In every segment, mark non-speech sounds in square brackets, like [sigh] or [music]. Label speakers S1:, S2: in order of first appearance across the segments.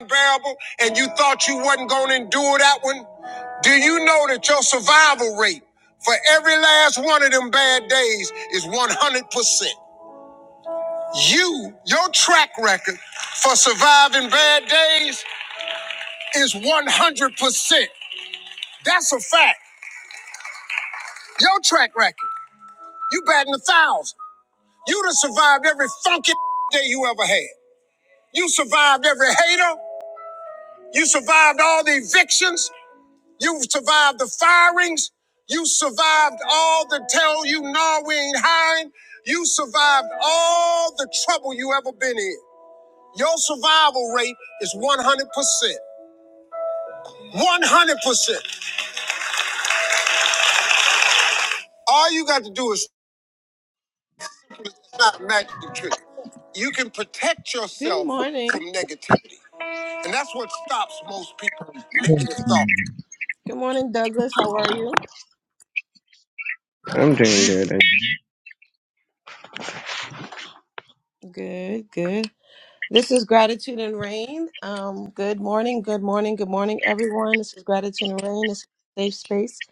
S1: unbearable and you thought you wasn't going to endure that one? Do you know that your survival rate for every last one of them bad days is 100%? You, your track record for surviving bad days is 100%. That's a fact. Your track record, you batting a thousand. You'd have survived every funky [laughs] day you ever had. You survived every hater. You survived all the evictions. You survived the firings. You survived all the tell you no, we ain't hiring. You survived all the trouble you ever been in. Your survival rate is 100%. 100%. All you got to do is not a magic trick. You can protect Good yourself Good morning. from negativity. And that's what stops most people negative thoughts. Good morning, Douglas. How are you?
S2: I'm doing good. And,
S1: Good, good. This is Gratitude and Rain. Um, good morning, good morning, good morning, everyone. This is Gratitude and Rain. This is a safe space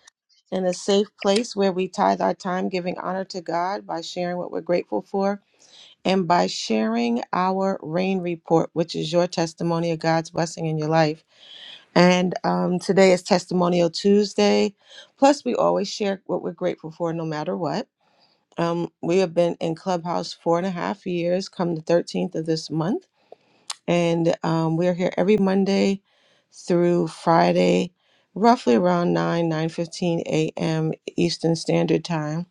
S1: and a safe place where we tithe our time giving honor to God by sharing what we're grateful for and by sharing our rain report, which is your testimony of God's blessing in your life. And um, today is Testimonial Tuesday. Plus, we always share what we're grateful for no matter what. Um, we have been in Clubhouse four and a half years, come the 13th of this month. And um, we are here every Monday through Friday, roughly around 9, 9.15 a.m. Eastern Standard Time.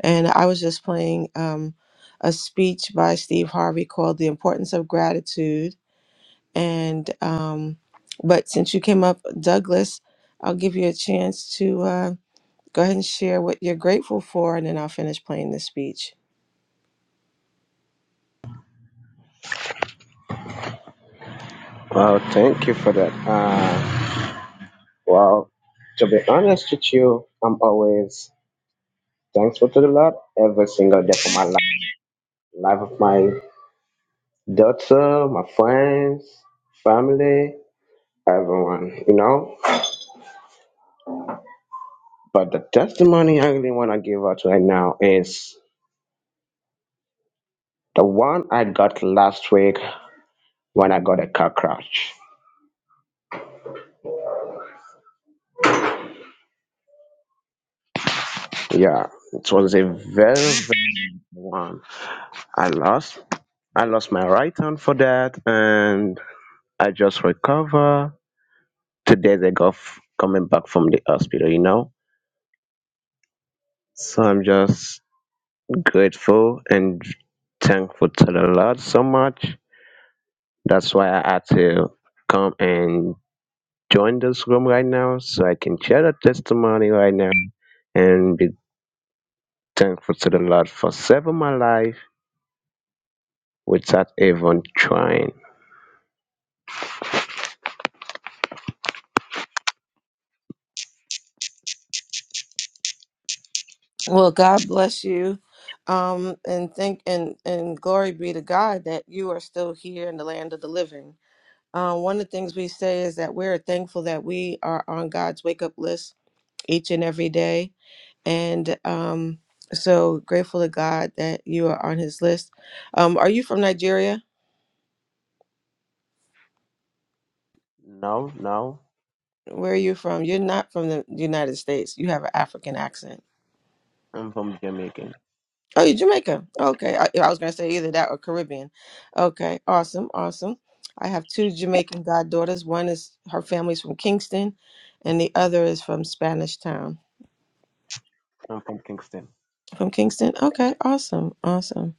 S1: And I was just playing um, a speech by Steve Harvey called The Importance of Gratitude. And, um, but since you came up, Douglas, I'll give you a chance to uh, go ahead and share what you're grateful for, and then I'll finish playing the speech.
S2: wow, thank you for that. Uh, well, to be honest with you, I'm always thankful to the Lord every single day for my life, life of my daughter, my friends, family, everyone, you know. But the testimony I really want to give out right now is the one I got last week when I got a car crash. Yeah, it was a very, very bad one. I lost. I lost my right hand for that, and I just recover two days ago f- coming back from the hospital. You know, so I'm just grateful and thankful to the Lord so much. That's why I had to come and join this room right now, so I can share the testimony right now and be thankful to the Lord for saving my life without even trying.
S1: Well, God bless you. Um, and thank and and glory be to God that you are still here in the land of the living. Um, one of the things we say is that we're thankful that we are on God's wake up list each and every day, and um, so grateful to God that you are on His list. Um, are you from Nigeria?
S2: Now, now,
S1: Where are you from? You're not from the United States. You have an African accent.
S2: I'm from Jamaica.
S1: Oh, you're Jamaica. Okay. I, I was going to say either that or Caribbean. Okay. Awesome. Awesome. I have two Jamaican goddaughters. One is her family's from Kingston, and the other is from Spanish Town.
S2: I'm from Kingston.
S1: From Kingston? Okay. Awesome. Awesome.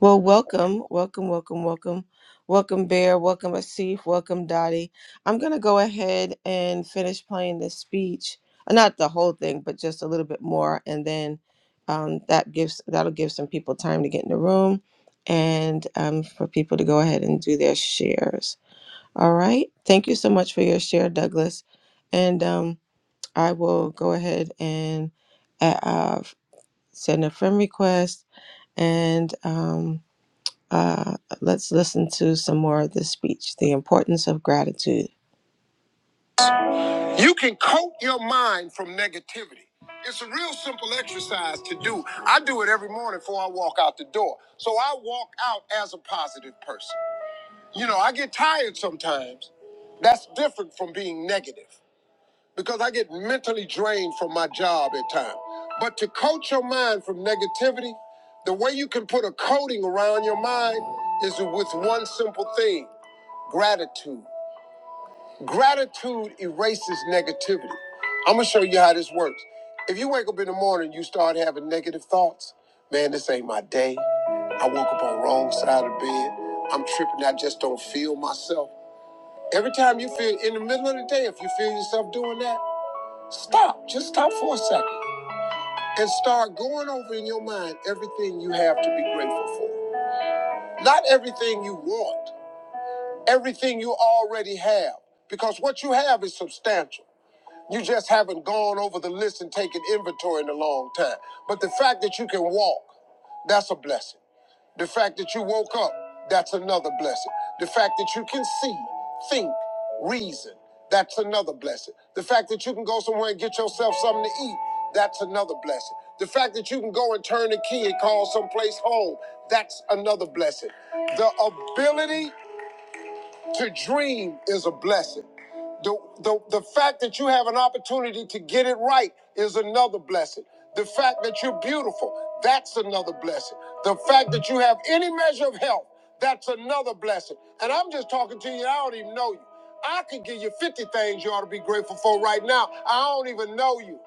S1: Well, welcome, welcome, welcome, welcome, welcome, Bear, welcome, Asif, welcome, Dottie. I'm gonna go ahead and finish playing this speech, Uh, not the whole thing, but just a little bit more, and then um, that gives that'll give some people time to get in the room, and um, for people to go ahead and do their shares. All right, thank you so much for your share, Douglas, and um, I will go ahead and uh, uh, send a friend request and. Um, uh, let's listen to some more of this speech The Importance of Gratitude. You can coat your mind from negativity. It's a real simple exercise to do. I do it every morning before I walk out the door. So I walk out as a positive person. You know, I get tired sometimes. That's different from being negative because I get mentally drained from my job at times. But to coat your mind from negativity, the way you can put a coating around your mind is with one simple thing gratitude. Gratitude erases negativity. I'm gonna show you how this works. If you wake up in the morning, you start having negative thoughts. Man, this ain't my day. I woke up on the wrong side of the bed. I'm tripping. I just don't feel myself. Every time you feel in the middle of the day, if you feel yourself doing that, stop. Just stop for a second and start going over in your mind everything you have to be grateful for. Not everything you want, everything you already have, because what you have is substantial. You just haven't gone over the list and taken inventory in a long time. But the fact that you can walk, that's a blessing. The fact that you woke up, that's another blessing. The fact that you can see, think, reason, that's another blessing. The fact that you can go somewhere and get yourself something to eat, that's another blessing. The fact that you can go and turn the key and call someplace home, that's another blessing. The ability to dream is a blessing. The, the, the fact that you have an opportunity to get it right is another blessing. The fact that you're beautiful, that's another blessing. The fact that you have any measure of health, that's another blessing. And I'm just talking to you, and I don't even know you. I could give you 50 things you ought to be grateful for right now. I don't even know you.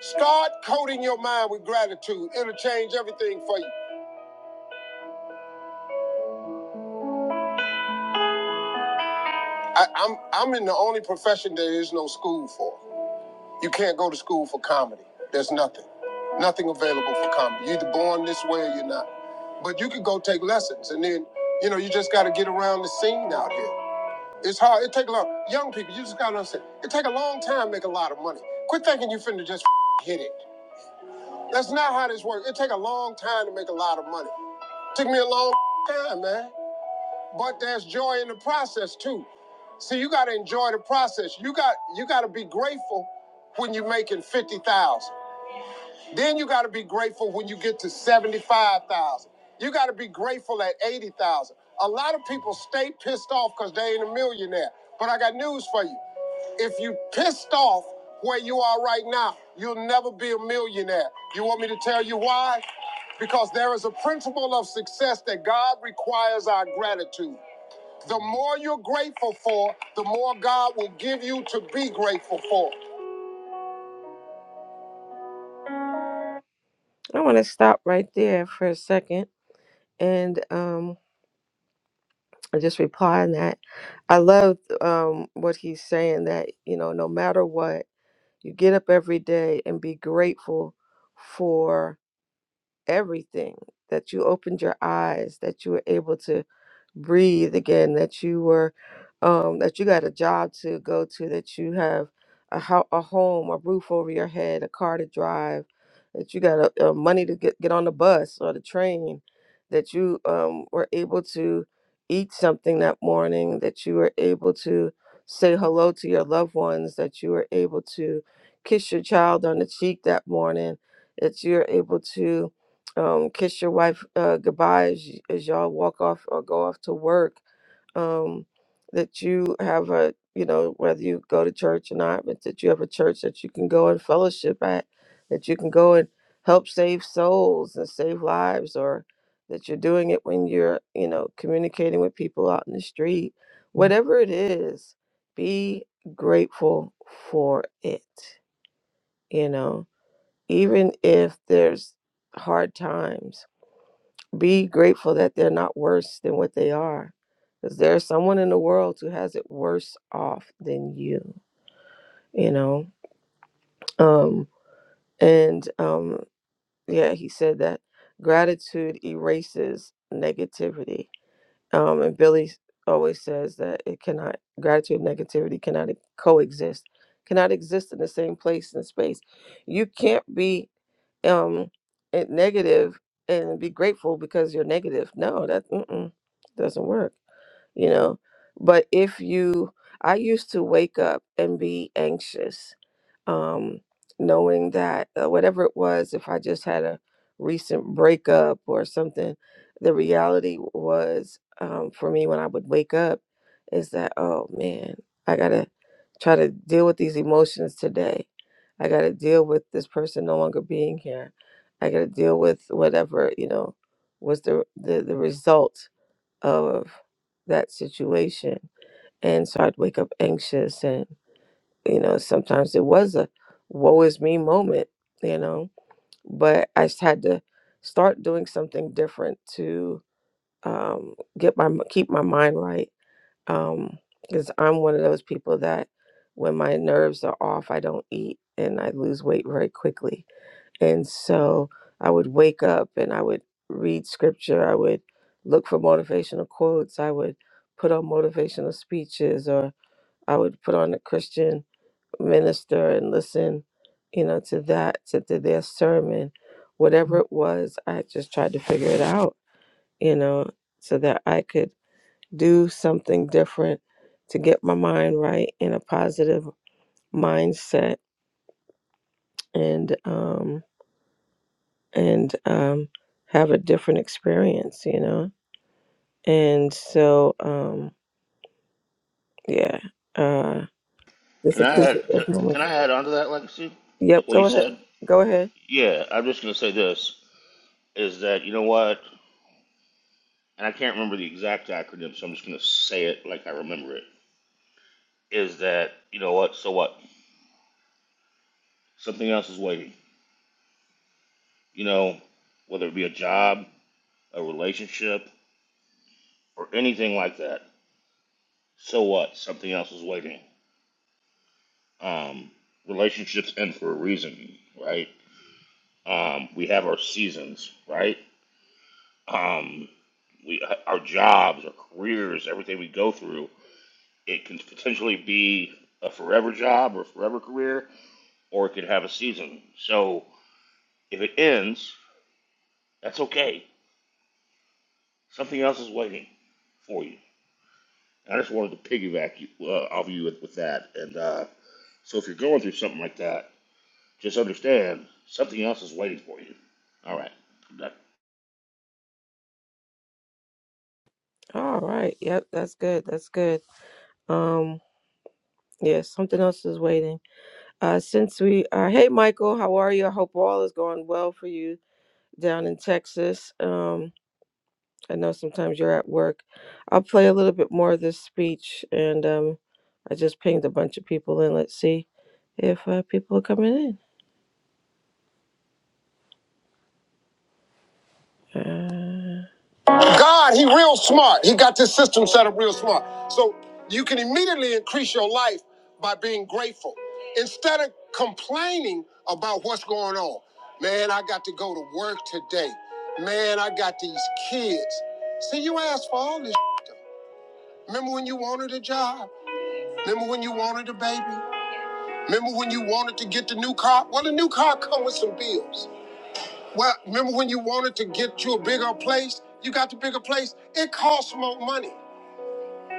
S1: Start coating your mind with gratitude. It'll change everything for you. I, I'm I'm in the only profession there is no school for. You can't go to school for comedy. There's nothing, nothing available for comedy. You're either born this way or you're not. But you can go take lessons, and then you know you just got to get around the scene out here. It's hard. It take a long. Young people, you just got to understand. It take a long time to make a lot of money. Quit thinking you finna just [laughs] f- hit it. That's not how this works. It take a long time to make a lot of money. Took me a long [laughs] time, man. But there's joy in the process too. See, you gotta enjoy the process. You got you gotta be grateful when you're making 50,000. Then you got to be grateful when you get to 75,000. You got to be grateful at 80,000. A lot of people stay pissed off because they ain't a millionaire. But I got news for you. If you pissed off where you are right now, you'll never be a millionaire. You want me to tell you why? Because there is a principle of success that God requires our gratitude. The more you're grateful for, the more God will give you to be grateful for. I want to stop right there for a second and um I just reply on that. I love um, what he's saying that, you know, no matter what, you get up every day and be grateful for everything, that you opened your eyes, that you were able to breathe again, that you were, um, that you got a job to go to, that you have a, ho- a home, a roof over your head, a car to drive, that you got a, uh money to get, get on the bus or the train, that you um, were able to eat something that morning, that you were able to say hello to your loved ones, that you were able to kiss your child on the cheek that morning, that you're able to um, kiss your wife uh, goodbye as, y- as y'all walk off or go off to work. Um, that you have a, you know, whether you go to church or not, but that you have a church that you can go and fellowship at, that you can go and help save souls and save lives, or that you're doing it when you're, you know, communicating with people out in the street. Whatever it is, be grateful for it, you know, even if there's hard times be grateful that they're not worse than what they are. Because there's someone in the world who has it worse off than you, you know? Um, and um, yeah, he said that gratitude erases negativity. Um, and Billy always says that it cannot, gratitude and negativity cannot e, coexist, cannot exist in the same place and space. You can't be um it negative and be grateful because you're negative. No, that mm-mm, doesn't work you know. But if you, I used to wake up and be anxious, um, knowing that uh, whatever it was, if I just had a recent breakup or something, the reality was um, for me when I would wake up is that, oh man, I gotta try to deal with these emotions today. I gotta deal with this person no longer being here. I gotta deal with whatever, you know, was the, the, the result of that situation. And so I'd wake up anxious and, you know, sometimes it was a woe is me moment, you know, but I just had to start doing something different to um, get my keep my mind right. Um, because I'm one of those people that when my nerves are off, I don't eat and I lose weight very quickly. And so I would wake up and I would read scripture. I would look for motivational quotes. I would put on motivational speeches or I would put on a Christian minister and listen, you know, to that, to, to their sermon. Whatever it was, I just tried to figure it out, you know, so that I could do something different to get my mind right in a positive mindset. And, um, and um, have a different experience, you know? And so, um, yeah, uh, just
S3: Can I
S1: appreciate
S3: add? Can,
S1: those
S3: can
S1: moments.
S3: I add on to that legacy?
S1: Yep,
S3: What you
S1: go ahead.
S3: said?
S1: Go ahead.
S3: Yeah, I'm just gonna say this is that you know what, and I can't remember the exact acronym, so I'm just gonna say it like I remember it. Is that you know what? So what? Something else is waiting. You know, whether it be a job, a relationship, or anything like that. So what? Something else is waiting. Um, relationships end for a reason, right? Um, we have our seasons, right? um, we our jobs, our careers, everything we go through, it can potentially be a forever job or a forever career, or it could have a season. So if it ends, that's okay. Something else is waiting for you. And I just wanted to piggyback you, uh, off you with, with that. And uh, so if you're going through something like that, just understand something else is waiting for you. All right. I'm done.
S1: All right. Yep, that's good. That's good. Um, yeah, something else is waiting. Uh, since we are, hey, Michael, how are you? I hope all is going well for you down in Texas. Um, I know sometimes you're at work. I'll play a little bit more of this speech, and um, I just pinged a bunch of people in. Let's see if uh, people are coming in. Uh, God, he real smart. He got this system set up real smart. So you can immediately increase your life by being grateful instead of complaining about what's going on. Man, I got to go to work today. Man, I got these kids. See, you asked for all this. Remember when you wanted a job? Remember when you wanted a baby? Remember when you wanted to get the new car? Well, the new car come with some bills. Well, remember when you wanted to get you a bigger place? You got the bigger place. It costs more money.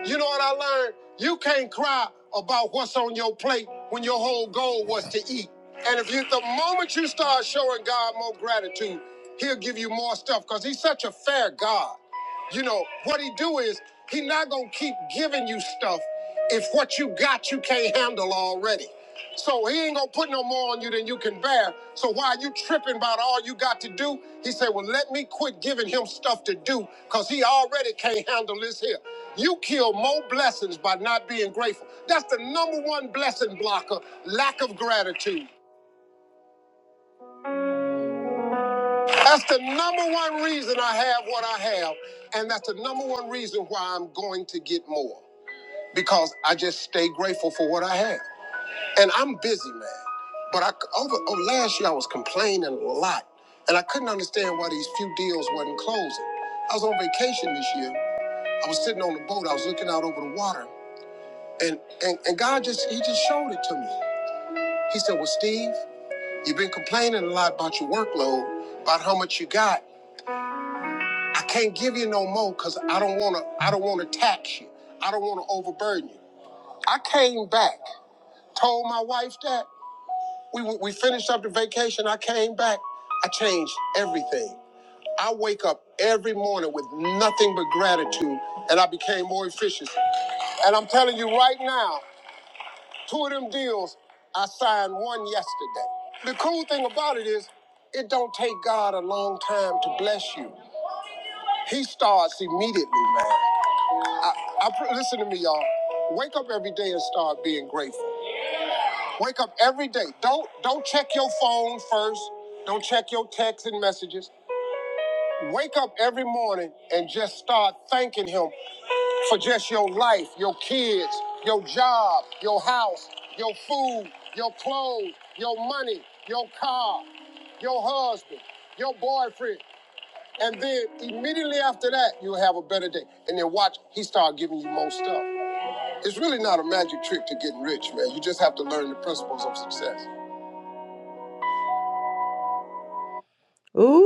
S1: You know what I learned? You can't cry about what's on your plate when your whole goal was to eat. And if you, the moment you start showing God more gratitude, He'll give you more stuff because He's such a fair God. You know what He do is He not gonna keep giving you stuff if what you got you can't handle already. So he ain't gonna put no more on you than you can bear. So why are you tripping about all you got to do? He said, Well, let me quit giving him stuff to do, because he already can't handle this here. You kill more blessings by not being grateful. That's the number one blessing blocker, lack of gratitude. That's the number one reason I have what I have. And that's the number one reason why I'm going to get more. Because I just stay grateful for what I have. And I'm busy, man. But I over, over last year I was complaining a lot, and I couldn't understand why these few deals wasn't closing. I was on vacation this year. I was sitting on the boat. I was looking out over the water, and and, and God just He just showed it to me. He said, "Well, Steve, you've been complaining a lot about your workload, about how much you got. I can't give you no more because I don't wanna I don't wanna tax you. I don't wanna overburden you." I came back, told my wife that. We, we finished up the vacation. I came back. I changed everything. I wake up every morning with nothing but gratitude, and I became more efficient. And I'm telling you right now, two of them deals, I signed one yesterday. The cool thing about it is, it don't take God a long time to bless you. He starts immediately, man. I, I, pr- listen to me, y'all. Wake up every day and start being grateful. Wake up every day. Don't don't check your phone first. Don't check your texts and messages. Wake up every morning and just start thanking him for just your life, your kids, your job, your house, your food, your clothes, your money, your car, your husband, your boyfriend. And then immediately after that, you'll have a better day. And then watch, he start giving you more stuff. It's really not a magic trick to getting rich, man. You just have to learn the principles of success. Ooh.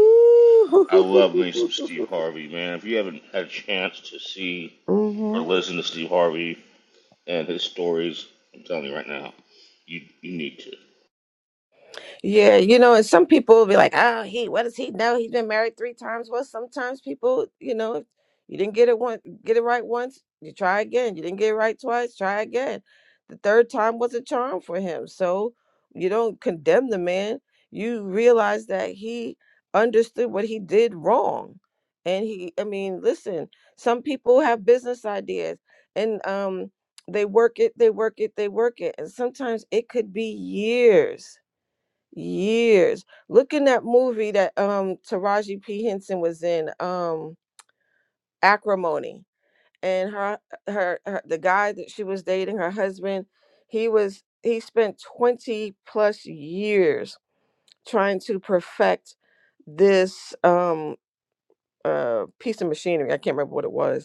S3: I love me some
S1: [laughs]
S3: Steve Harvey, man. If you haven't had a chance to see
S1: hmm
S3: or listen to Steve Harvey, and his stories. I'm telling you right now, you you need to.
S1: Yeah, you know, and some people will be like, "Oh, he, what does he know? He's been married three times." Well, sometimes people, you know, if you didn't get it one, get it right once, you try again. You didn't get it right twice, try again. The third time was a charm for him. So you don't condemn the man. You realize that he understood what he did wrong, and he, I mean, listen. Some people have business ideas, and um, they work it, they work it, they work it, and sometimes it could be years years. Look in that movie that um Taraji P Henson was in, um Acrimony, and her, her her the guy that she was dating, her husband, he was he spent 20 plus years trying to perfect this um uh piece of machinery. I can't remember what it was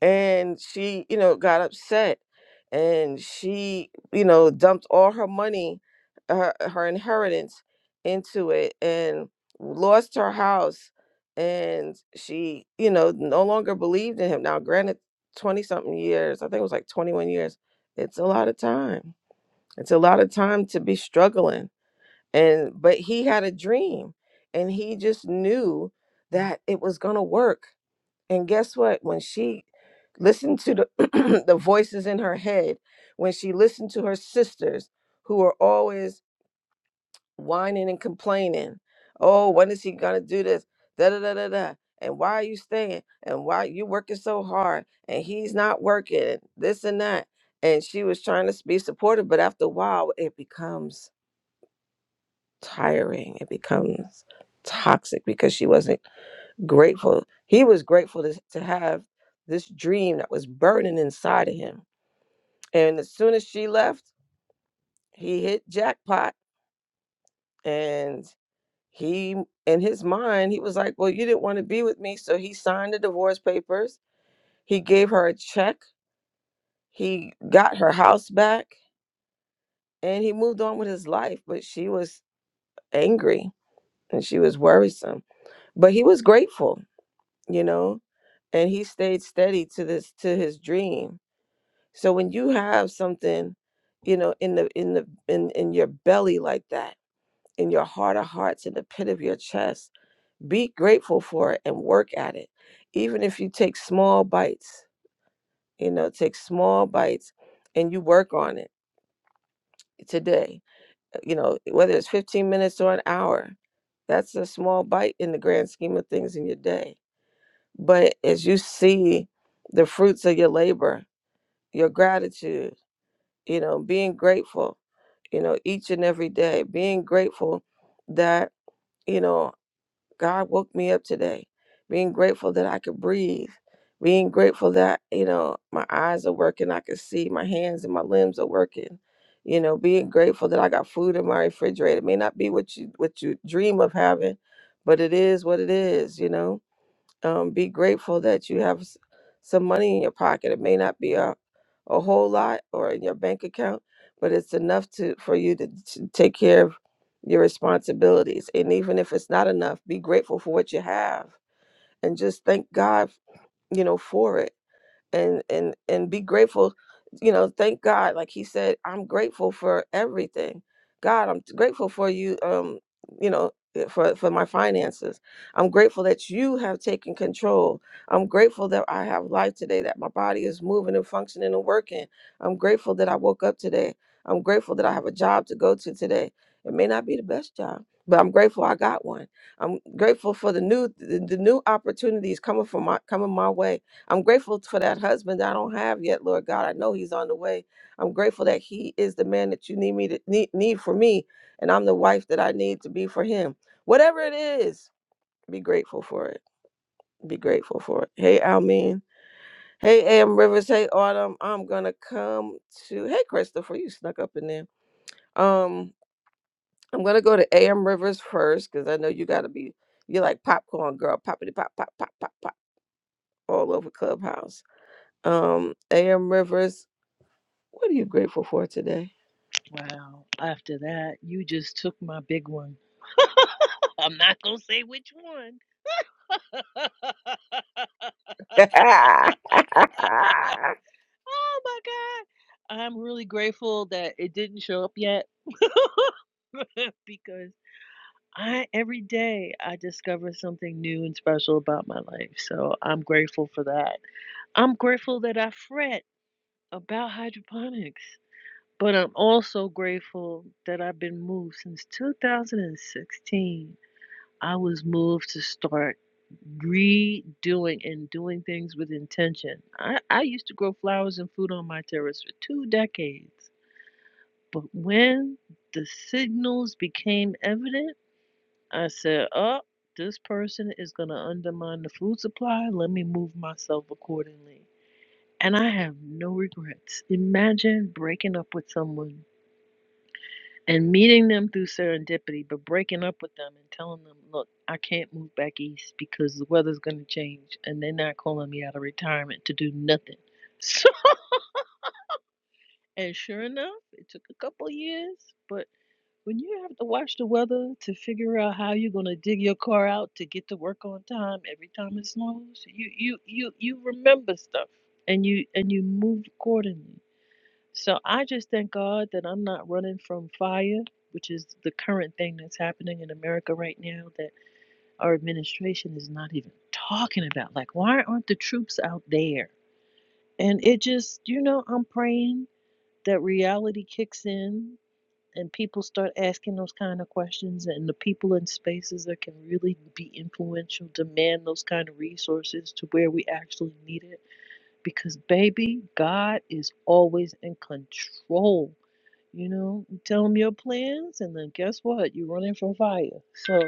S1: and she you know got upset and she you know dumped all her money her, her inheritance into it and lost her house and she you know no longer believed in him now granted 20 something years i think it was like 21 years it's a lot of time it's a lot of time to be struggling and but he had a dream and he just knew that it was going to work and guess what? When she listened to the [clears throat] the voices in her head, when she listened to her sisters who were always whining and complaining, oh, when is he gonna do this? Da da da da da. And why are you staying? And why you working so hard? And he's not working. and This and that. And she was trying to be supportive, but after a while, it becomes tiring. It becomes toxic because she wasn't grateful. He was grateful to, to have this dream that was burning inside of him. And as soon as she left, he hit jackpot. And he, in his mind, he was like, Well, you didn't want to be with me. So he signed the divorce papers. He gave her a check. He got her house back and he moved on with his life. But she was angry and she was worrisome. But he was grateful, you know, and he stayed steady to this, to his dream So when you have something, you know, in the in the in in your belly like that, in your heart of hearts, in the pit of your chest, be grateful for it and work at it. Even if you take small bites, you know, take small bites and you work on it today. uh, You know, whether it's 15 minutes or an hour, that's a small bite in the grand scheme of things in your day. But as you see the fruits of your labor, your gratitude, you know being grateful you know each and every day being grateful that you know god woke me up today being grateful that i could breathe being grateful that you know my eyes are working i can see my hands and my limbs are working you know being grateful that i got food in my refrigerator it may not be what you what you dream of having but it is what it is you know um, be grateful that you have s- some money in your pocket. It may not be a, a whole lot or in your bank account, but it's enough to for you to, to take care of your responsibilities. And even if it's not enough, be grateful for what you have and just thank God, you know, for it and and and be grateful you know thank god like he said i'm grateful for everything god i'm grateful for you um you know eh, for for my finances i'm grateful that you have taken control i'm grateful that i have life today that my body is moving and functioning and working i'm grateful that i woke up today i'm grateful that i have a job to go to today it may not be the best job but i'm grateful i got one i'm grateful for the new the, the new opportunities coming from my coming my way I'm grateful for that husband that I don't have yet, Lord God. I know he's on the way. I'm grateful that he is the man that you need me to need, need for me, and I'm the wife that I need to be for him. Whatever it is, be grateful for it. Be grateful for it. Hey, Almin. Hey, Am Rivers. Hey, Autumn. I'm gonna come to. Hey, Christopher. You snuck up in there. Um, I'm gonna go to Am Rivers first because I know you gotta be. You're like popcorn girl, poppity pop, pop, pop, pop, pop, all over Clubhouse. Um, Am Rivers. What are you grateful for today? [laughs]
S4: Wow. After that, you just took my big one. [laughs] I'm not going to say which one. [laughs] oh my God. I'm really grateful that it didn't show up yet [laughs] because I every day I discover something new and special about my life. So I'm grateful for that. I'm grateful that I fret about hydroponics. But I'm also grateful that I've been moved since 2016. I was moved to start redoing and doing things with intention. I, I used to grow flowers and food on my terrace for two decades. But when the signals became evident, I said, oh, this person is going to undermine the food supply. Let me move myself accordingly. And I have no regrets. Imagine breaking up with someone and meeting them through serendipity, but breaking up with them and telling them, look, I can't move back east because the weather's going to change and they're not calling me out of retirement to do nothing. [laughs] So, and sure enough, it took a couple years, but when you have to watch the weather to figure out how you're going to dig your car out to get to work on time every time it snows, you you you you remember stuff and you and you move accordingly. So I just thank God that I'm not running from fire, which is the current thing that's happening in America right now that our administration is not even talking about. Like, why aren't the troops out there? And it just, you know, I'm praying that reality kicks in and people start asking those kind of questions and the people in spaces that can really be influential demand those kind of resources to where we actually need it because baby god is always in control you know, you tell them your plans, and then guess what? You're running from fire. So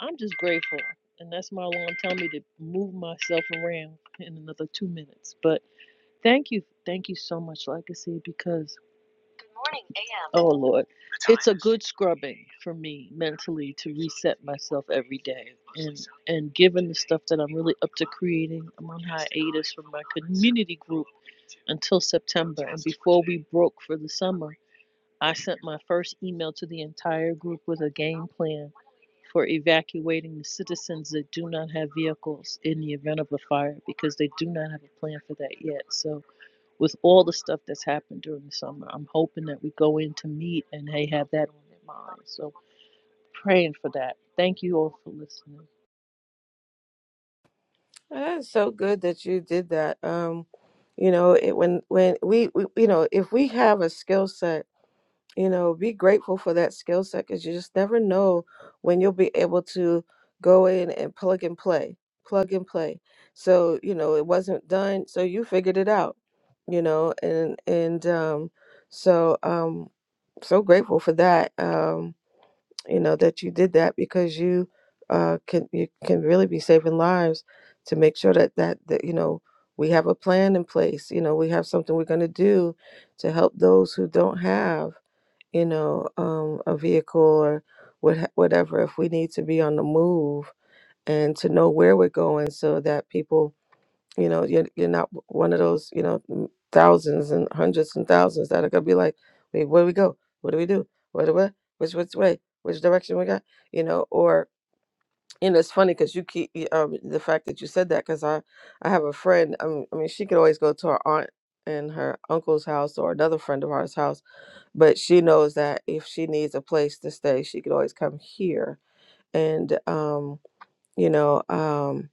S4: I'm just grateful. And that's my alarm telling me to move myself around in another two minutes. But thank you. Thank you so much, Legacy, because. good morning, A M. Oh, Lord. It's a good scrubbing for me mentally to reset myself every day. And, and given the stuff that I'm really up to creating, I'm on hiatus from my community group until September. And before we broke for the summer, I sent my first email to the entire group with a game plan for evacuating the citizens that do not have vehicles in the event of a fire because they do not have a plan for that yet. So, with all the stuff that's happened during the summer, I'm hoping that we go in to meet and they have that on their mind. So, praying for that. Thank you all for listening.
S1: That's so good that you did that. Um, you know, it, when when we, we you know, if we have a skill set you know, be grateful for that skill set because you just never know when you'll be able to go in and plug and play, plug and play. So, you know, it wasn't done, so you figured it out, you know, and and um so um so grateful for that. Um, you know, that you did that because you uh can you can really be saving lives to make sure that that, that you know, we have a plan in place, you know, we have something we're going to do to help those who don't have you know, um, a vehicle or what, whatever, if we need to be on the move and to know where we're going so that people, you know, you're, you're not one of those, you know, m- thousands and hundreds and thousands that are going to be like, wait, where do we go? What do we do? What do we, which, which way? Which direction we got? You know, or, you know, it's funny because you keep y- um, the fact that you said that because I, I have a friend. I mean, I mean, she could always go to her aunt and her uncle's house or another friend of ours house but she knows that if she needs a place to stay, she could always come here. And um, you know, um,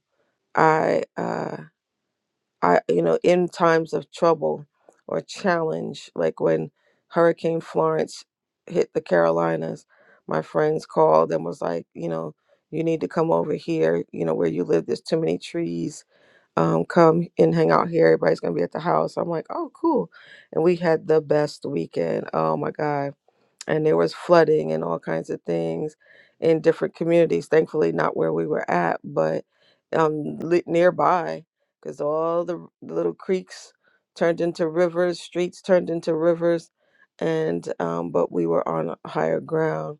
S1: I, uh, I, you know, in times of trouble or challenge, like when Hurricane Florence hit the Carolinas, my friends called and was like, you know, you need to come over here. You know, where you live, there's too many trees. Um, come and hang out here. Everybody's gonna be at the house. I'm like, oh, cool. And we had the best weekend. Oh my god and there was flooding and all kinds of things in different communities. Thankfully, not where we were at, but um, li- nearby, because all the r- little creeks turned into rivers, streets turned into rivers, and um, but we were on higher ground,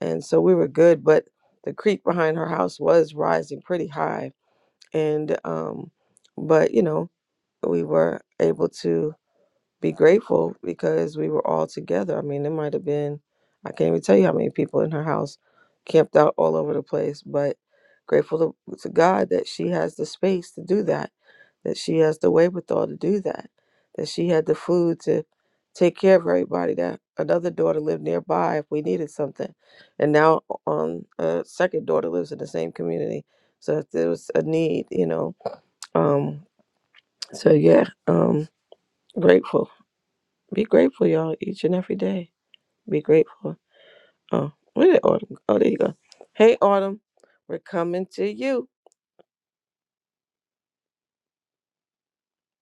S1: and so we were good. But the creek behind her house was rising pretty high, and um, but you know we were able to be grateful because we were all together. I mean, it might have been, I can't even tell you how many people in her house camped out all over the place, but grateful to, to God that she has the space to do that, that she has the wherewithal to do that, that she had the food to take care of everybody, that another daughter lived nearby if we needed something. And now um, a second daughter lives in the same community. So if there was a need, you know. Um, so yeah, um, grateful be grateful, y'all, each and every day. Be grateful. Oh, where did Autumn go? Oh, there you go. Hey, Autumn, we're coming to you.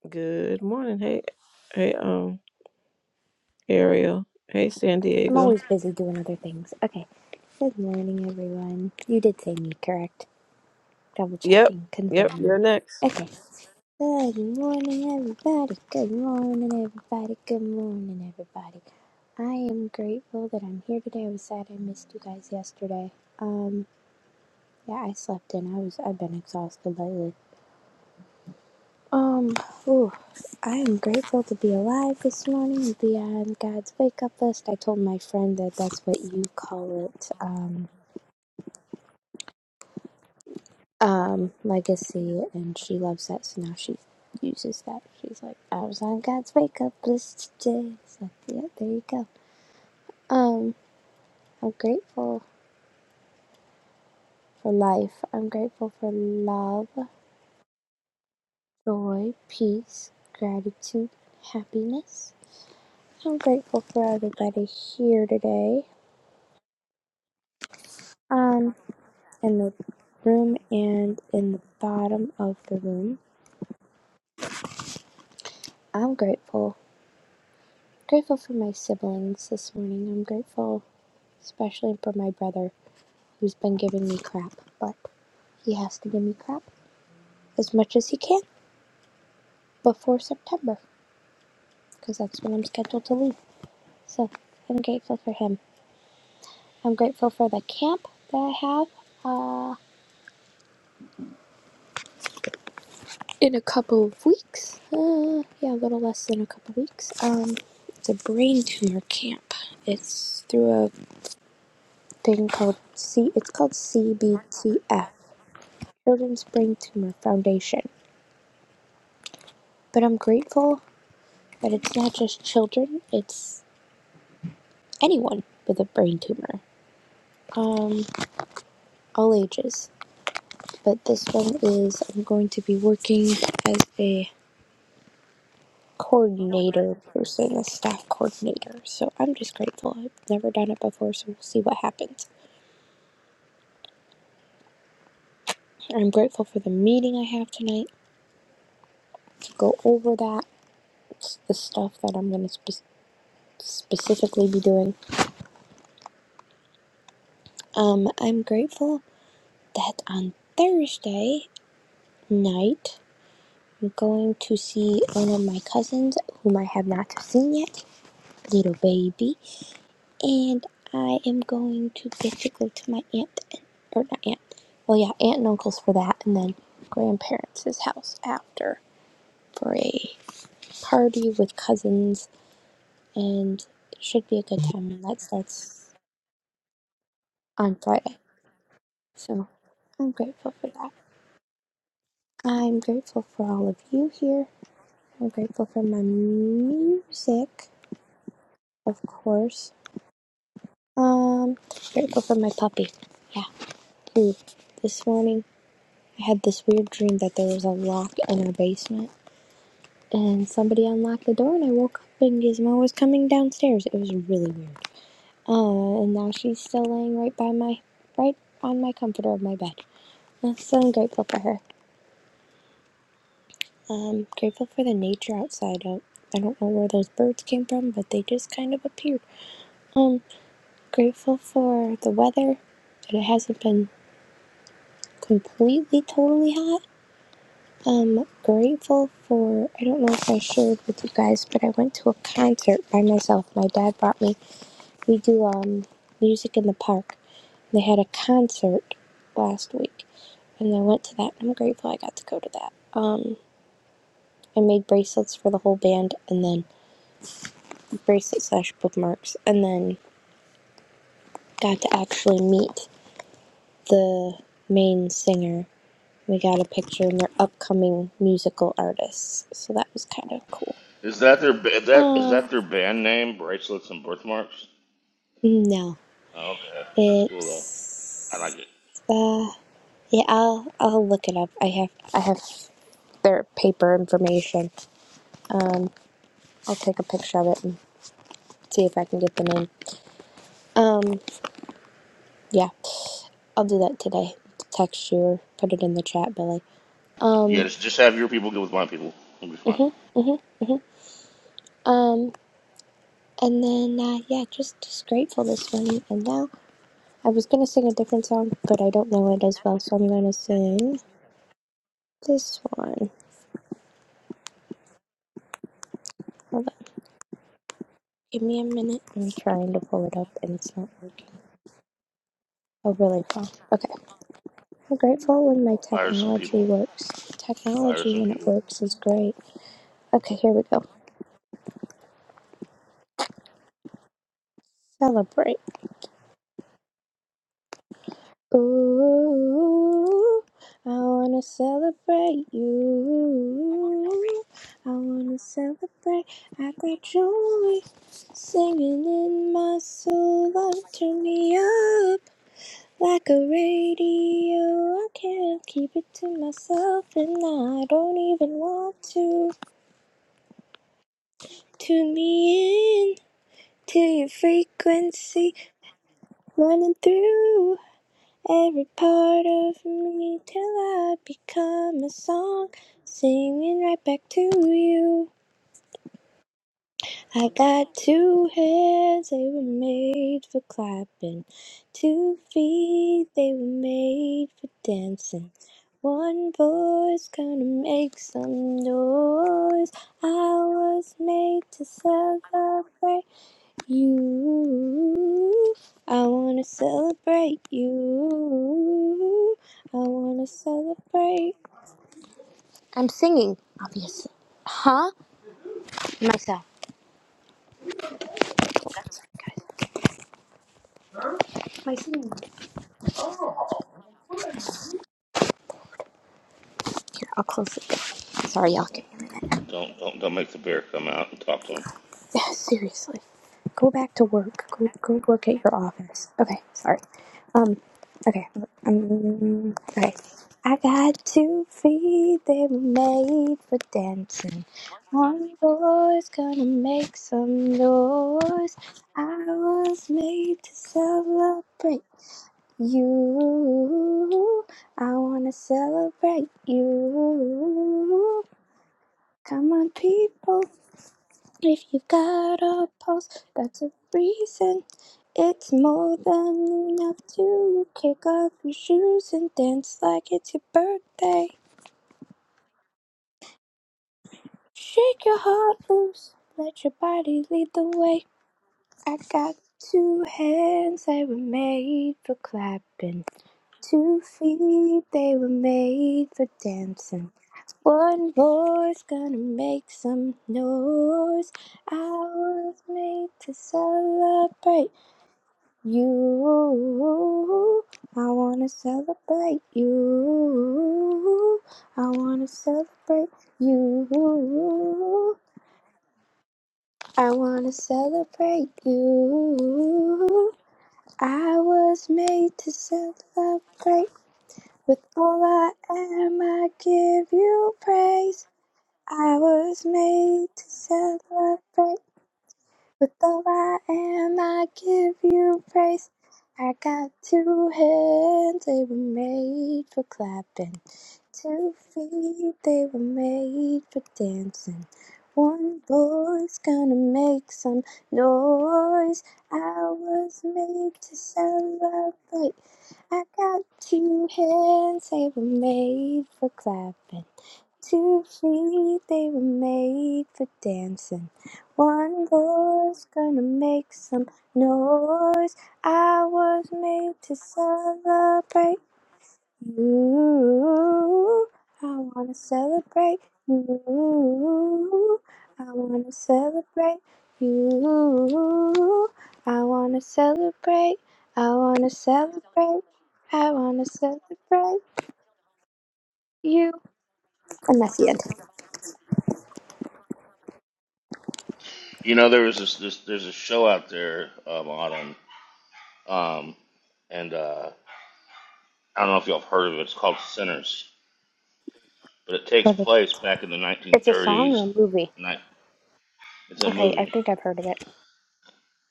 S1: Good morning. Hey, hey, um, Ariel. Hey, San
S5: I'm
S1: Diego.
S5: always busy doing other things. Okay. Good morning, everyone. You did say me, correct? Double
S1: Yep,
S5: checking,
S1: yep,
S5: confirming.
S1: you're next.
S5: Okay. Good morning, everybody. Good morning, everybody. Good morning, everybody. I am grateful that I'm here today. I was sad I missed you guys yesterday. Um, yeah, I slept in. I was. I've been exhausted lately. Um, ooh, I am grateful to be alive this morning and be on God's wake up list. I told my friend that that's what you call it. Um, um legacy and she loves that so now she uses that she's like i was on god's wake up list today so yeah there you go um i'm grateful for life i'm grateful for love joy peace gratitude happiness i'm grateful for everybody here today um in the room and in the bottom of the room i'm grateful grateful for my siblings this morning i'm grateful especially for my brother who's been giving me crap, but he has to give me crap as much as he can before September because that's when I'm scheduled to leave. So I'm grateful for him. I'm grateful for the camp that I have uh, in a couple of weeks. Uh, yeah, a little less than a couple weeks. Um, it's a brain tumor camp. It's through a thing called C. It's called CBTF, Children's Brain Tumor Foundation. But I'm grateful But it's not just children, it's anyone with a brain tumor. Um, all ages. But this one is I'm going to be working as a coordinator person, a staff coordinator. So I'm just grateful. I've never done it before, so we'll see what happens. I'm grateful for the meeting I have tonight to go over that, the stuff that I'm going to spe- specifically be doing. Um, I'm grateful that on Thursday night I'm going to see one of my cousins whom I have not seen yet, little baby, and I am going to get to go to my aunt and or not aunt. Well, yeah, aunt and uncle's for that, and then grandparents' house after for a party with cousins, and it should be a good time. And that starts on Friday, so I'm grateful for that. I'm grateful for all of you here. I'm grateful for my music, of course. Um, grateful for my puppy. Yeah. Ooh, this morning I had this weird dream that there was a lock in our basement, and somebody unlocked the door, and I woke up and Gizmo was coming downstairs. It was really weird. Uh, and now she's still laying right by my, right on my comforter of my bed. Uh, So I'm grateful for her. Um, grateful for the nature outside. I, I don't know where those birds came from, but they just kind of appeared. Um, grateful for the weather. That it hasn't been. completely totally had. Um, grateful for I don't know if I shared with you guys, but I went to a concert by myself. My dad brought me. We do um music in the park. They had a concert last week, and I went to that. I'm grateful I got to go to that. I made bracelets for the whole band, and then bracelet slash bookmarks, and then got to actually meet the main singer. We got a picture, and they're upcoming musical artists, so that was kind of cool.
S3: Is that their ba- that is
S5: Um,
S3: that their band name? Bracelets and birthmarks.
S5: no,
S3: Oh, okay, that's cool though. I like
S5: it's
S3: it.
S5: uh, yeah. I'll I'll look it up. I have I have their paper information. Um, I'll take a picture of it and see if I can get the name. Um, yeah, I'll do that today. Text you or put it in the chat, Billy.
S3: Yeah,
S5: Um,
S3: just just have your people go with my people. It'll be fun.
S5: mhm, mhm, mhm. Um, and then uh, yeah, just just grateful this morning. And now I was gonna sing a different song, but I don't know it as well, so I'm gonna sing this one. Give me a minute. I'm trying to pull it up and it's not working. Oh, really? Wow. Okay. I'm grateful when my
S3: Fire some
S5: technology
S3: people.
S5: works.
S3: Fire
S5: Technology,
S3: some
S5: when it
S3: people.
S5: works, is great. Okay, here we go. Celebrate. Ooh, I wanna celebrate you. I wanna celebrate. I got joy singing in my soul. Love, turn me up. Like a radio, I can't keep it to myself, and I don't even want to. Tune me in to your frequency, running through every part of me till I become a song, singing right back to you. I got two hands, they were made for clapping. Two feet, they were made for dancing. One voice gonna make some noise. I was made to celebrate you. I wanna celebrate you. I wanna celebrate. I'm singing, obviously. Huh? Myself. That's right, guys. My singing. I'll close it down. Sorry, y'all. Give me a minute. [laughs]
S3: Don't don't don't make the bear come out and talk to him.
S5: seriously. Go back to work. Go, go work at your office. Okay, sorry. Um, okay. Um, okay. I got two feet, they were made for dancing. One boy's gonna make some noise. I was made to celebrate you. I wanna celebrate you. Come on, people, If you've got a pulse, that's a reason. It's more than enough to kick off your shoes and dance like it's your birthday. Shake your heart loose, let your body lead the way. I got two hands, they were made for clapping. Two feet, they were made for dancing. One voice gonna make some noise. I was made to celebrate. You, I wanna celebrate you. I wanna celebrate you. I wanna celebrate you. I was made to celebrate. With all I am, I give you praise. I was made to celebrate. With all I am, I give you praise. I got two hands, they were made for clapping. Two feet, they were made for dancing. One voice gonna make some noise. I was made to celebrate. I got two hands, they were made for clapping. Two feet they were made for dancing. One boy's gonna make some noise. I was made to celebrate you. I wanna celebrate you. I wanna celebrate you. I wanna celebrate. I wanna celebrate. I wanna celebrate you. And that's the end.
S3: You know there was this, this there's a show out there um, autumn um and uh, I don't know if y'all have heard of it. It's called Sinners, but it takes
S5: Go to that?
S3: place back in the
S5: It's a song or
S3: 1930s.
S5: a movie?
S3: Ni- It's a
S5: Okay, I
S3: movie
S5: think I've heard of it.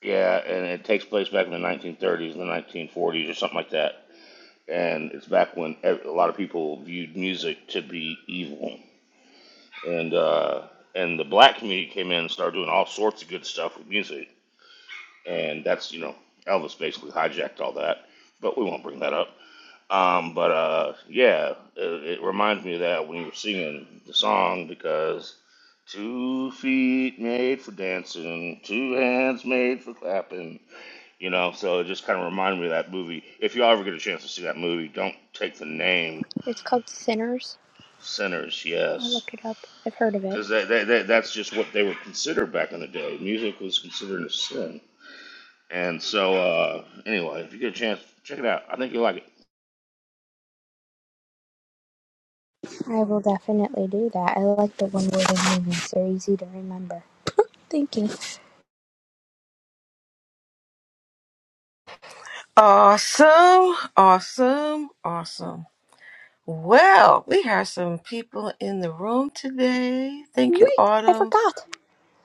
S3: Yeah, and it takes place back in the 1930s and the 1940s or something like that. And it's back when ev- a lot of people viewed music to be evil. And uh, and the black community came in and started doing all sorts of good stuff with music. And that's, you know, Elvis basically hijacked all that. But we won't bring that up. Um, but uh, yeah, it, it reminds me of that when you were singing the song because two feet made for dancing, two hands made for clapping. You know, so it just kind of reminded me of that movie. If you ever get a chance to see that movie, don't take the name
S5: It's called Sinners.
S3: Sinners,
S5: I'll
S3: yes.
S5: look it up. I've heard of it.
S3: Because that, that, that, that's just what they were considered back in the day. Music was considered a sin. And so, uh, anyway, if you get a chance, check it out. I think you'll like it.
S5: I will definitely do that. I like the one word movies. They're easy to remember. Thank you.
S1: Awesome, awesome, awesome. Well, we have some people in the room today. Thank you,
S5: Wait, I
S1: Autumn.
S5: forgot.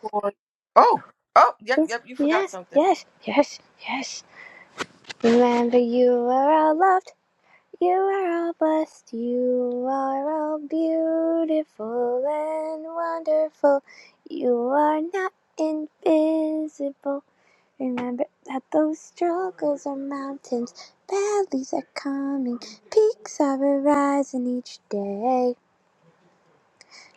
S1: For oh, oh, yep,
S5: Yes,
S1: yep. You forgot
S5: yes,
S1: something.
S5: yes, yes, yes. Remember, you are all loved. You are all blessed. You are all beautiful and wonderful. You are not invisible. Remember that those struggles are mountains, valleys are coming, peaks are arising each day.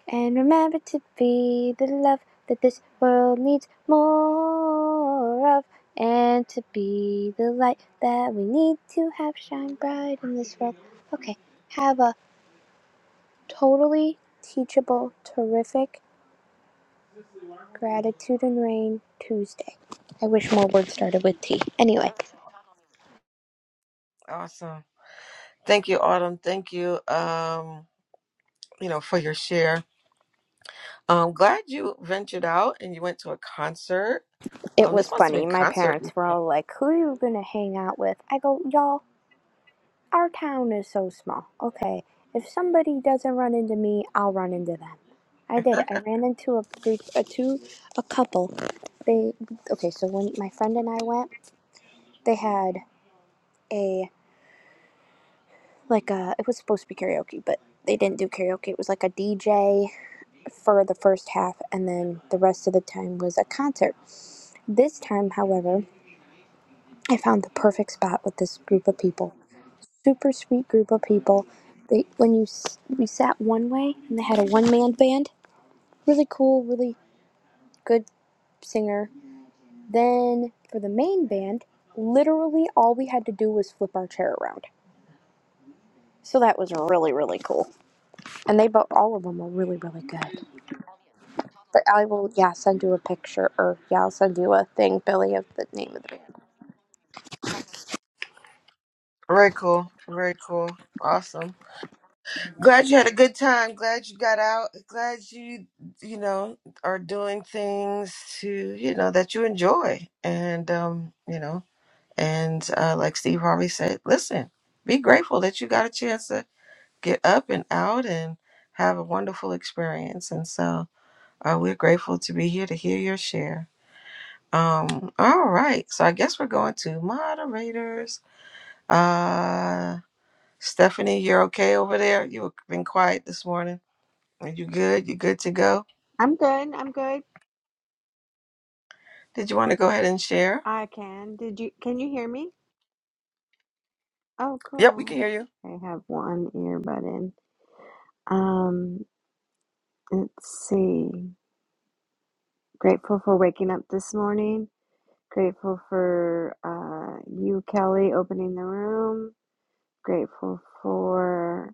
S5: And remember to be the love that this world needs more of, and to be the light that we need to have shine bright in this world. Okay, have a totally teachable, terrific gratitude and rain Tuesday. I wish more words started with T. Anyway.
S1: Awesome. Thank you, Autumn. Thank you. Um. you know, for your share. Um, glad you ventured out and you went to a concert.
S5: It
S1: Um,
S5: was
S1: this must have
S5: funny.
S1: been
S5: My
S1: concert
S5: parents were
S1: weekend.
S5: all like, Who are you going to hang out with? I go, Y'all, our town is so small. Okay, if somebody doesn't run into me, I'll run into them. I did. I
S1: [laughs]
S5: ran into a group, a two, a couple. They, okay, so when my friend and I went, they had a, like a, it was supposed to be karaoke, but they didn't do karaoke. It was like a DJ for the first half, and then the rest of the time was a concert. This time, however, I found the perfect spot with this group of people super sweet group of people. They when you we sat one way and they had a one man band, really cool, really good singer. Then for the main band, literally all we had to do was flip our chair around. So that was really really cool. And they both all of them were really really good. But I will yeah send you a picture or yeah I'll send you a thing Billy of the name of the band.
S1: Very cool. Very cool. Awesome. Glad you had a good time. Glad you got out. Glad you, you know, are doing things to, you know, that you enjoy. And, um, you know, and uh, like Steve Harvey said, listen, be grateful that you got a chance to get up and out and have a wonderful experience. And so uh, we're grateful to be here to hear your share. Um, all right. So I guess we're going to moderators. Uh, Stephanie, you're okay over there? You've been quiet this morning. Are you good? You good to go?
S6: I'm good. I'm good.
S1: Did you want to go ahead and share?
S6: I can. Did you can you hear me? Oh,
S1: Yep, we
S6: cool.
S1: can hear you.
S6: I have one earbud in. Um, let's see. Grateful for waking up this morning. Grateful for uh, you, Kelly, opening the room. Grateful for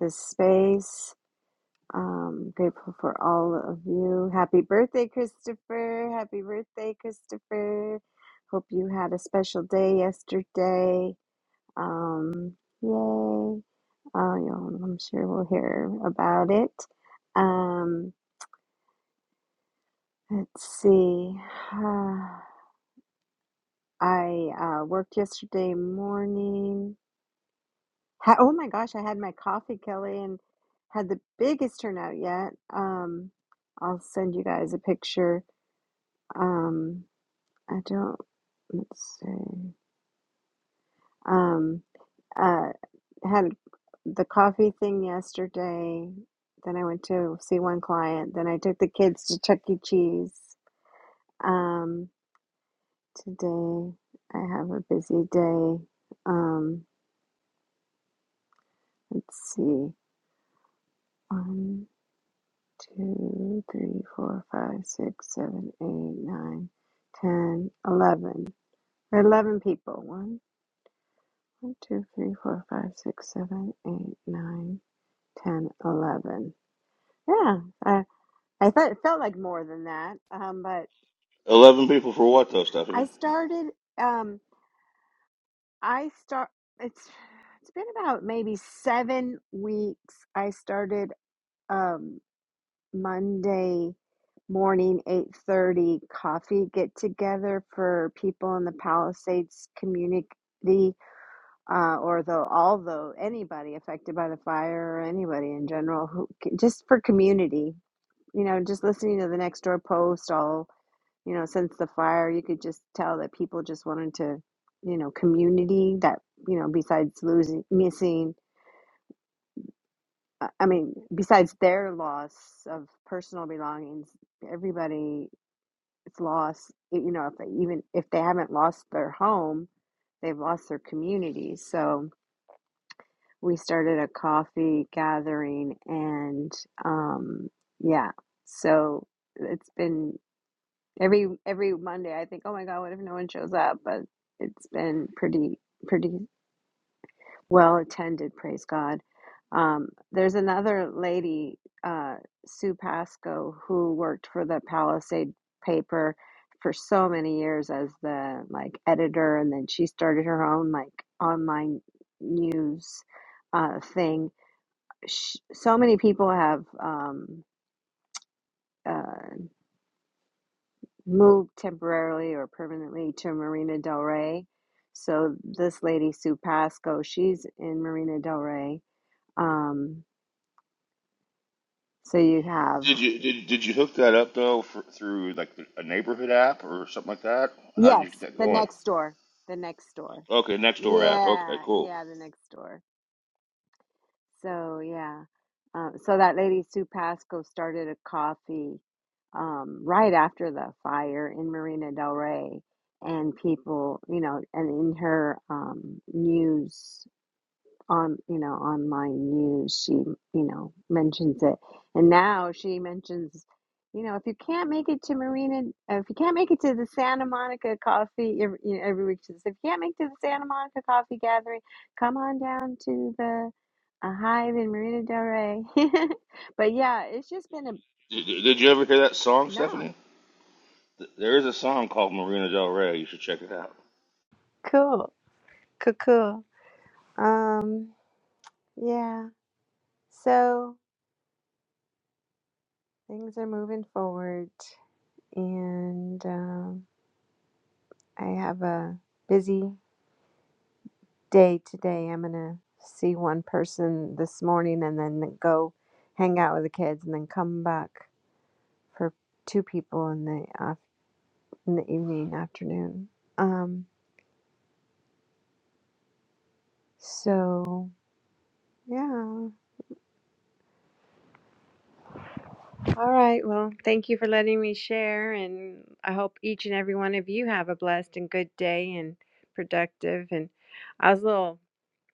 S6: this space. Um, grateful for all of you. Happy birthday, Christopher. Happy birthday, Christopher. Hope you had a special day yesterday. Um, yay. Uh, you know, I'm sure we'll hear about it. Um, let's see. [sighs] I uh, worked yesterday morning. Ha oh my gosh, I had my coffee, Kelly, and had the biggest turnout yet. Um, I'll send you guys a picture. Um, I don't, let's see. Um, Uh, had the coffee thing yesterday. Then I went to see one client. Then I took the kids to Chuck E. Cheese. Um, today I have a busy day. Um, let's see. One, two, three, four, five, six, seven, eight, nine, ten, eleven. There are Eleven people. One, one, two, three, four, five, six, seven, eight, nine, ten, eleven. Yeah, I I thought it felt like more than that. Um, but
S3: 11 people for what, though,
S6: I
S3: Stephanie?
S6: started. Um, I start. It's it's been about maybe seven weeks. I started um, Monday morning, eight thirty coffee get together for people in the Palisades community. Uh, or though although anybody affected by the fire or anybody in general who just for community you know just listening to the next door post all you know, since the fire, you could just tell that people just wanted to, you know, community that, you know, besides losing, missing, uh, I mean, besides their loss of personal belongings, everybody's lost, you know, if they, even if they haven't lost their home, they've lost their community. So we started a coffee gathering and, um, yeah, so it's been Every every Monday, I think, oh my God, what if no one shows up? But it's been pretty pretty well attended, praise God. Um, there's another lady, uh, Sue Pasco, who worked for the Palisade paper for so many years as the like editor, and then she started her own like online news uh, thing. Sh so many people have um, uh, moved temporarily or permanently to Marina Del Rey. So this lady Sue Pasco, she's in Marina Del Rey. Um, so you have
S3: Did you did, did you hook that up, though, for, through like a neighborhood app or something like that? How did
S6: yes,
S3: you get that
S6: the
S3: going?
S6: next door, the next door.
S3: Okay, next door app. Okay,
S6: Yeah,
S3: cool.
S6: yeah, the next door. So yeah, uh, so that lady Sue Pasco started a coffee um, right after the fire in Marina Del Rey, and people, you know, and in her um, news on you know online news she you know mentions it and now she mentions you know if you can't make it to marina uh, if you can't make it to the santa monica coffee every, you know, every week she says if you can't make it to the santa monica coffee gathering come on down to the uh, hive in marina del rey [laughs] but yeah it's just been a
S3: Did, did you ever hear that song, Stephanie?
S6: no
S3: Th- There is a song called Marina Del Rey. You should check it out.
S6: cool cool cool um yeah so things are moving forward and I have a busy day today. I'm going to see one person this morning and then go hang out with the kids and then come back for two people in the af- in the evening afternoon. Um so yeah. All right. Well, thank you for letting me share and I hope each and every one of you have a blessed and good day and productive and I was a little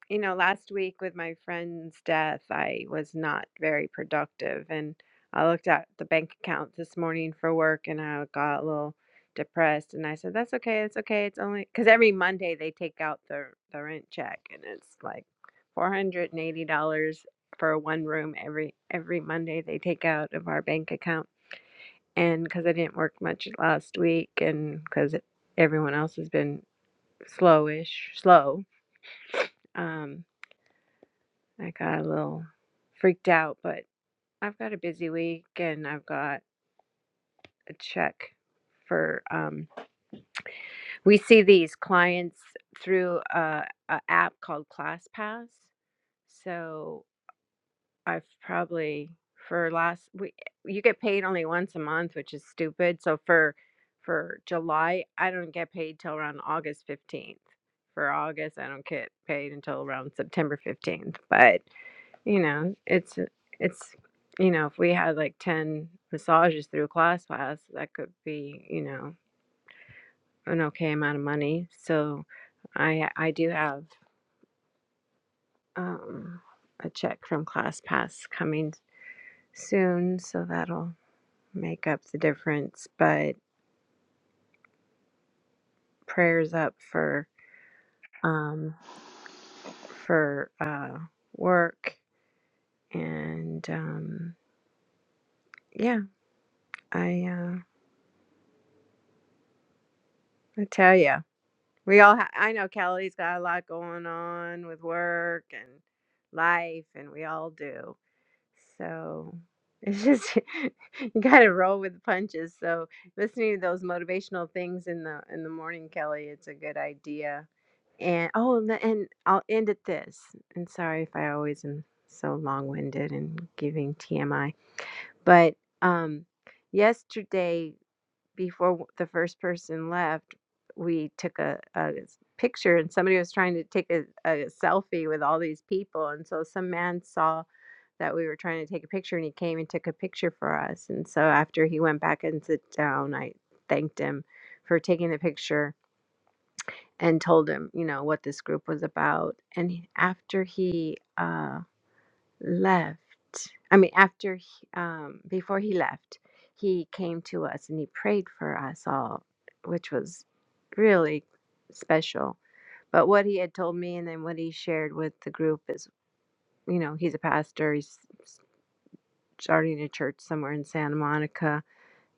S6: You know, last week with my friend's death, I was not very productive. And I looked at the bank account this morning for work and I got a little depressed. And I said, That's okay. It's okay. It's only because every Monday they take out the, the rent check and it's like $480 for one room every every Monday they take out of our bank account. And because I didn't work much last week and because everyone else has been slowish, slow. Um, I got a little freaked out, but I've got a busy week and I've got a check for um we see these clients through a, a app called ClassPass. So I've probably for last we you get paid only once a month, which is stupid. So for for July, I don't get paid till around August fifteenth. For August, I don't get paid until around September fifteenth. But you know, it's it's you know, if we had like ten massages through class class, that could be you know an okay amount of money. So, I I do have um, a check from Class Pass coming soon, so that'll make up the difference. But prayers up for um, for uh, work and um, yeah, I uh, I tell you. We all ha- I know Kelly's got a lot going on with work and life and we all do. So it's just [laughs] you got to roll with the punches. So listening to those motivational things in the in the morning, Kelly, it's a good idea. And oh, and, the- and I'll end at this. And sorry if I always am so long-winded and giving TMI, but um yesterday before w- the first person left, we took a, a s- picture and somebody was trying to take a, a selfie with all these people. And so some man saw that we were trying to take a picture and he came and took a picture for us. And so after he went back and sit down, I thanked him for taking the picture and told him, you know, what this group was about. And he- after he, uh left, I mean, after he- um, before he left, he came to us and he prayed for us all, which was really special. But what he had told me and then what he shared with the group is, you know, he's a pastor. He's starting a church somewhere in Santa Monica,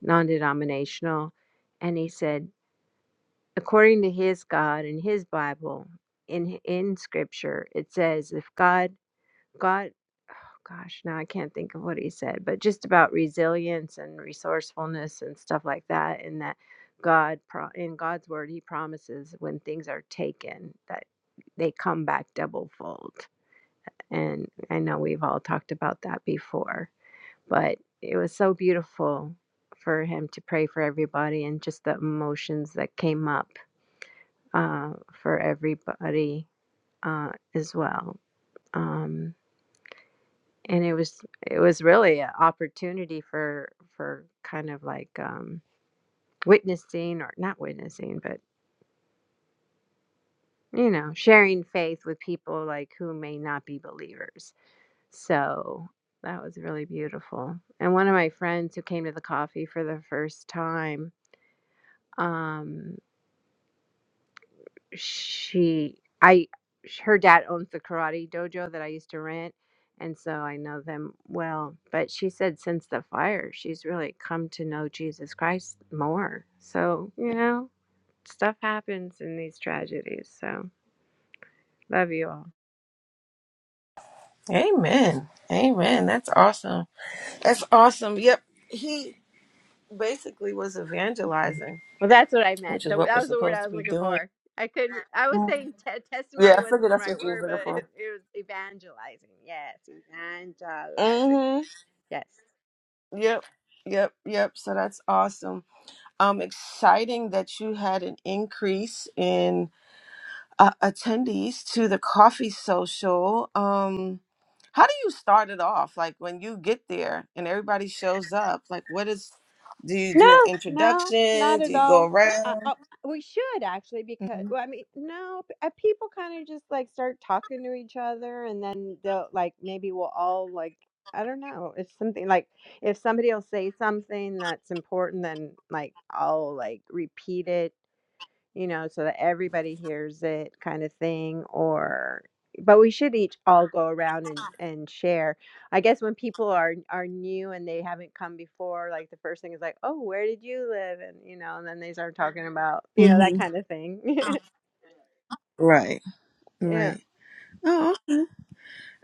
S6: non-denominational, and he said, according to his God and his Bible, in in Scripture, it says if God God, oh gosh, now I can't think of what he said, but just about resilience and resourcefulness and stuff like that. And that God, pro- in God's word, he promises when things are taken that they come back double fold. And I know we've all talked about that before, but it was so beautiful for him to pray for everybody and just the emotions that came up uh, for everybody uh, as well. Um, and it was it was really an opportunity for for kind of like um witnessing or not witnessing but you know sharing faith with people like who may not be believers so that was really beautiful and one of my friends who came to the coffee for the first time um she i sh- her dad owns the karate dojo that i used to rent and so i know them well but she said since the fire she's really come to know jesus christ more so you know stuff happens in these tragedies so love you all
S1: Amen. Amen. That's awesome. That's awesome. Yep. He basically was evangelizing,
S6: well that's what i
S1: which
S6: meant
S1: is
S6: the,
S1: what
S6: that
S1: we're
S6: was the word
S1: supposed
S6: i
S1: to
S6: was
S1: be
S6: looking
S1: doing.
S6: for i couldn't i was saying te-
S1: Yeah,
S6: testimony
S1: I
S6: wasn't
S1: figured
S6: the
S1: that's
S6: right
S1: what you was
S6: word
S1: looking
S6: but [laughs] it,
S1: for.
S6: it was evangelizing yes evangelizing
S1: Mm-hmm.
S6: yes
S1: Yep. Yep. Yep. So that's awesome. Um, exciting that you had an increase in uh, attendees to the coffee social. Um, how do you start it off? Like when you get there and everybody shows up, like what is? Do you do an
S6: No, no,
S1: introduction?
S6: not
S1: Do
S6: at
S1: you go
S6: all. Uh,
S1: around?
S6: oh, we should actually because
S1: Mhm.
S6: well, I mean, no, p- uh, people kind of just like start talking to each other, and then they'll like maybe we'll all like I don't know. It's something like if somebody will say something that's important, then like I'll like repeat it you know, so that everybody hears it kind of thing or but we should each all go around and and share. I guess when people are are new and they haven't come before, like the first thing is like, "Oh, where did you live?" and you know, and then they start talking about, you know, that
S1: hmm
S6: kind of thing.
S1: Right,
S6: [laughs] yeah.
S1: right. Oh, okay.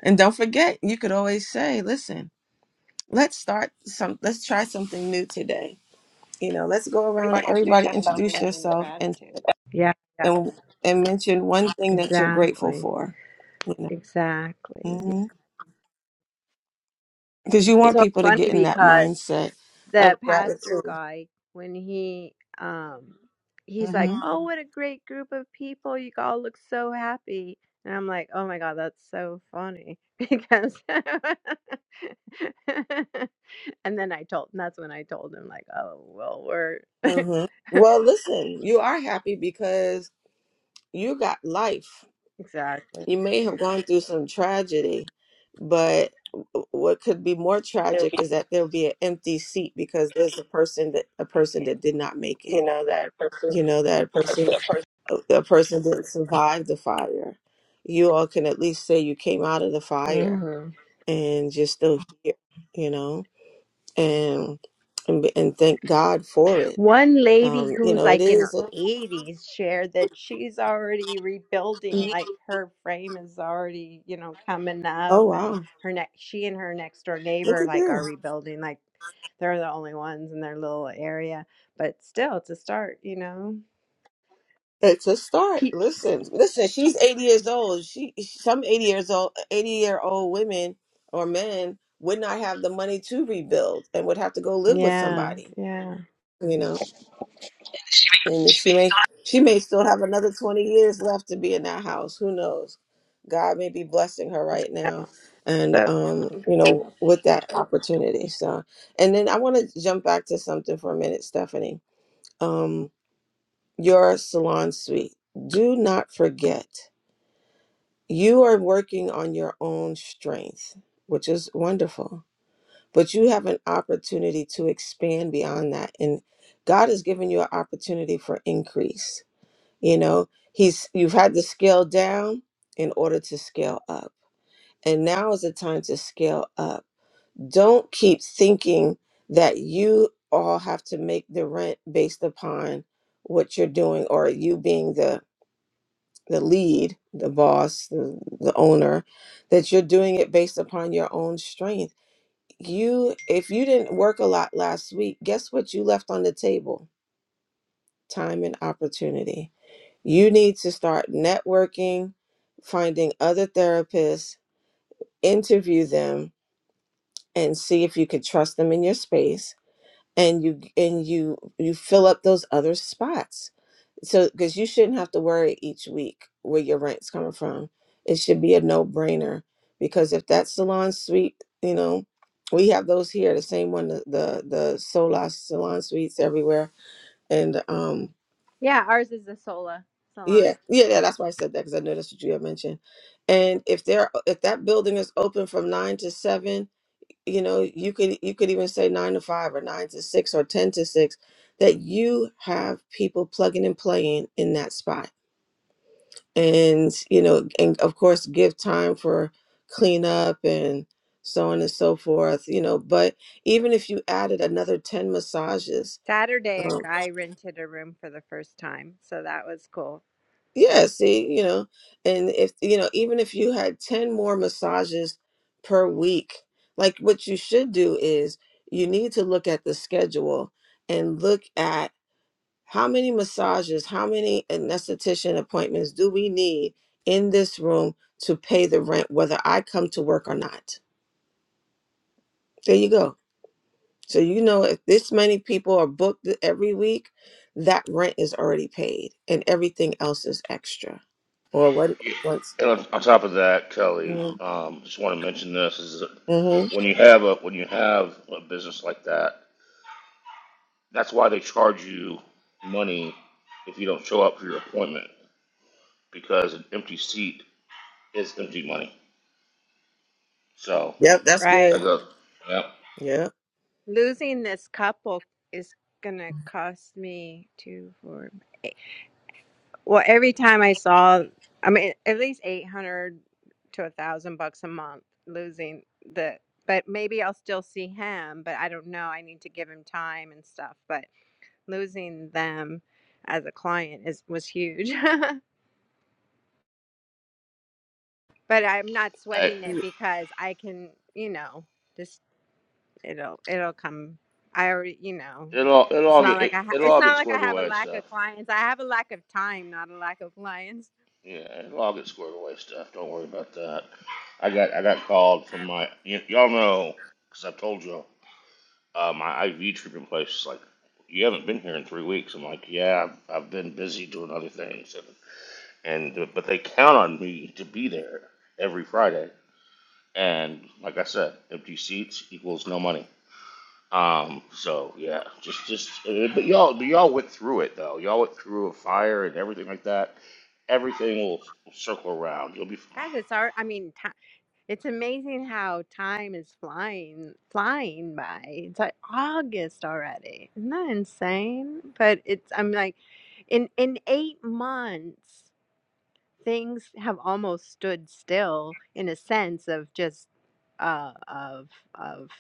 S1: And don't forget, you could always say, "Listen, let's start some. Let's try something new today. You know, let's go around and
S6: Everybody introduce
S1: everybody
S6: yourself
S1: introduce
S6: and then
S1: yourself and
S6: gratitude. Yeah, yeah.
S1: and and mention one thing that you're grateful
S6: Exactly.
S1: for. You know."
S6: Exactly.
S1: Mm-hmm. because you
S6: It's
S1: want
S6: so
S1: people to
S6: funny
S1: get in that
S6: because
S1: mindset of
S6: the pastor
S1: gratitude.
S6: guy when he um he's like,
S1: hmm
S6: "Oh, what a great group of people. You all look so happy." And I'm like, "Oh my god, that's so funny." [laughs] Because [laughs] and then I told and that's when I told him like, "Oh, well, we're
S1: hmm
S6: [laughs]
S1: Well, listen, you are happy because you got life.
S6: exactly."
S1: You may have gone through some tragedy, but what could be more
S6: It'll
S1: tragic
S6: be at
S1: is that there'll
S6: least
S1: be an empty seat because there's a person that a
S6: make
S1: person
S6: it.
S1: that did not make
S6: You
S1: it.
S6: know that person.
S1: You know that
S6: That
S1: person
S6: person.
S1: the person didn't survive the fire, you all can at least say you came out of the fire
S6: Mhm.
S1: and you're still here, you know, and and, and thank God for it.
S6: One lady
S1: Um, you
S6: who's
S1: know, it
S6: like in
S1: is.
S6: her 80s shared that she's already rebuilding,
S1: a-
S6: like her frame is already, you know, coming up,
S1: oh
S6: and
S1: wow,
S6: her next, she and her next door
S1: look
S6: neighbor,
S1: at
S6: like,
S1: there.
S6: are rebuilding. Like, they're the only ones in their little area, but still, it's a start, you know.
S1: It's a start.
S6: Pe-
S1: Listen, listen. She's eighty years old. She some eighty years old, eighty year old women or men would not have the money to rebuild and would have to go live with
S6: yeah,
S1: somebody.
S6: yeah.
S1: You know. and she may she may still have another 20 years left to be in that house who knows god may be blessing her right now and
S6: So,
S1: um you know with that opportunity so and then i want to jump back to something for a minute stephanie um your salon suite do not forget you are working on your own strength which is wonderful but you have an opportunity to expand beyond that and god has given you an opportunity for increase you know, he's you've had to scale down in order to scale up. And now is the time to scale up. Don't keep thinking that you all have to make the rent based upon what you're doing or you being the the lead, the boss, the, the owner, that you're doing it based upon your own strength. You if you didn't work a lot last week, guess what you left on the table? Time and opportunity You need to start networking, finding other therapists, interview them and see if you can trust them in your space and you and you you fill up those other spots. So cuz you shouldn't have to worry each week where your rent's coming from. It should be a no-brainer because if that salon suite, you know, we have those here, the same one the the, the Solas salon suites everywhere and um
S6: Yeah, ours is a sola
S1: Yeah,
S6: salon.
S1: yeah, yeah. That's why I said that because I know that's what you had mentioned. And if there, if that building is open from nine to seven, you know, you could you could even say nine to five or nine to six or ten to six, that you have people plugging and playing in that spot, and you know, and of course give time for cleanup and so on and so forth. You know, but even if you added another ten massages.
S6: Saturday, a
S1: um,
S6: guy rented a room for the first time, so that was cool,
S1: Yeah, see, you know, and if, you know, even if you had 10 more massages per week, like what you should do is you need to look at the schedule and look at how many massages, how many anesthetician appointments do we need in this room to pay the rent, whether I come to work or not. There you go. So, you know, if this many people are booked every week, that rent is already paid and everything else is extra or what
S3: Yeah.
S1: once.
S3: And on, on top of that, Kelly, um, just want to mention this is that
S1: Mm-hmm.
S3: when you have a when you have a business like that, that's why they charge you money if you don't show up for your appointment because an empty seat is empty money. So
S1: Yep, that's
S6: right?
S3: that
S1: good.
S3: goes. Yep.
S1: Yep.
S6: losing this couple is gonna cost me two four well every time i saw i mean at least 800 to a thousand bucks a month losing the but maybe i'll still see him but i don't know i need to give him time and stuff but losing them as a client is was huge [laughs] but i'm not
S3: Hey,
S6: sweating it because i can you know just. it'll it'll come i already you know
S3: it'll all- it'll
S6: it's
S3: all
S6: not
S3: get
S6: like
S3: it,
S6: i ha-
S3: it'll
S6: it's
S3: all
S6: not
S3: get
S6: like i
S3: squared
S6: have a
S3: away and
S6: lack
S3: stuff.
S6: of clients i have a lack of time not a lack of clients
S3: Yeah, it'll get squared away, stuff. Don't worry about that. I got I got called from my y- y'all know because I've told y'all uh, my IV treatment place is like you haven't been here in three weeks. I'm like, yeah, I've, I've been busy doing other things, and, and but they count on me to be there every Friday. And like I said, empty seats equals no money. Um, so yeah, just just uh, but y'all but y'all went through it though. Y'all went through a fire and everything like that everything will circle around. You'll be fine.
S6: god it's our i mean ti it's amazing how time is flying flying by it's like august already isn't that insane but it's i'm like in in eight months things have almost stood still in a sense of just uh of of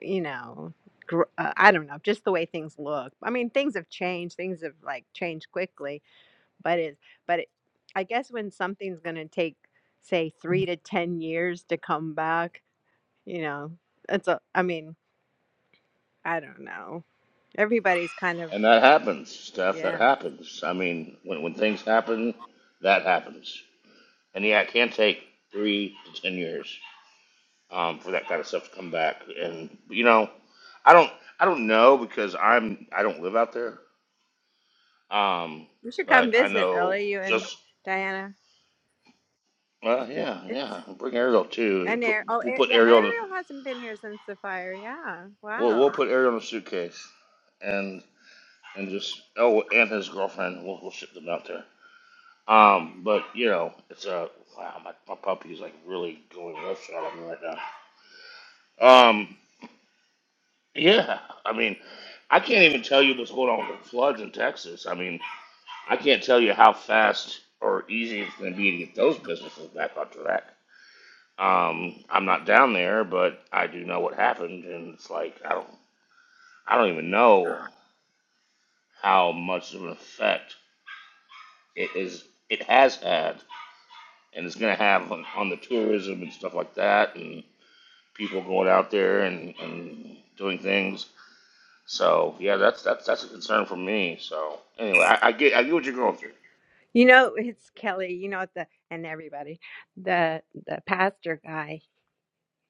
S6: you know, gr- uh, I don't know, just the way things look. I mean, things have changed. Things have like changed quickly, but it, but it, I guess when something's going to take, say, three to ten years to come back, you know, it's a. I mean, I don't know. Everybody's kind of
S3: And that happens, Steph. That
S6: yeah.
S3: happens. I mean, when, when things happen, that happens. And yeah, it can take three to ten years um, for that kind of stuff to come back. And you know, I don't I don't know because I'm I don't live out there. Um,
S6: You should
S3: but
S6: come
S3: I
S6: visit,
S3: know
S6: Billy. You and
S3: just
S6: Diana.
S3: well, yeah,
S6: It's
S3: yeah. We'll bring Ariel too.
S6: and
S3: Put,
S6: Ariel. Oh,
S3: we'll
S6: Ar-
S3: put
S6: yeah.
S3: Ariel. In,
S6: Ariel hasn't been here since the fire. Yeah.
S3: we'll we'll
S6: Wow.
S3: put Ariel in a suitcase, and and just oh, and his girlfriend. We'll we'll ship them out there. Um, but you know, it's a wow. My, my puppy is like really going roughshod over me right now. Um, yeah. I mean, I can't even tell you what's going on with the floods in Texas. I mean, I can't tell you how fast or easy it's going to be to get those businesses back on track. Um, I'm not down there, but I do know what happened, and it's like I don't, I don't even know how much of an effect it is. It has had, and it's going to have on, on the tourism and stuff like that, and people going out there and, and doing things. So yeah, that's that's that's a concern for me. So anyway, I, I get I get what you're going through.
S6: You know, it's Kelly, you know, the and everybody, the the pastor guy,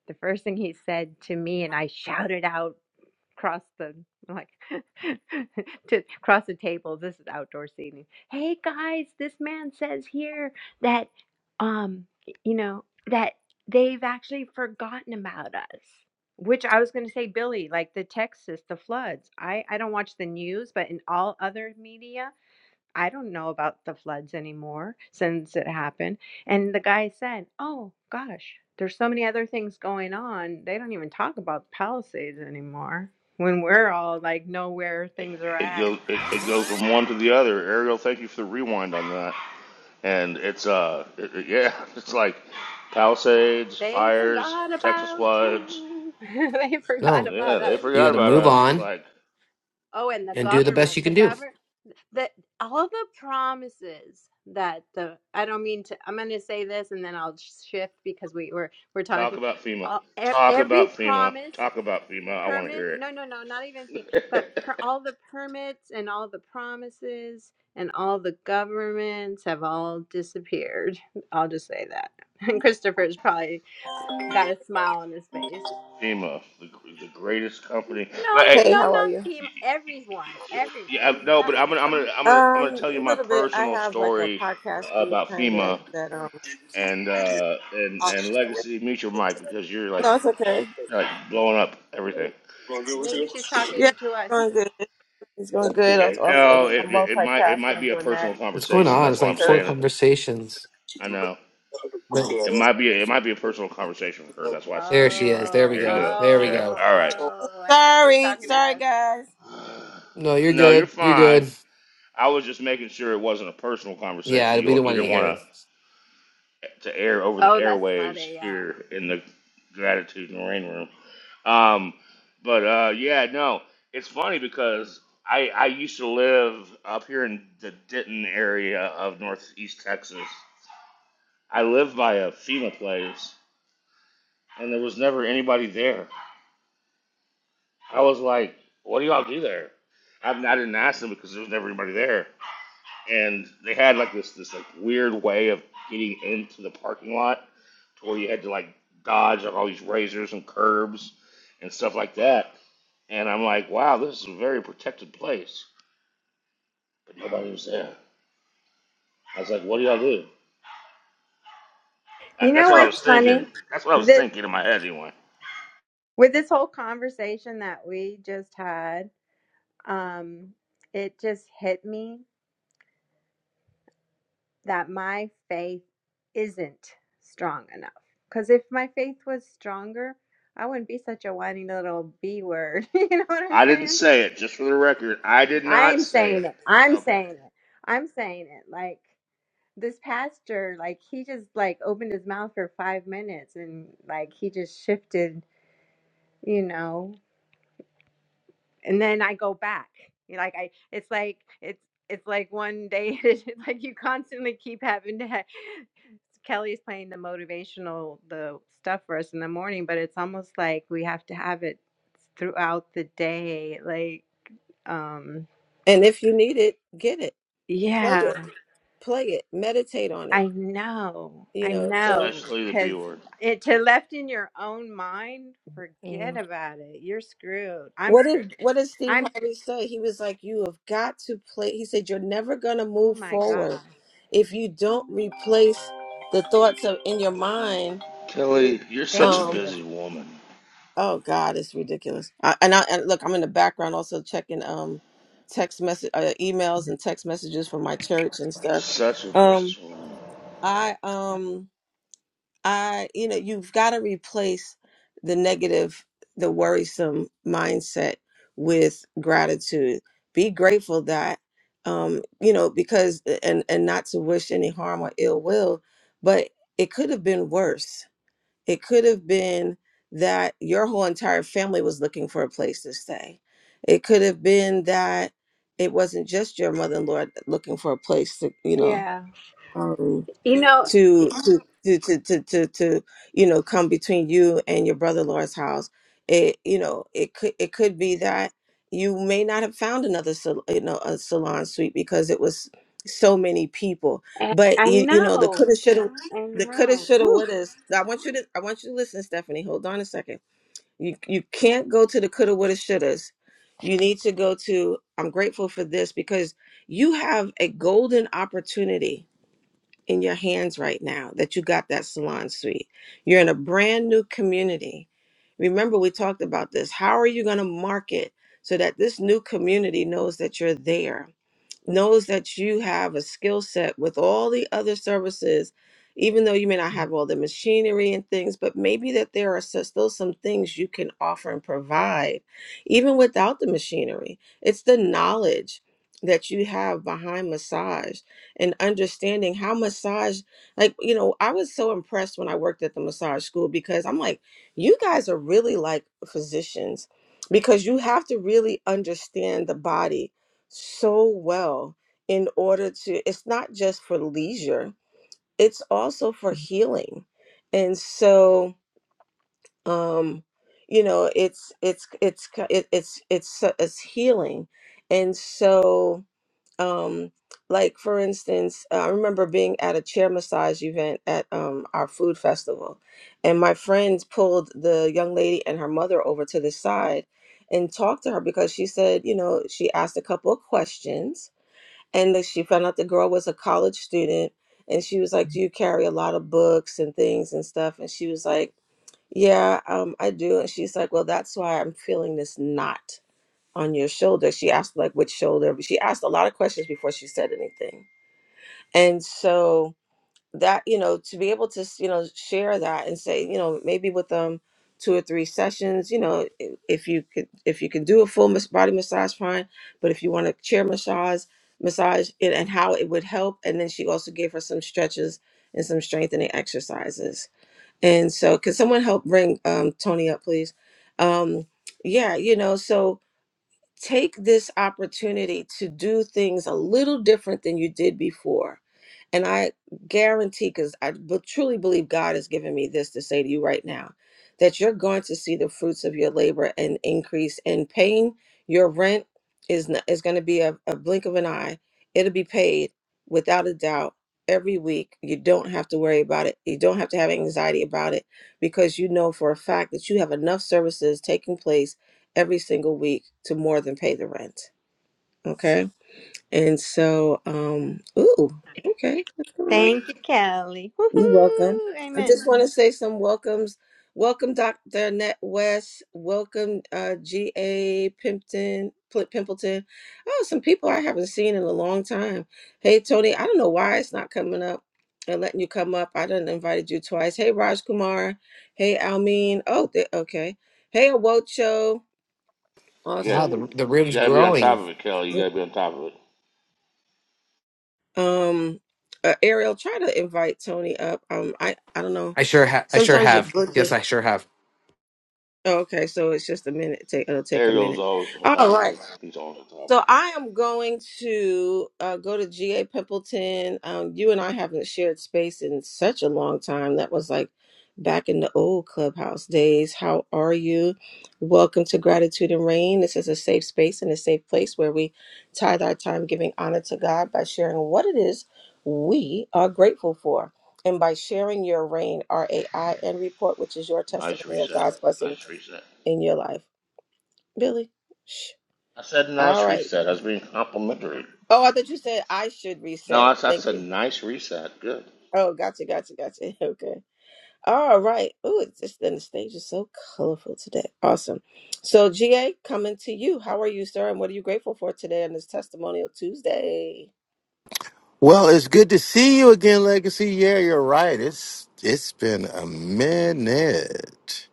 S6: the first thing he said to me, and I shouted out across the like [laughs] to across the table, this is outdoor seating. Hey guys, this man says here that um you know that they've actually forgotten about us. Which I was going to say, Billy, like the Texas, the floods. I, I don't watch the news, but in all other media, I don't know about the floods anymore since it happened. And the guy said, Oh gosh, there's so many other things going on. They don't even talk about Palisades anymore. When we're all like, know where things are
S3: It
S6: at.
S3: goes it, it goes from one to the other. Ariel, thank you for the rewind on that. And it's uh it, it- yeah, [laughs] it's like Palisades,
S6: They
S3: fires,
S6: forgot
S3: Texas
S6: about
S3: floods.
S6: you. [laughs] they forgot
S7: No,
S3: Yeah,
S6: about
S3: they
S6: us.
S7: you
S3: forgot
S7: got to
S3: about
S7: move
S3: us. It's
S7: on
S3: like
S6: Oh, and the
S7: and do the
S3: yep.
S7: best you
S6: government.
S7: can
S6: The
S7: do.
S6: government that all the promises that the I don't mean to I'm going to say this and then I'll shift because we were we're
S3: Talk
S6: talking
S3: about FEMA.
S6: all, e-
S3: Talk
S6: every
S3: about FEMA.
S6: promise
S3: Talk about FEMA. I want to
S6: permit
S3: hear it.
S6: no no no not even fee but per, all the permits and all the promises and all the governments have all disappeared i'll just say that [laughs] and christopher's probably got a smile on his face
S3: FEMA, the, the greatest company.
S6: no
S3: Like,
S1: Hey,
S6: no
S1: how are
S6: not
S1: you?
S6: FEMA.
S3: hey,
S6: everyone everyone
S3: Yeah, I- no,
S6: not,
S3: but I'm gonna, I'm gonna, I'm gonna, I'm gonna
S1: Um,
S3: tell
S1: a
S3: you my
S1: little bit. I
S3: personal
S1: have like a
S3: story
S1: podcast group
S3: about
S1: kind of
S3: FEMA
S1: that um
S3: and uh, and
S1: uh,
S3: and Legacy Mutual Mike because you're like
S1: no, it's okay.
S3: you're like blowing up everything.
S1: Going good with
S6: maybe
S1: you?
S6: she's
S1: Yeah,
S6: talking to
S1: it's
S6: us
S1: going good. It's going good. I was off
S3: No,
S1: I'm
S3: it, it it might it might
S1: multitasking
S3: be a
S1: doing that,
S3: personal
S7: What's
S1: you
S7: going
S3: conversation.
S1: know,
S7: on?
S3: That's
S7: It's
S3: why
S7: like
S3: I'm
S7: four
S1: church.
S3: saying it.
S7: conversations.
S3: I know
S7: But
S3: it might be it might be a personal conversation for her. That's why I said to
S7: there she
S3: Mutual
S7: is.
S3: Mike.
S7: There we
S6: oh
S3: There you
S7: go.
S3: go.
S7: There we
S3: Yeah.
S7: go.
S6: oh
S3: All right.
S6: oh i thought she was
S1: Sorry,
S6: talking to
S1: sorry
S6: us
S1: guys.
S7: No, you're
S3: No, you're
S7: good. You're
S3: fine.
S7: good.
S3: I was just making sure it wasn't a personal conversation.
S7: Yeah, we
S3: You
S7: don't
S3: you
S7: want to
S3: didn't want
S7: hear
S3: to.
S7: this.
S3: to air over the
S6: oh that's
S3: airwaves
S6: funny
S3: here
S6: yeah
S3: in the gratitude and rain room. Um, but uh, yeah, no, it's funny because I I used to live up here in the Denton area of northeast Texas. I lived by a FEMA place, and there was never anybody there. I was like, "What do y'all do there?" I, I didn't ask them because there was never anybody there, and they had like this this like weird way of getting into the parking lot to where you had to like dodge on all these razors and curbs and stuff like that. And I'm like, wow, this is a very protected place, but nobody was there. I was like, what do y'all do? That-
S6: you
S3: That's
S6: know
S3: what I was
S6: what's funny?
S3: thinking. That's what I was
S6: Th-
S3: thinking in my head anyway.
S6: with this whole conversation that we just had, um, it just hit me that my faith isn't strong enough. Because if my faith was stronger, I wouldn't be such a whiny little B word. [laughs] you know what I'm
S3: I didn't
S6: saying?
S3: say it, just for the record. I did not
S6: I'm
S3: say it.
S6: saying it. I'm
S3: Okay.
S6: saying it. I'm saying it. Like this pastor, like he just like opened his mouth for five minutes and like he just shifted, you know. and then I go back. You know, Like I, it's like it's it's like one day, [laughs] it's like you constantly keep having to. ha- [sighs] Kelly's playing the motivational the stuff for us in the morning, but it's almost like we have to have it throughout the day. Like, um,
S1: And if you need it, get it. Play
S6: yeah,
S1: it. Yeah. Play it. Meditate on it.
S6: I know,
S1: you
S6: I
S1: know so
S6: know,
S3: Especially the B
S6: because
S3: word.
S6: it to left in your own mind, forget
S1: mm.
S6: about it. You're screwed. I'm
S1: what
S6: screwed.
S1: did what did steve
S6: I'm screwed.
S1: harvey say he was like you have got to play he said you're never going to
S6: Oh
S1: move
S6: my
S1: forward
S6: god.
S1: if you don't replace the thoughts of in your mind
S3: Kelly, you're such a
S6: Thank
S1: um
S6: you.
S3: busy woman.
S1: oh god it's ridiculous I, and i and look i'm in the background also checking um text message uh, emails and text messages from my church and
S3: You're
S1: stuff
S3: such a
S1: um
S3: businesswoman.
S1: i um I, you know, you've got to replace the negative, the worrisome mindset with gratitude. Be grateful that, um, you know, because and and not to wish any harm or ill will, but it could have been worse. It could have been that your whole entire family was looking for a place to stay. It could have been that it wasn't just your mother-in-law looking for a place to, you know.
S6: Yeah.
S1: um,
S6: You know,
S1: to to to to to, to, to you know come between you and your brother Lord's house. It you know it could it could be that you may not have found another sal- you know a salon suite because it was so many people.
S6: I,
S1: But
S6: I
S1: you, you know the
S6: know.
S1: coulda
S6: I,
S1: shoulda
S6: I
S1: the coulda
S6: know.
S1: shoulda
S6: Woo.
S1: woulda. I want you to I want you to listen, Stephanie. Hold on a second. You you can't go to the coulda woulda shouldas. You need to go to I'm grateful for this because you have a golden opportunity in your hands right now that you got that salon suite. You're in a brand new community. Remember, we talked about this. How are you going to market so that this new community knows that you're there? knows that you have a skill set with all the other services, even though you may not have all the machinery and things, but maybe that there are so- still some things you can offer and provide, even without the machinery. It's the knowledge that you have behind massage and understanding how massage like you know i was so impressed when i worked at the massage school because i'm like you guys are really like physicians because you have to really understand the body so well in order to it's not just for leisure it's also for healing and so um you know it's it's it's ki- it, it's it's so- it's healing and so um like for instance i remember being at a chair massage event at um our food festival and my friends pulled the young lady and her mother over to the side and talked to her because she said you know she asked a couple of questions and that she found out the girl was a college student and she was like do you carry a lot of books and things and stuff and she was like yeah um, i do and she's like well that's why i'm feeling this knot on your shoulder she asked like which shoulder but she asked a lot of questions before she said anything and so that you know to be able to you know share that and say you know maybe with um two or three sessions you know i- if you could if you can do a full mas- body massage fine but if you want to chair massage massage it and how it would help and then she also gave her some stretches and some strengthening exercises and so could someone help bring um tony up please um yeah you know so take this opportunity to do things a little different than you did before and I guarantee, because I b- truly believe God has given me this to say to you right now, that you're going to see the fruits of your labor and increase in paying your rent is n- is going to be a, a blink of an eye. It'll be paid without a doubt every week. You don't have to worry about it. You don't have to have anxiety about it because you know for a fact that you have enough services taking place every single week to more than pay the rent. Okay, and so um, ooh, okay, what's going on?
S6: Thank you, Kelly.
S1: You're welcome.
S6: Woohoo.
S1: I
S6: Amen.
S1: just want to say some welcomes. Welcome, Dr. Annette West. Welcome, uh, G.A. Pimpton, Pl- Pimpleton. Oh, some people I haven't seen in a long time. Hey, Tony, I don't know why it's not coming up and letting you come up. I done invited you twice. Hey, Raj Kumar. Hey, Almin. Oh, they, okay. Hey, Awocho.
S3: You got,
S7: Wow, the
S1: Awesome.
S7: the
S3: you
S7: room's
S3: gotta be on top
S7: growing.
S3: of it, Kelly. You gotta be on top of it.
S1: Um, uh, Ariel, try to invite Tony up. Um, I, I don't know.
S7: I sure ha- I sure
S1: Sometimes it
S7: have.
S1: glitches.
S7: Yes, I sure have.
S1: Oh, Okay, so it's just a minute. Take it'll take a
S3: Ariel's
S1: minute.
S3: always on top
S1: All
S3: of
S1: right.
S3: it. He's always on top of
S1: So
S3: it.
S1: I am going to uh, go to GA Pimpleton. Um, you and I haven't shared space in such a long time. That was like back in the old clubhouse days. How are you? Welcome to Gratitude and Rain. This is a safe space and a safe place where we tithe our time giving honor to God by sharing what it is we are grateful for. And by sharing your rain, R A I N report, which is your
S3: Nice
S1: testimony of
S3: reset.
S1: God's blessing
S3: Nice reset.
S1: in your life, Billy? Shh.
S3: I said
S1: All
S3: nice
S1: right.
S3: reset. I was being complimentary.
S1: Oh, I thought you said I should
S3: No,
S1: reset.
S3: I, I
S1: Thank
S3: said
S1: you.
S3: nice reset. Good.
S1: Oh, gotcha, gotcha, gotcha. [laughs] Okay. All right. Oh, it's just then the stage is so colorful today. Awesome. So, GA, coming to you. How are you, sir? And what are you grateful for today on this Testimonial Tuesday?
S8: Well, it's good to see you again, Legacy. Yeah, you're right. It's it's been a minute.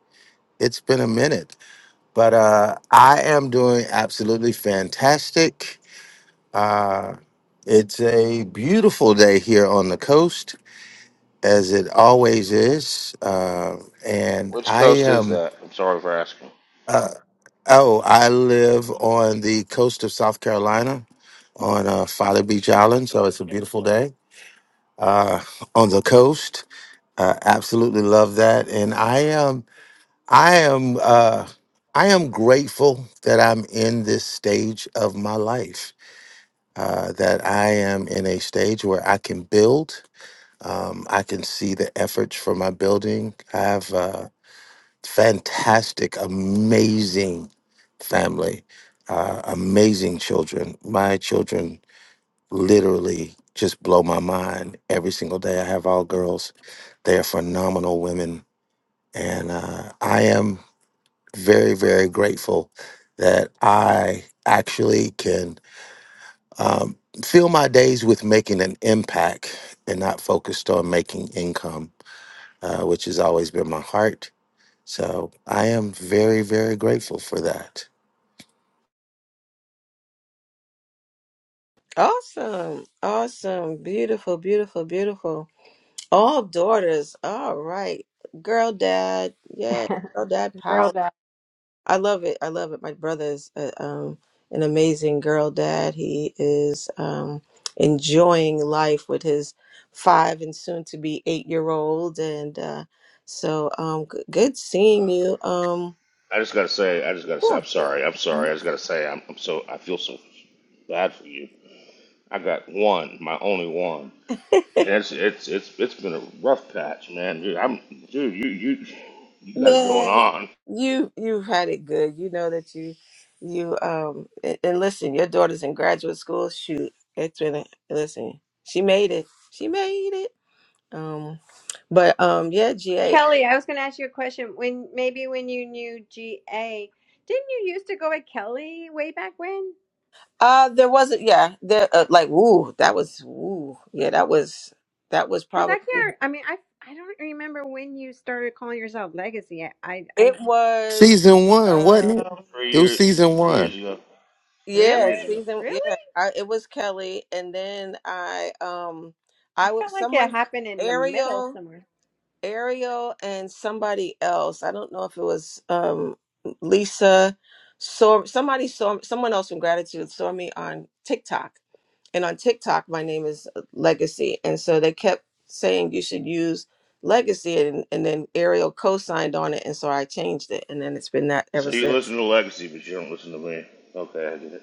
S8: It's been a minute, but uh, I am doing absolutely fantastic. Uh, it's a beautiful day here on the coast, as it always is, uh, and
S3: Which
S8: I
S3: coast is
S8: am.
S3: that? I'm sorry for asking.
S8: Oh, I live on the coast of South Carolina, on uh, Folly Beach Island, so it's a beautiful day uh, on the coast. Uh, absolutely love that, and I am I am uh, I am grateful that I'm in this stage of my life. Uh, that I am in a stage where I can build. Um, I can see the efforts for my building. I have a fantastic, amazing family, uh, amazing children. My children literally just blow my mind every single day. I have all girls. They are phenomenal women and uh, I am very, very grateful that I actually can um, fill my days with making an impact and not focused on making income, uh, which has always been my heart. So I am very, very grateful for that.
S1: Awesome. Awesome. Beautiful, beautiful, beautiful. All daughters. All right. Girl dad.
S6: [laughs]
S1: Yeah. Girl dad
S6: Girl
S1: power.
S6: down.
S1: I love it. I love it. My brother is uh, um, an amazing girl dad. He is um, enjoying life with his five and soon to be eight year old. And uh, so um, g- good seeing you. Um,
S3: I just gotta say, I just gotta say, I'm
S1: yeah,
S3: sorry. I'm sorry. I just gotta say, I'm, I'm so, I feel so bad for you. I got one, my only one, and it's it's it's it's been a rough patch, man. Dude, I'm dude, you you you got it going
S1: man,
S3: on.
S1: you you've had it good. You know that you you um and, and listen, your daughter's in graduate school. Shoot, it's been a, listen. She made it. She made it. Um, but um, yeah, GA.
S6: Kelly, I was going to ask you a question. When maybe when you knew GA, didn't you used to go by Kelly way back when?
S1: Uh, there wasn't. Yeah, there. Uh, like, ooh, that was. Ooh, yeah, that was. That was
S6: Because I
S1: probably.
S6: can't. I mean, I I don't remember when you started calling yourself Legacy. I, I
S1: It
S6: I
S8: Season
S1: was.
S8: one,
S1: Uh,
S8: wasn't it?
S3: Three
S8: It was
S3: years,
S8: season
S3: three
S8: one.
S3: years ago,
S6: really
S3: three
S1: yeah,
S3: years ago.
S1: season.
S6: really
S1: Yeah, I, it was Kelly, and then I. Um,
S6: I
S1: I would
S6: felt like it
S1: someone
S6: happened in the middle
S1: Ariel,
S6: somewhere.
S1: Ariel, and somebody else. I don't know if it was um Lisa. So somebody saw someone else from Gratitude saw me on TikTok and on TikTok, my name is uh, Legacy. And so they kept saying you should use Legacy, and, and then Ariel co signed on it. And so I changed it. And then it's been that
S3: So
S1: ever
S3: you
S1: since.
S3: listen to Legacy, but you don't listen to me. Okay, I get it.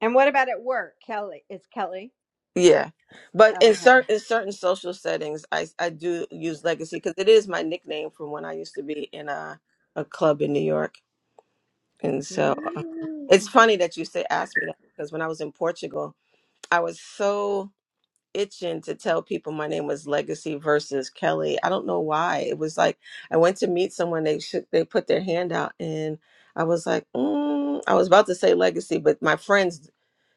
S6: And what about at work, Kelly? It's Kelly.
S1: Yeah. But in
S6: Oh,
S1: certain in certain social settings, I, I do use Legacy because it is my nickname from when I used to be in a, a club in New York. And so uh,
S6: okay.
S1: it's funny that you say ask me that because when I was in Portugal, I was so itching to tell people my name was Legacy versus Kelly. I don't know why. It was like I went to meet someone. They shook, they put their hand out, and I was like, mm, I was about to say Legacy, but my friends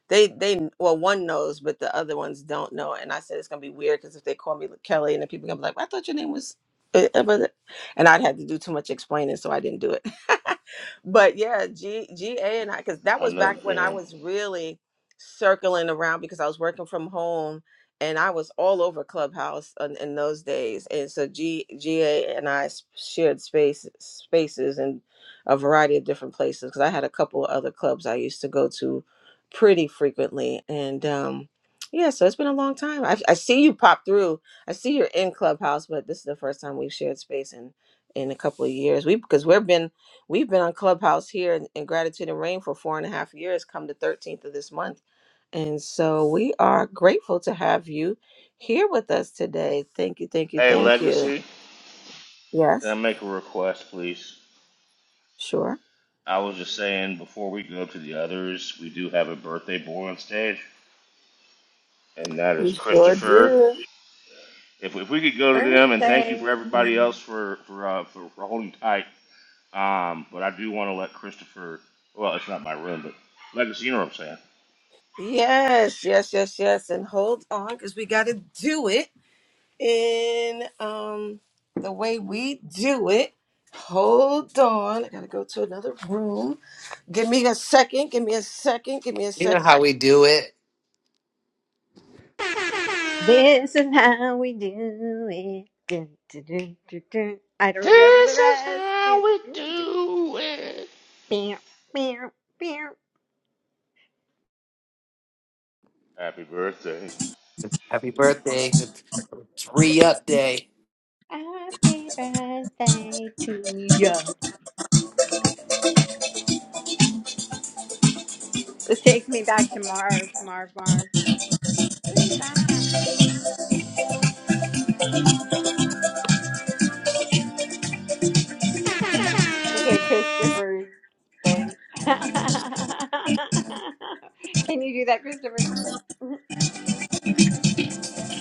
S1: they they well one knows, but the other ones don't know. And I said it's gonna be weird because if they call me Kelly, and then people gonna be like, 'Well, "I thought your name was," uh, uh, but-" and I'd have to do too much explaining, so I didn't do it. [laughs] but yeah, G G A and I, because that
S3: I
S1: was
S3: know the
S1: back when I
S3: feeling.
S1: was really circling around because I was working from home and I was all over Clubhouse in, in those days. And so G G A and I s- shared space spaces and a variety of different places because I had a couple of other clubs I used to go to pretty frequently. And um, yeah, so it's been a long time. I, I see you pop through. I see you're in Clubhouse, but this is the first time we've shared space in in a couple of years. We because we've been we've been on Clubhouse here in, in Gratitude and Rain for four and a half years. Come the thirteenth of this month, and so we are grateful to have you here with us today. Thank you, thank you,
S3: Hey,
S1: thank you.
S3: Legacy, can I
S1: Yes,
S3: make a request, please?
S1: sure.
S3: I was just saying before we go to the others, we do have a birthday boy on stage, and that is
S1: We sure
S3: Christopher.
S1: do.
S3: If, if we could go to them, and thank you for
S6: birthday.
S3: everybody else
S6: Um,
S3: for for uh, for, for holding tight. Um, but I do want to let Christopher. Well, it's not my room, but Legacy, you know what I'm saying.
S1: Yes, yes, yes, yes. And hold on because we got to do it. in um the way we do it. Hold on. I gotta go to another room. Give me a second. Give me a second. Give me a
S7: You know
S1: second.
S7: how we do it.
S6: This is how we do it. Dun, dun, dun, dun, dun. I don't remember the
S3: This is
S6: rest. Dun,
S3: how we
S6: dun, dun.
S3: do it.
S6: Pew, pew, pew.
S3: Happy birthday.
S7: Happy birthday. [laughs] It's it's re-up day.
S6: Happy birthday to you. It takes me back to Marv, Marv, Marv. Who's that? Look at Christopher's thing. [laughs] Can you do that, Christopher?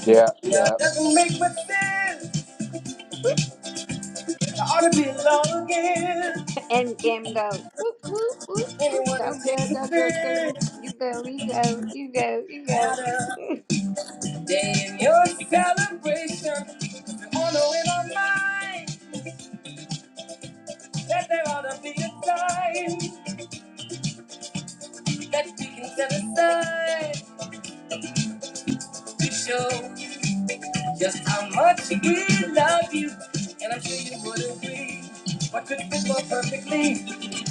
S9: Yeah,
S1: Yeah,
S9: yeah.
S1: it doesn't make much sense.
S6: [laughs]
S1: I ought to be alone again.
S6: End game go. Whoop, whoop, whoop, whoop.
S1: Anyone who
S6: Go, girl,
S1: takes
S6: go, girl, go. Whoop.
S1: offense
S6: You go, you go, you go, you go.
S1: at
S6: [laughs]
S1: a
S6: Happy
S1: day in your celebration. We all know in our mind that there ought to be a time that we can set aside to show. Just how much we love you, and I'm sure you would agree. What could fit more perfectly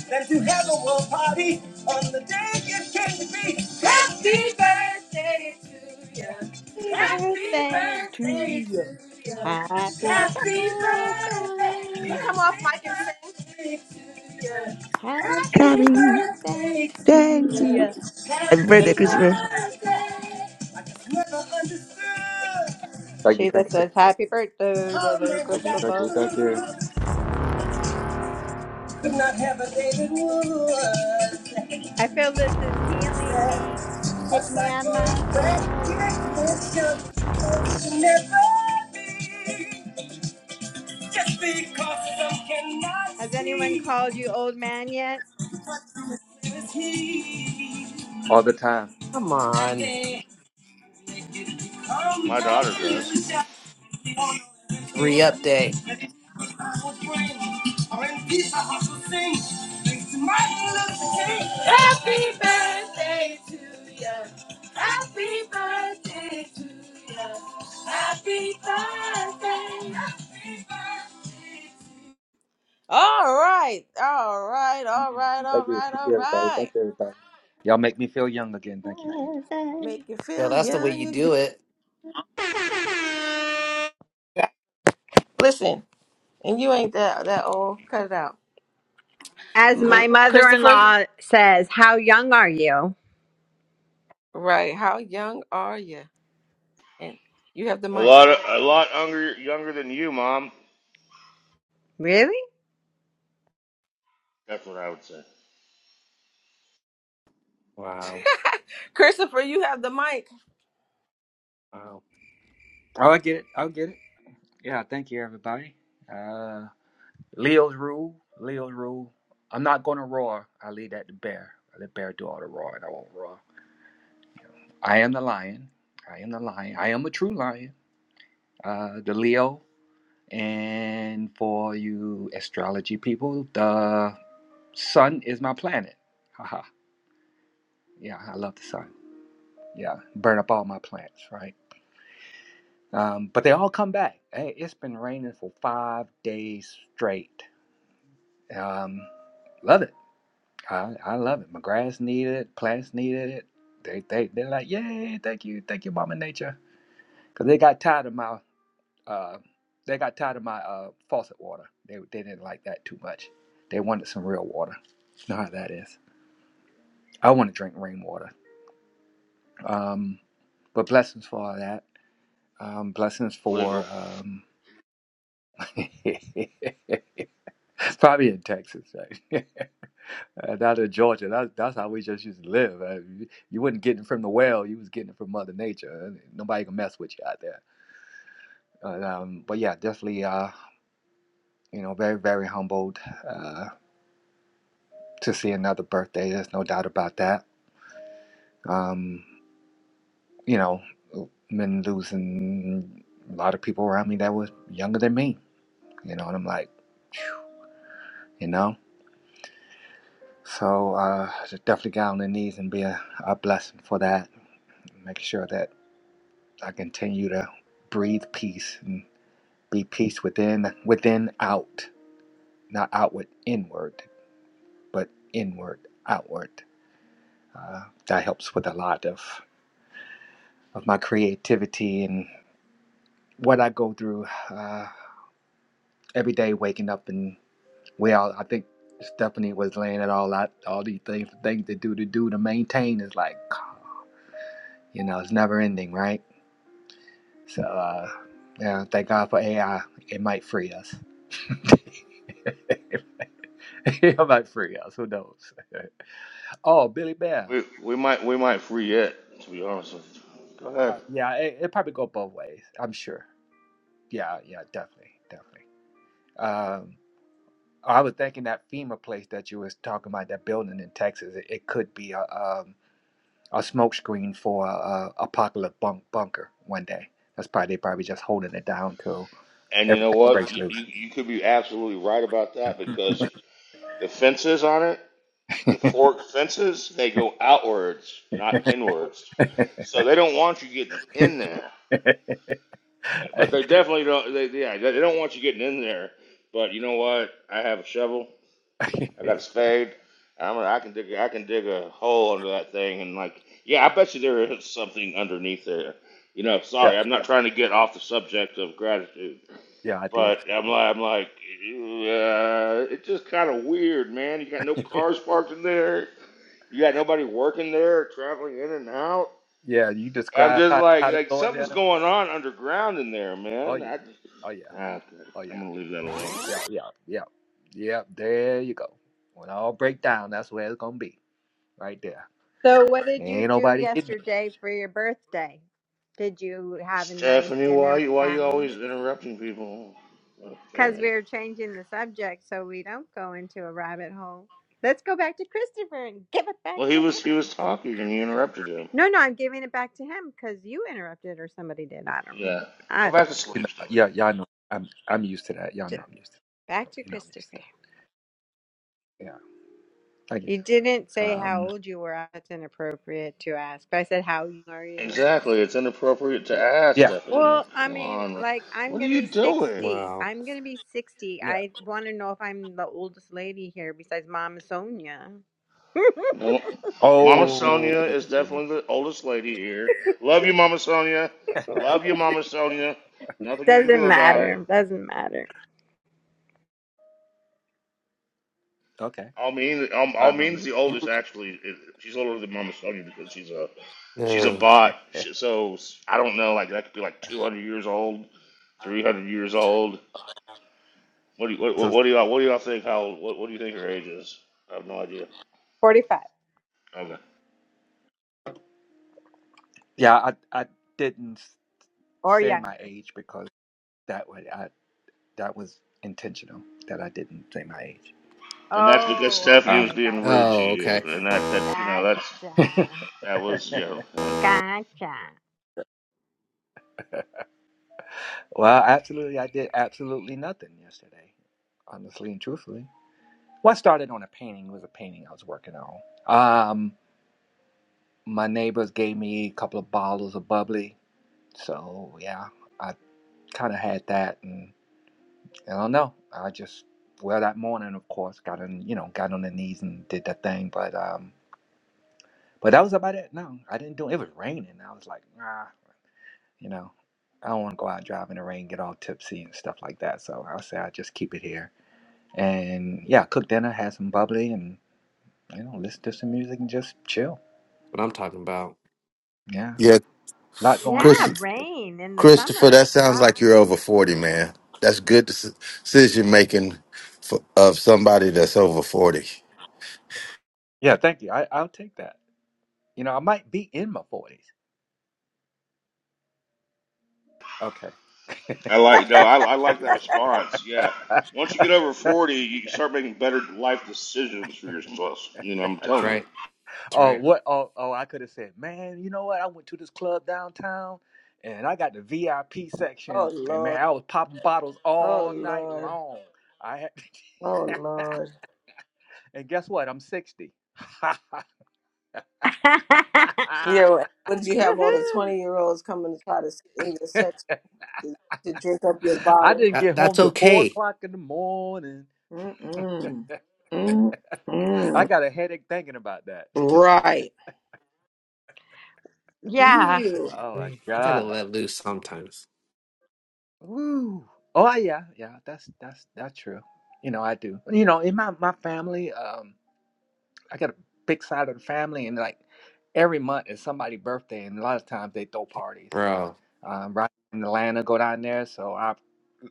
S1: than to have a world party on the day it came to be? Happy birthday to you. Happy
S6: birthday to
S1: birthday
S6: you.
S1: to you.
S6: Happy
S1: Happy birthday. You
S6: birthday.
S1: come off mic and sing.
S6: Happy
S1: Happy
S10: Happy
S6: birthday
S1: birthday
S10: day
S1: to
S6: to
S1: you.
S10: to
S6: you.
S10: Happy birthday,
S1: Happy
S10: Christopher.
S1: birthday. I just never understood.
S9: Thank you,
S6: Sheila [laughs]
S9: thank you,
S6: says, Happy birthday,
S1: Oh
S6: brother
S1: man, we
S9: thank you,
S1: got
S9: thank you,
S6: Christopher.
S9: thank you.
S1: the good. Could not have a David Wood.
S6: I feel this is healing me.
S1: A
S6: Get me out of
S1: cycle
S6: my
S1: break
S6: funk.
S1: with you. It'll never be. Just because some cannot
S6: Has anyone
S1: see.
S6: called you old man yet?
S1: what What is he?
S9: All the time.
S7: Come
S1: That
S7: on.
S1: they. Come and illusion.
S3: My daughter does.
S1: We all know
S7: It's
S1: everything.
S7: re-up day.
S1: And it's because I will bring. Or in peace, I have to sing. Thanks to Martin Luther King. Happy birthday to you. Happy birthday to you. Happy birthday. Happy birthday. All right, all right, all right,
S9: Thank
S1: all
S9: you,
S1: right,
S9: thank
S1: all
S9: you, everybody.
S1: right.
S9: Thank you, everybody. Y'all make me feel young again. Thank you, thank you.
S6: [laughs]
S1: Make you
S7: Yo,
S1: feel
S7: that's the way you
S1: young again.
S7: do it. [laughs]
S1: Listen. And you ain't that that old. Cut it out.
S6: As
S1: Mm,
S6: my mother in
S1: Christopher,
S6: law says, How young are you?
S1: right. How young are you? And you have the
S3: A
S1: mic.
S3: lot, of, a lot younger, younger than you, mom.
S6: Really?
S3: That's what I would say.
S7: Wow.
S1: [laughs] Christopher, you have the mic.
S7: Wow.
S9: Oh, I get it. I'll get it. Yeah, thank you, everybody. Uh, Leo's rule. Leo's rule. I'm not going to roar. I leave that to Bear. I let Bear do all the roaring. I won't roar. I am the lion. I am the lion. I am a true lion. Uh, the Leo. And for you astrology people, the sun is my planet. [laughs] Yeah, I love the sun. Yeah, burn up all my plants, right? Um, but they all come back. Hey, it's been raining for five days straight. Um, love it. I, I love it. My grass needed it. Plants needed it. They they they're like, yay! Thank you, thank you, Mama Nature, because they got tired of my uh, they got tired of my uh, faucet water. They they didn't like that too much. They wanted some real water. You know how that is. I want to drink rainwater. Um, but blessings for all that. Um, blessings
S3: Illegal.
S9: for um, [laughs] probably in Texas, right? [laughs] Uh, Not in Georgia. That, that's how we just used to live. Uh, you, you wasn't getting it from the well; you was getting it from Mother Nature. and Nobody can mess with you out there. Uh, um, but yeah, definitely. Uh, you know, very very humbled uh, to see another birthday. There's no doubt about that. Um, you know, been losing a lot of people around me that was younger than me. You know, and I'm like, you know. So uh, definitely get on the knees and be a, a blessing for that. Make sure that I continue to breathe peace and be peace within, within out, not outward inward, but inward outward. Uh, that helps with a lot of of my creativity and what I go through uh, every day, waking up and we all I think Stephanie was laying it all out, all these things, things to do to do to maintain is like, you know, it's never ending, right? So, uh, yeah, thank God for AI. It might free us. [laughs] it might free us. Who knows? [laughs] oh, Billy Bear.
S3: We we might we might free it. To be honest with you. Go ahead.
S9: Uh, yeah, it, it probably go both ways. I'm sure. Yeah, yeah, definitely, definitely. Um, I was thinking that FEMA place that you was talking about, that building in Texas. It, it could be a um, a smoke screen for a, a apocalypse bunk, bunker one day. That's probably they probably just holding it down till
S3: And you know
S9: everything
S3: what?
S9: breaks
S3: You, you you could be absolutely right about that because the fences on it, the forked fences, they go outwards, not inwards. So they don't want you getting
S9: loose.
S3: in there.
S9: [laughs]
S3: But they definitely don't. They yeah, they don't want you getting in there. But you know what? I have a shovel.
S9: [laughs]
S3: I got a spade. And I'm a, i am gonna. I can dig I can dig a hole under that thing and like yeah I bet you there is something underneath there. You know,
S9: yeah,
S3: sorry, I'm not trying to get off the subject of gratitude,
S9: yeah, I did.
S3: but I'm like I'm like uh, it's just kind of weird, man. You got no
S9: [laughs]
S3: cars parked in there. You got nobody working there, traveling in and out.
S9: Yeah, you
S3: I'm
S9: described
S3: just
S9: how,
S3: like
S9: how to
S3: like
S9: go in
S3: something's
S9: there.
S3: going on underground in there,
S9: Oh
S3: man. I,
S9: yeah, oh yeah,
S3: ah, okay.
S9: oh
S3: I'm
S9: yeah,
S3: gonna leave that alone.
S9: yeah, yeah, yeah, yeah. There you go. When all break down, that's where it's gonna be, right there.
S6: So, what did you
S9: Ain't
S6: do
S9: nobody getting it.
S6: yesterday for your birthday? Did you have a nice
S3: Stephanie,
S6: dinner
S3: why
S6: with
S3: you why you
S6: family?
S3: always interrupting people? Oh,
S6: Because we are changing the subject so we don't go into a rabbit hole. Let's go back to Christopher and give it back
S3: Well, he
S6: to
S3: was he
S6: him.
S3: was talking and you interrupted him.
S6: No, no, I'm giving it back to him because you interrupted or somebody did. I don't know.
S3: Yeah, go
S6: I
S3: back to
S6: don't know.
S9: You
S3: sleep,
S9: know,
S3: Stephanie.
S9: yeah, y'all know. I'm I'm used to that. Y'all
S6: J-
S9: know I'm used to.
S6: Back
S9: That.
S6: to
S9: You know I'm used
S6: Christopher.
S9: to that. Yeah. Okay.
S6: You didn't say how
S9: Um.
S6: old you were. That's inappropriate to ask. But I said, How young are you?
S3: Exactly, it's inappropriate to ask
S9: Yeah.
S3: Stephanie.
S6: Well, I
S3: Come
S6: mean,
S3: on,
S6: like I'm
S3: what are
S6: gonna
S3: you
S6: be
S3: doing?
S6: sixty.
S7: Wow.
S6: I'm gonna be sixty.
S9: Yeah.
S6: I want to know if I'm the oldest lady here besides Mom Sonia. [laughs]
S3: No, Mama
S9: Oh.
S3: Sonia is definitely the oldest lady here. Love you, Mama Sonia. Love you, Mama Sonia. Nothing you can do
S6: Doesn't
S3: about it.
S6: matter. Doesn't matter.
S9: [laughs] okay.
S3: Almin, Al-
S9: Um.
S3: Almin's the oldest actually. It- She's older than Mama Sonia because she's a she's a
S7: Yeah.
S9: [laughs]
S3: bot. She- So I don't know. Like that could be like two hundred years old, three hundred years old. What do you, what,
S9: So
S3: what do y'all what do y'all think? How old- what, what do you think her age is? I have no idea.
S6: Forty-five
S3: Okay.
S9: yeah, I I didn't s-
S6: or
S9: say my
S6: younger.
S9: age because that way. That was intentional that I didn't say my age.
S3: And that's because
S6: Oh,
S3: Stephanie
S9: Uh,
S3: was
S6: okay.
S3: being
S6: Gotcha.
S3: rude to
S7: Oh,
S3: you,
S7: okay. That's
S3: and that that you know that's
S6: Gotcha.
S9: [laughs]
S3: that was you know. Uh,
S6: Gotcha.
S9: well, absolutely, I did absolutely nothing yesterday, honestly and truthfully. Well, I started on a painting. It was a painting I was working on. Um, my neighbors gave me a couple of bottles of bubbly, so yeah, I kind of had that, and I don't know. I just well that morning, of course, got on you know got on the knees and did that thing, but um, but that was about it. No, I didn't do it. It was raining. I was like, nah. You know, I don't want to go out driving in the rain, get all tipsy and stuff like that. So I'll say I just keep it here. And yeah, cook dinner, have some bubbly, and you know, listen to some music and just chill.
S7: what I'm talking about.
S9: Yeah,
S8: Yeah,
S9: a lot going
S6: Yeah,
S8: Chris,
S9: on.
S6: rain in the
S8: Christopher, that
S6: summer.
S8: sounds
S6: Wow.
S8: like you're over 40, man. That's good deci- decision making for, of somebody that's over 40.
S9: Yeah, thank you. I, I'll take that. You know, I might be in my forties. Okay.
S3: I like no, I, I like that response. Yeah. Once you get over
S9: [laughs]
S3: forty, you start making better life decisions for yourself. You know, I'm
S7: That's
S3: telling you.
S7: right. That's
S9: oh,
S7: right.
S9: what? Oh, oh, I could have said, man. You know what? I went to this club downtown, and I got the VIP
S1: Oh
S9: section, and
S1: Lord.
S9: man, I was popping bottles
S1: Oh
S9: all night
S1: Lord.
S9: long. I had.
S1: Oh
S9: [laughs]
S1: Lord.
S9: And guess what? I'm 60. [laughs]
S6: [laughs]
S1: Yeah. would you have all the
S6: Woohoo.
S1: twenty year olds coming to try to sit in your section to, to drink up your
S9: I
S1: bottle?
S9: didn't
S7: That
S9: get home
S7: that's
S9: till four
S7: okay.
S9: o'clock in the morning.
S1: Mm-mm.
S9: [laughs] I
S1: Mm-mm.
S9: got a headache thinking about that. [laughs]
S1: Right.
S6: Yeah.
S1: Ew.
S9: oh
S7: I
S9: my
S7: mean, you gotta
S9: god.
S7: let loose sometimes,
S9: Woo. Oh yeah, yeah. That's that's that's true. You know I do. You know in my my family, um, I got a big side of the family, and like every month is somebody's birthday, and a lot of times they throw parties.
S7: bro.
S9: um, right in Atlanta, go down there. So I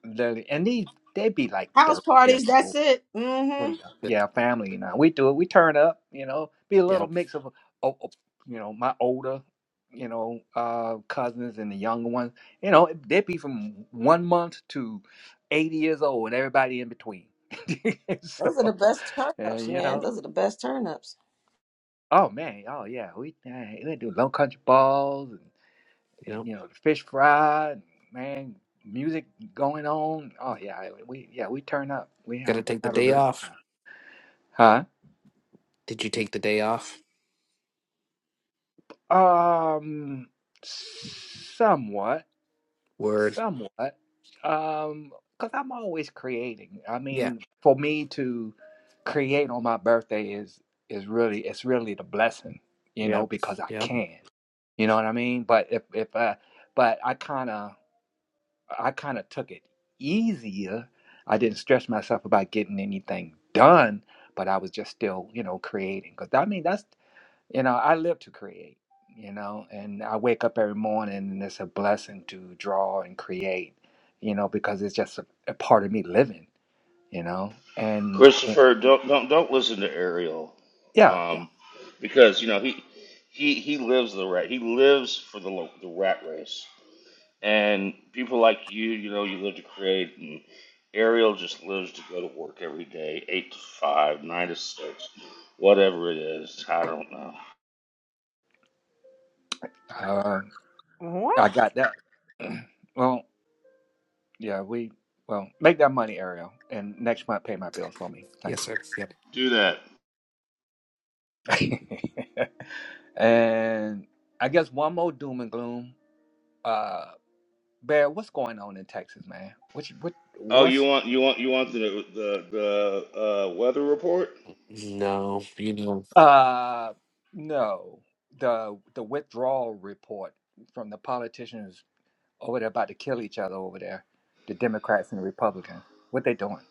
S9: literally, and they they be like
S1: House
S9: thirty years
S1: parties,
S9: old,
S1: that's it. Mm-hmm.
S9: twenty,
S7: Yep.
S9: yeah, family. You know, we do it. We turn up. You know, be a little
S7: Yep.
S9: mix of, oh, oh, you know, my older, you know, uh, cousins and the younger ones. You know, they be from one month to eighty years old, and everybody in between. [laughs] so,
S1: Those are the best turn ups,
S9: and you
S1: man.
S9: know,
S1: Those are the best turn ups.
S9: oh man, oh yeah, we eh, we do low country balls. it,
S7: Yep.
S9: you know, the fish fry, man, music going on. Oh yeah, we yeah we turn up. We have
S7: Gotta take
S9: a-
S7: the
S9: have a
S7: day
S9: really good
S7: off.
S9: time.
S7: Did you take the day off?
S9: huh? Um, somewhat,
S7: Word.
S9: somewhat. Um, cause I'm always creating. I
S7: Yeah.
S9: mean, for me to create on my birthday is is really it's really the blessing, you know,
S7: Yep.
S9: because I
S7: Yep.
S9: can. You know what I mean? But if if uh, but I kind of I kind of took it easier. I didn't stress myself about getting anything done, but I was just still, you know, creating. Because I mean, that's, you know, I live to create, you know, and I wake up every morning and it's a blessing to draw and create, you know, because it's just a, a part of me living, you know. And eh,
S3: Christopher, don't don't don't listen to Ariel,
S9: yeah,
S3: um, because you know he he he lives the rat. He lives for the lo- the rat race, and people like you, you know, you live to create, and Ariel just lives to go to work every day, eight to five, nine to six, whatever it is. I don't know.
S9: uh,
S6: What?
S9: I got that. [clears throat] well, yeah, we, well, make that money, Ariel, and next month pay my bills for me.
S7: Yes,
S9: Thank you.
S7: sir. Yep.
S3: Do that.
S9: [laughs] and I guess one more doom and gloom. Uh, Bear, what's going on in Texas, man? What you- what
S3: Oh, you
S9: what's
S3: want you want you want the the the uh, weather report?
S7: No. You know.
S9: uh no the the withdrawal report from the politicians over there about to kill each other over there, the Democrats and the Republicans. What they doing?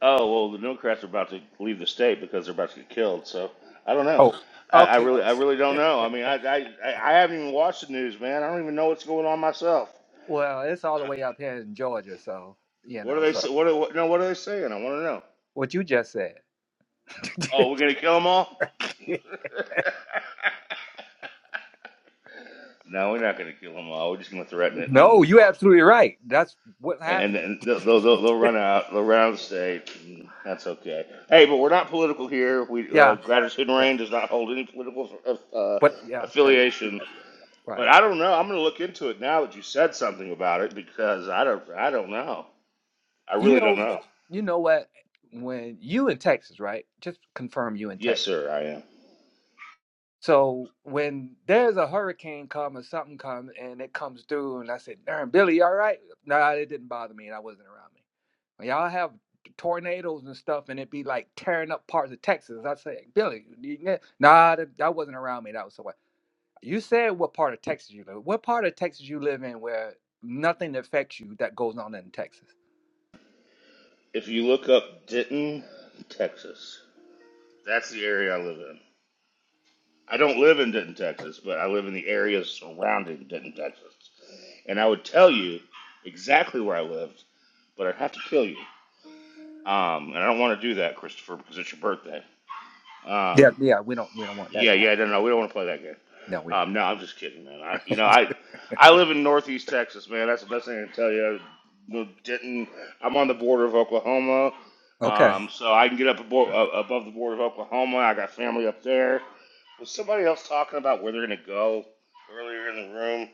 S3: Oh well, the Democrats are about to leave the state because they're about to get killed. So I don't know.
S9: Oh,
S3: I, I
S9: okay.
S3: really, I really don't know. I mean, I, I, I I haven't even watched the news, man. I don't even know what's going on myself.
S9: Well, it's all the way up here in Georgia, so you
S3: What are
S9: know.
S3: they?
S9: So
S3: sa- What? Are, what no, what are they saying? I want to know.
S9: what you just said.
S3: Oh, we're gonna kill them all.
S9: [laughs]
S3: [laughs] no, we're not gonna kill them all. We're just gonna threaten it, and
S9: No,
S3: then
S9: you're
S3: they'll,
S9: absolutely right. That's what's
S3: and
S9: happening.
S3: then they'll, they'll, they'll, they'll
S9: [laughs]
S3: run out. They'll run out of the state. and That's okay. Hey, but we're not political here. We uh,
S9: yeah,
S3: Gratitude and
S9: yeah.
S3: Rain does not hold any political uh,
S9: But yeah, thank you.
S3: affiliation
S9: Yeah, yeah,
S3: But
S9: Right.
S3: I don't know. I'm gonna look into it now that you said something about it because I don't I don't know. I
S9: You
S3: really don't
S9: know,
S3: know.
S9: you know what? When you in Texas, right? Just confirm you in
S3: Yes,
S9: Texas.
S3: sir, I am.
S9: So when there's a hurricane come or something comes and it comes through, and I said, "Darn, Billy, you all right?" No, Nah, it didn't bother me, and I wasn't around me. When y'all have tornadoes and stuff, and it be like tearing up parts of Texas. I say, Billy, you- yeah." nah, that, that wasn't around me. That was so. You said what part of Texas you live. What part of Texas you live in where nothing affects you that goes on in Texas?
S3: If you look up Denton, Texas, that's the area I live in. I don't live in Denton, Texas, but I live in the area surrounding Denton, Texas. And I would tell you exactly where I lived, but I'd have to kill you. Um, and I don't want to do that, Christopher, because it's your birthday.
S9: Yeah,
S3: Um,
S9: yeah, we don't we don't want that
S3: Yeah,
S9: to happen.
S3: yeah, no, no, we don't want to play that game.
S9: No, we don't.
S3: Um, no, I'm just kidding, man. I, you know, I, I live in Northeast Texas, man. That's the best thing I can tell you. No, Denton, I'm on the border of Oklahoma,
S9: Okay,
S3: um, so I can get up abo- uh, above the border of Oklahoma. I got family up there. Was somebody else talking about where they're gonna go earlier in the room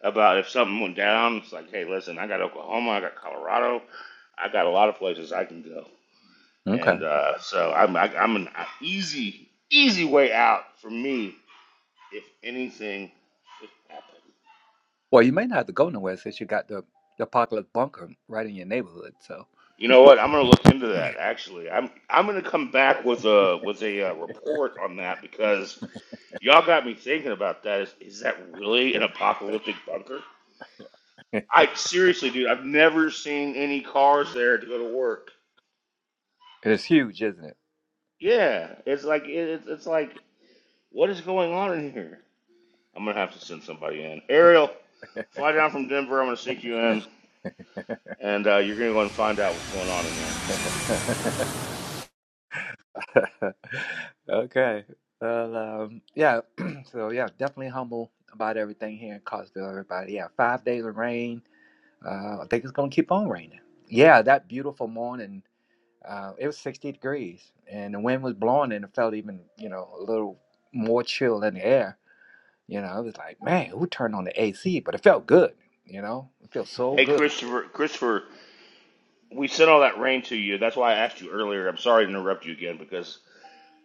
S3: about if something went down? It's like, hey, listen, I got Oklahoma, I got Colorado, I got a lot of places I can go. And
S9: okay.
S3: uh, so I'm I, I'm an easy easy way out for me if anything should happen.
S9: Well, you may not have to go nowhere since you got the, the apocalypse bunker right in your neighborhood. So
S3: You know what? I'm gonna look into that. Actually, I'm I'm gonna come back with a with a uh, report on that because y'all got me thinking about that. Is is that really an apocalyptic bunker?
S9: [laughs]
S3: I seriously, dude, I've never seen any cars there to go to work.
S9: it's huge, isn't
S3: Yeah, it's like it, it's it's like what is going on in here? I'm gonna have to send somebody in. Ariel, fly down from Denver. I'm gonna sneak you in, and uh, you're gonna go and find out what's going on in there.
S9: it? [laughs] okay. Well, um, yeah. [clears throat] so yeah, definitely humble about everything here in Cosville. Everybody, yeah. Five days of rain. Uh, I think it's gonna keep on raining. Yeah, that beautiful morning Uh, it was 60 degrees, and the wind was blowing, and it felt even, you know, a little more chill in the air. You know, I was like, man, who turned on the AC? But it felt good. You know, it feels so
S3: Hey,
S9: good.
S3: Christopher, Christopher, we sent all that rain to you. That's why I asked you earlier. I'm sorry to interrupt you again because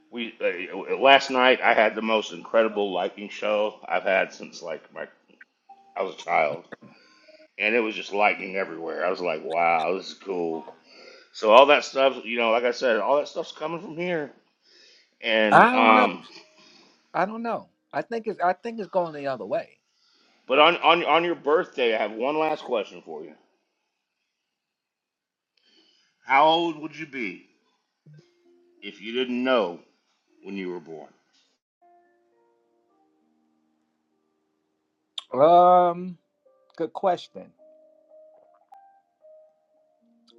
S3: we uh, last night I had the most incredible lightning show I've had since like my I was a child, and it was just lightning everywhere. I was like, wow, this is cool. So all that stuff, you know, like I said, all that stuff's coming from here, and
S9: I don't know.
S3: um,
S9: I don't know. I think it's. I think it's going the other way.
S3: But on, on on your birthday, I have one last question for you. How old would you be if you didn't know when you were born?
S9: Um, good question.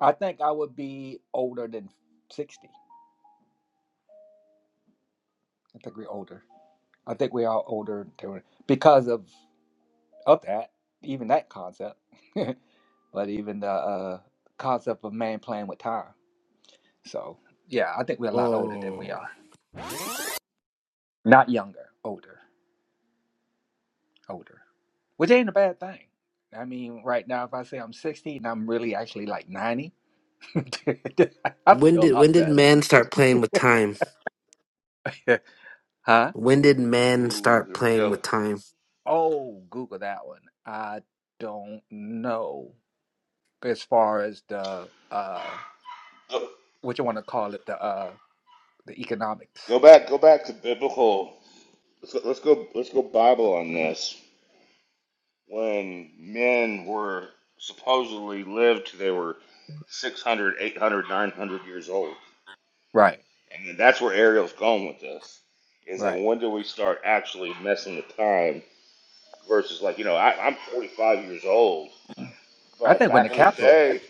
S9: I think I would be older than 60. I think we're older. I think we are older than, because of of that, even that concept, [laughs] but even the uh, concept of man playing with time. So yeah, I think we're a lot older than we
S7: Whoa.
S9: are. Not younger, older, older, which ain't a bad thing. I mean, right now, if I say I'm 60 and I'm really actually like 90, [laughs] I
S7: When
S9: feel a
S7: did when
S9: lot
S7: did
S9: better.
S7: man start playing with time?
S9: [laughs] huh?
S7: When did man
S3: Ooh,
S7: start
S3: here we
S7: playing
S3: go.
S7: with time?
S9: Oh, Google that one. I don't know as far as the uh
S3: Go,
S9: what you want to call it, the uh the economics.
S3: go back, go back to biblical. Let's go, let's go, let's go Bible on this. When men were supposedly lived, till they were 600, 800, 900 years old,
S9: Right,
S3: and that's where Ariel's going with this. Is that
S9: right.
S3: when do we start actually messing with time versus like you know I, I'm 45 years old,
S9: I
S3: but
S9: think when
S3: back
S9: the
S3: in the
S9: capitalist
S3: day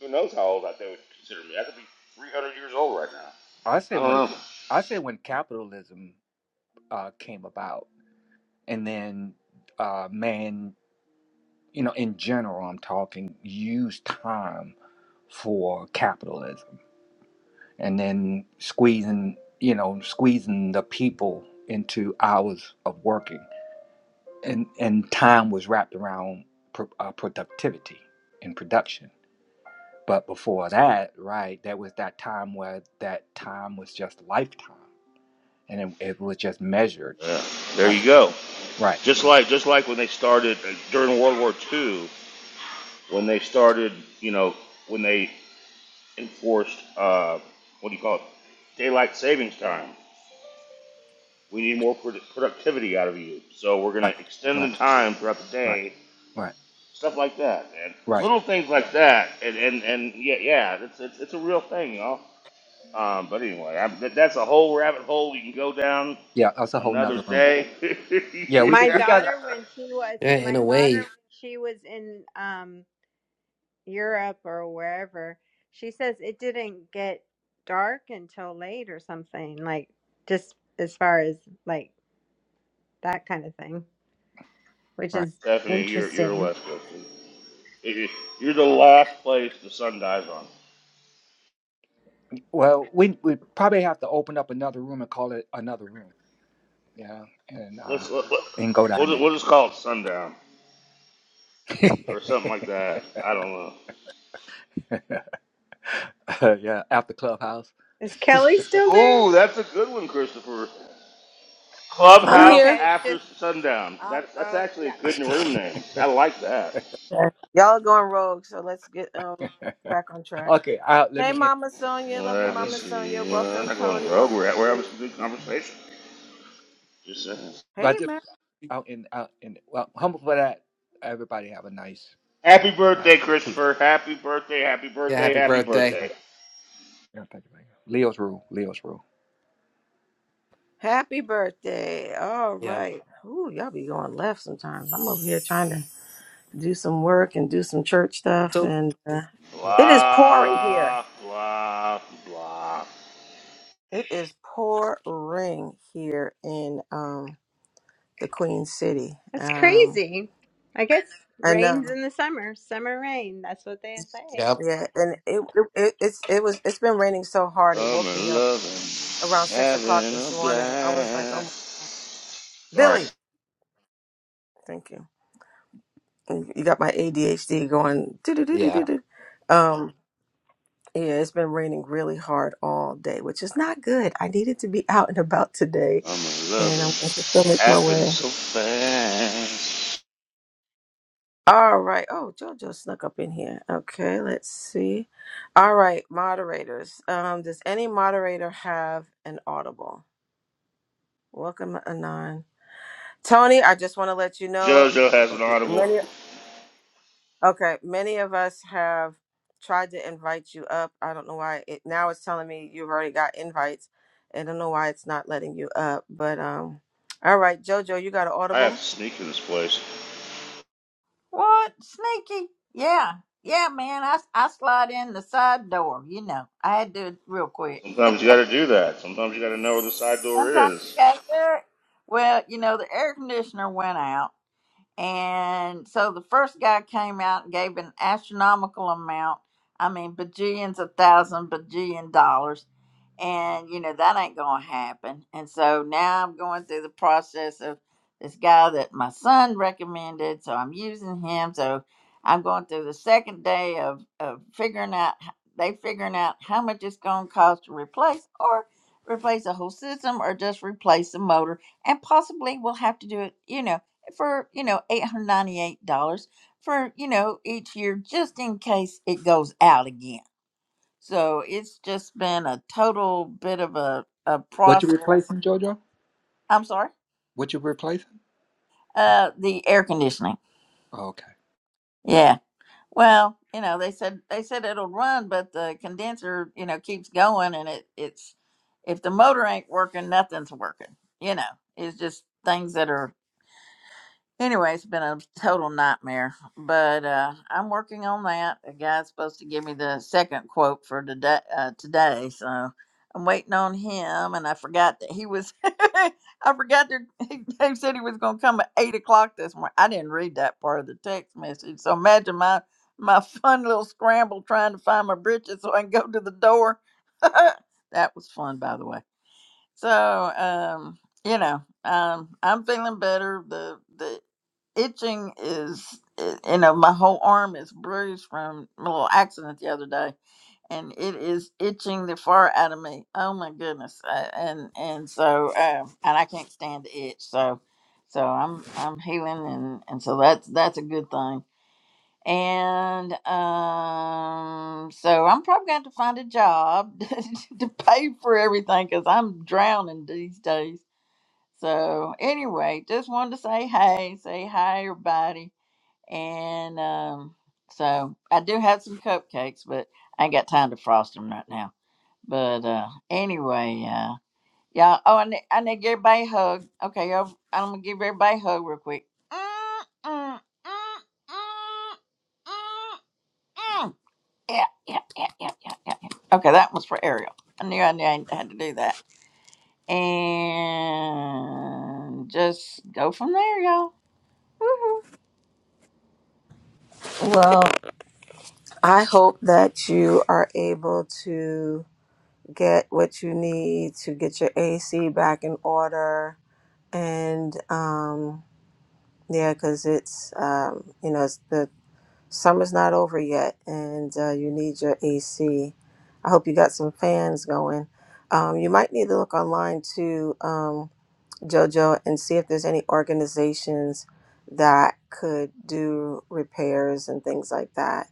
S3: Who knows how old that they would consider me? I could be 300 years old right now.
S9: I say
S3: I
S9: when
S3: don't know.
S9: I say when capitalism uh, came about, and then uh, man, you know, in general, I'm talking used time for capitalism, and then squeezing, you know, squeezing the people into hours of working, and and time was wrapped around pr- uh, productivity and production. But before that, right, there was that time where that time was just lifetime, and it, it was just measured.
S3: Yeah, there
S9: Right,
S3: you go.
S9: right,
S3: Just like just like when they started uh, during World War II, when they started, you know, when they enforced uh, what do you call it, daylight savings time. We need more produ- productivity out of you, so we're going
S9: right,
S3: to extend
S9: right,
S3: the time throughout the
S9: right,
S3: day.
S9: right.
S3: Stuff like that, and
S9: right.
S3: little things like that, and and, and yeah, yeah, it's, it's it's a real thing, y'all. Um, but anyway, I, that, that's a whole rabbit hole we can go down
S9: Yeah, that's a whole
S3: Another
S9: nother room.
S3: day. [laughs]
S9: Yeah, we
S6: My
S9: get
S3: yeah.
S9: we got it.
S6: daughter when she was
S7: Yeah, in
S6: my
S7: a
S6: daughter
S7: way.
S6: when she was in um Europe or wherever. She says it didn't get dark until late or something, like just as far as like that kind of thing, which
S9: Right.
S6: is
S3: Stephanie, you're you're a
S6: interesting.
S3: West Coast. You're the last place the sun dies on.
S9: Well, we we probably have to open up another room and call it another room. Yeah, and uh,
S3: Let's let, let,
S9: and go
S3: we'll, just,
S9: down
S3: we'll just call it sundown
S9: there. [laughs]
S3: or something like that. I don't know.
S9: Uh, yeah, after clubhouse.
S6: Is Kelly still
S9: [laughs]
S6: there?
S3: Oh, that's a good one, Christopher.
S1: I'm
S3: Clubhouse
S1: here.
S6: Okay,
S3: after
S6: just
S3: sundown.
S6: I'll,
S3: That's that's actually
S6: yeah.
S3: a good room name. I like that.
S1: Okay. Y'all are going rogue, so let's get um back on track.
S9: okay, I'll, let
S1: Hey,
S9: me end.
S1: Mama Sonia, love you,
S3: let
S9: I'll end
S1: Mama
S9: it.
S1: Sonia.
S3: Legacy. Uh, I'm
S1: Welcome,
S3: not going
S1: Tony.
S3: rogue.
S1: Welcome,
S3: We're, at we're having
S1: Free.
S3: some good conversation. Just saying.
S9: But I
S1: Hey,
S9: just
S1: man.
S9: I'll end. I'll end it. Well, humble for that. Everybody have a nice
S3: Happy
S9: what
S3: birthday,
S9: Tuesday.
S3: Christopher. Happy birthday, happy
S7: Yeah.
S3: birthday,
S7: Happy
S3: happy
S7: birthday.
S3: birthday.
S9: Like yeah, thank you, thank you. Leo's rule. Leo's rule.
S1: Happy birthday. All
S7: Yeah.
S1: right. Ooh, y'all be going left sometimes. I'm over here trying to do some work and do some church stuff,
S7: So.
S1: and uh,
S7: Yep.
S1: it is pouring here.
S3: Blah, blah, blah.
S1: It is pouring here in um the Queen City.
S6: That's
S1: Um,
S6: crazy. I guess
S1: I
S6: rains
S1: know.
S6: in the summer, summer rain. That's what they say.
S7: Yep.
S1: Yeah, and it, it it's it was it's been raining so hard it woke me
S3: Summer
S1: up
S3: loving,
S1: around six o'clock
S3: having
S1: this
S3: a
S1: morning. I was like, "Oh, my-
S3: blast. Sorry.
S1: Billy, thank you. You got my ADHD going. Do do do do
S7: Yeah.
S1: do do. Um, yeah, it's been raining really hard all day, which is not good. I needed to be [laughs] out and about today,
S3: Summer
S1: and
S3: loving,
S1: I'm going to still make my
S3: happened
S1: way.
S3: so fast.
S1: All right. Oh, JoJo snuck up in here. Okay, let's see. All right, moderators. Um, does any moderator have an audible? Welcome, Anon. Tony, I just want to let you know.
S3: JoJo has
S1: uh,
S3: an audible.
S1: Okay, many of us have tried to invite you up. I don't know why it now it's telling me you've already got invites. I don't know why it's not letting you up, but um all right, Jojo, you got an
S3: I have
S1: audible?
S3: to sneak in this place.
S11: What? Sneaky? Yeah. Yeah, man. I, I slide in the side door. You know, I had to do it real quick.
S3: Sometimes you gotta do that. Sometimes you gotta know where the side door
S11: Sometimes,
S3: is.
S11: you got there. Well, you know, the air conditioner went out. And so the first guy came out and gave an astronomical amount. I mean, bajillions, a thousand bajillion dollars. And, you know, that ain't going to happen. And so now I'm going through the process of this guy that my son recommended. So I'm using him. So I'm going through the second day of, of figuring out, h- they figuring out how much it's going to cost to replace or replace a whole system or just replace the motor. And possibly we'll have to do it, you know for you know $898 for you know each year just in case it goes out again so it's just been a total bit of a, a
S9: What you
S11: process
S9: replacing, Jojo?
S11: i'm sorry
S9: What you replacing?
S11: uh the air conditioning
S9: Okay.
S11: yeah well you know they said they said it'll run but the condenser you know keeps going and it it's if the motor ain't working nothing's working you know it's just things that are Anyway, it's been a total nightmare, but uh, I'm working on that. The guy's supposed to give me the second quote for today, uh, today, so I'm waiting on him. And I forgot that he was, [laughs] I forgot that he he said he was going to come at eight o'clock this morning. I didn't read that part of the text message, so imagine my my fun little scramble trying to find my britches so I can go to the door. [laughs] that was fun, by the way. So, um, you know, um, I'm feeling better. The the itching is i- you know my whole arm is bruised from a little accident the other day and it is itching the far out of me oh my goodness Uh, and and so um and i can't stand the itch so so i'm i'm healing and and so that's that's a good thing and um so i'm probably going to have to find a job [laughs] to pay for everything because i'm drowning these days so anyway just wanted to say hey say hi everybody and um, so I do have some cupcakes, but I ain't got time to frost them right now. But uh, anyway, uh, y'all. Oh, I need, I need to give everybody a hug. Okay, y'all, I'm gonna give everybody a hug real quick. Mm, mm, mm, mm, mm, mm. Yeah, yeah, yeah, yeah, yeah, yeah. yeah. Okay, that was for Ariel. I knew I knew I had to do that. And just go from there, y'all.
S1: Well, I hope that you are able to get what you need to get your AC back in order. And um, yeah, because it's, um, you know, it's the Summer's not over yet, and uh, you need your AC. I hope you got some fans going. Um, you might need to look online too, um, JoJo, and see if there's any organizations that could do repairs and things like that,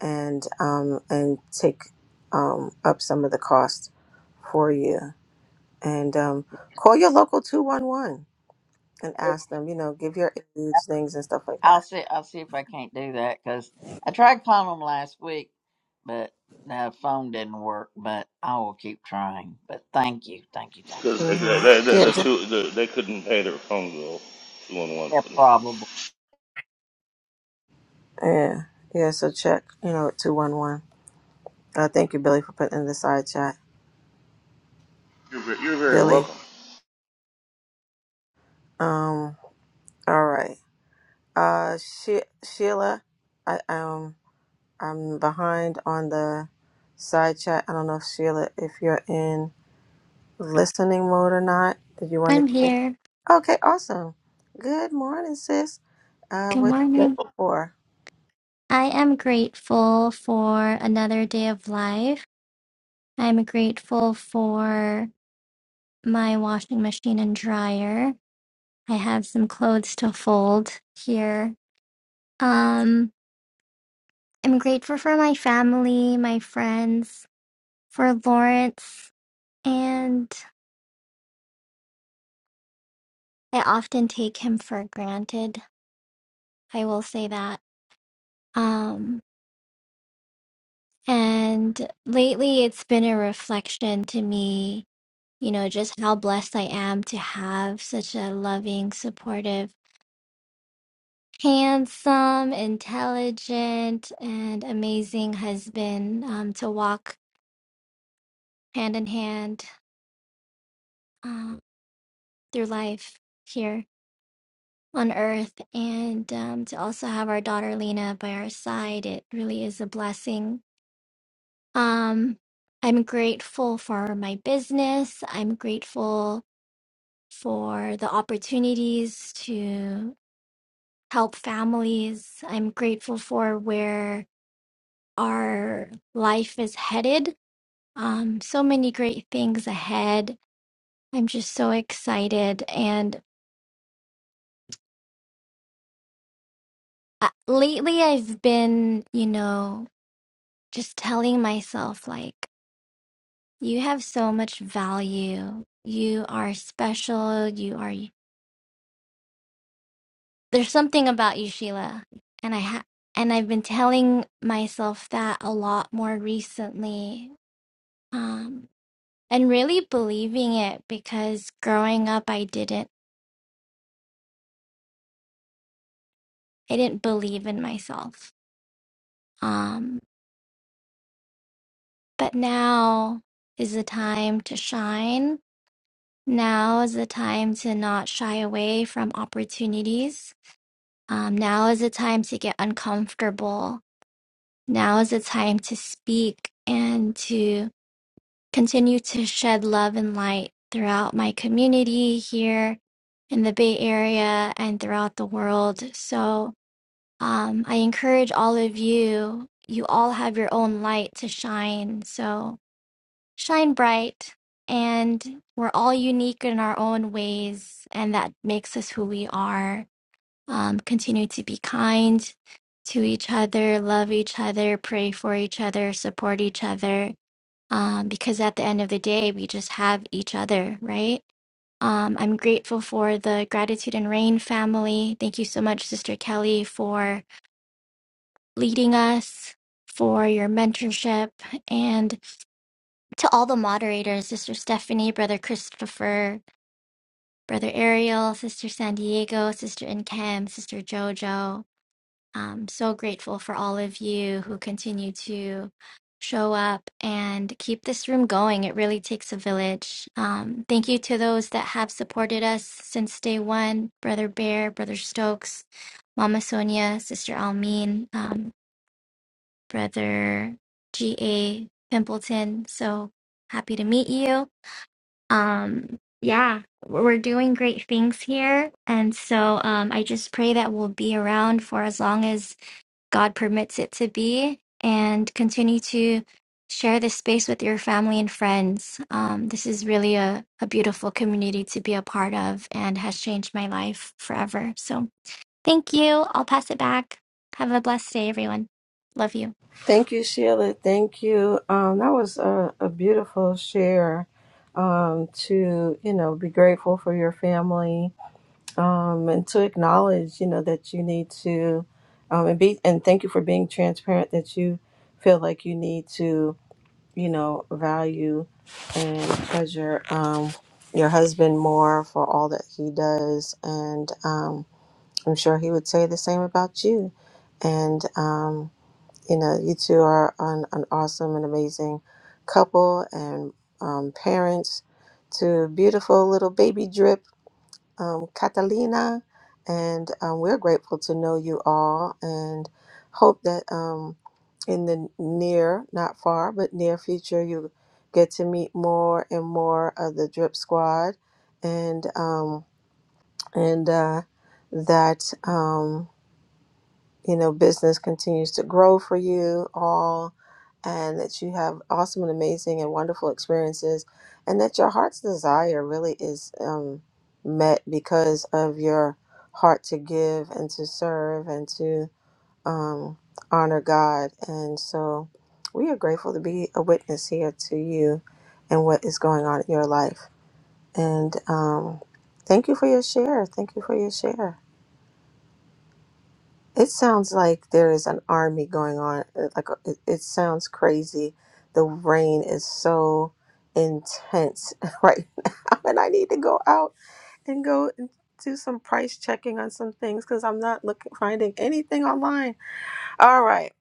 S1: and um, and take um, up some of the cost for you. And um, call your local two one one and ask them. You know, give your age, things and stuff like
S11: I'll
S1: that.
S11: see. I'll see if I can't do that because I tried calling them last week, but the phone didn't work. But I will keep trying. But thank you, thank you, thank you.
S3: Because the,
S1: hmm
S3: the, the,
S1: Yeah,
S3: the two, the, they couldn't pay their phone bill. Two on one
S11: Yeah,
S3: couldn't.
S11: probably.
S1: Yeah, yeah. So check, you know, at two one one. Uh, thank you, Billy, for putting in the side chat.
S3: You're, you're very
S1: Billy.
S3: welcome.
S1: Um. All right. Uh, she- Sheila. I um. I'm behind on the side chat. I don't know if Sheila, if you're in listening mode or not. Did you want
S12: I'm
S1: to?
S12: here.
S1: Okay. Awesome. Good morning, sis. Uh,
S12: Good
S1: what you
S12: morning.
S1: grateful for?
S12: I am grateful for another day of life. I'm grateful for my washing machine and dryer. I have some clothes to fold here. Um, I'm grateful for my family, my friends, for Lawrence, and I often take him for granted. I will say that. Um, and lately it's been a reflection to me you know, just how blessed I am to have such a loving, supportive, handsome, intelligent, and amazing husband um, to walk hand in hand uh, through life here on earth. And um, to also have our daughter Lena by our side, it really is a blessing. Um, I'm grateful for my business. I'm grateful for the opportunities to help families. I'm grateful for where our life is headed. Um, so many great things ahead. I'm just so excited. And uh, lately, I've been, you know, just telling myself, like, you have so much value. You are special. You are, there's something about you, Sheila. And I ha- and I've been telling myself that a lot more recently. Um, and really believing it because growing up I didn't I didn't believe in myself. Um but now is the time to shine. Now is the time to not shy away from opportunities. Um, now is the time to get uncomfortable. Now is the time to speak and to continue to shed love and light throughout my community here in the Bay Area and throughout the world. So Um, I encourage all of you, you all have your own light to shine. So shine bright. And we're all unique in our own ways. And that makes us who we are. Um, continue to be kind to each other, love each other, pray for each other, support each other. Um, because at the end of the day, we just have each other, right? Um, I'm grateful for the Gratitude and Rain family. Thank you so much, Sister Kelly, for leading us, for your mentorship, and to all the moderators Sister Stephanie, Brother Christopher, Brother Ariel, Sister San Diego, Sister Inkem, Sister JoJo. I'm so grateful for all of you who continue to show up and keep this room going. It really takes a village. Um, thank you to those that have supported us since day one Brother Bear, Brother Stokes, Mama Sonia, Sister Almin brother G.A. Pimpleton. So happy to meet you. Um, yeah, we're doing great things here. And so um, I just pray that we'll be around for as long as God permits it to be and continue to share this space with your family and friends. Um, this is really a, a beautiful community to be a part of and has changed my life forever. So thank you. I'll pass it back. Have a blessed day, everyone. Love you.
S1: Thank you, Sheila. Thank you. Um, that was a, a beautiful share. Um, to you know, be grateful for your family, um, and to acknowledge you know that you need to, um, and be and thank you for being transparent that you feel like you need to you know value and treasure um, your husband more for all that he does, and um, I'm sure he would say the same about you, and. Um, you know, you two are an, an awesome and amazing couple and um, parents to beautiful little baby drip, um, Catalina. And um, we're grateful to know you all and hope that um, in the near, not far, but near future, you get to meet more and more of the drip squad and, um, and, uh, that, um, you know, business continues to grow for you all and that you have awesome and amazing and wonderful experiences and that your heart's desire really is um, met because of your heart to give and to serve and to um, honor God. And so we are grateful to be a witness here to you and what is going on in your life. And um, thank you for your share. Thank you for your share. It sounds like there is an army going on. uh, Like uh, it, it sounds crazy. The rain is so intense [laughs] right now, and I need to go out and go and do some price checking on some things because I'm not looking finding anything online. All right,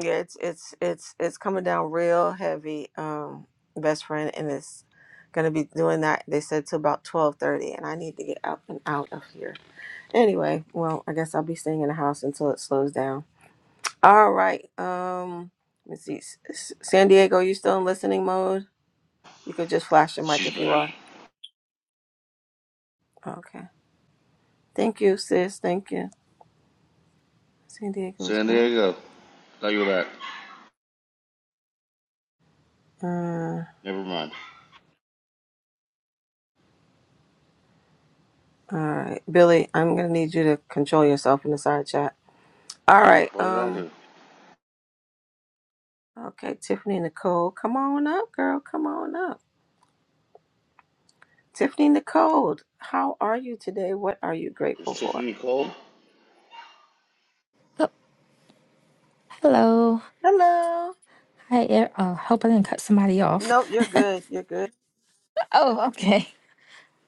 S1: yeah, it's it's it's it's coming down real heavy, um, best friend, and it's gonna be doing that. They said to about twelve thirty, and I need to get up and out of here. Anyway, well, I guess I'll be staying in the house until it slows down. All right. Um, let me see. S- S- San Diego, you still in listening mode? You could just flash your mic
S3: She's
S1: if you
S3: back.
S1: are. Okay. Thank you, sis. Thank you. San Diego's
S3: San
S1: back.
S3: Diego. Thought you were back.
S1: Uh,
S3: Never mind.
S1: all right, Billy. I'm gonna need you to control yourself in the side chat. All right.
S3: What did I
S1: Um.
S3: do?
S1: Okay, Tiffany Nicole, come on up, girl. Come on up. Tiffany Nicole, how are you today? What are you
S3: Is
S1: grateful for?
S3: Tiffany cold?
S13: Oh, hello.
S1: Hello.
S13: Hi, Er- oh, hope I didn't cut somebody off.
S1: Nope, you're good. You're good.
S13: Oh, okay.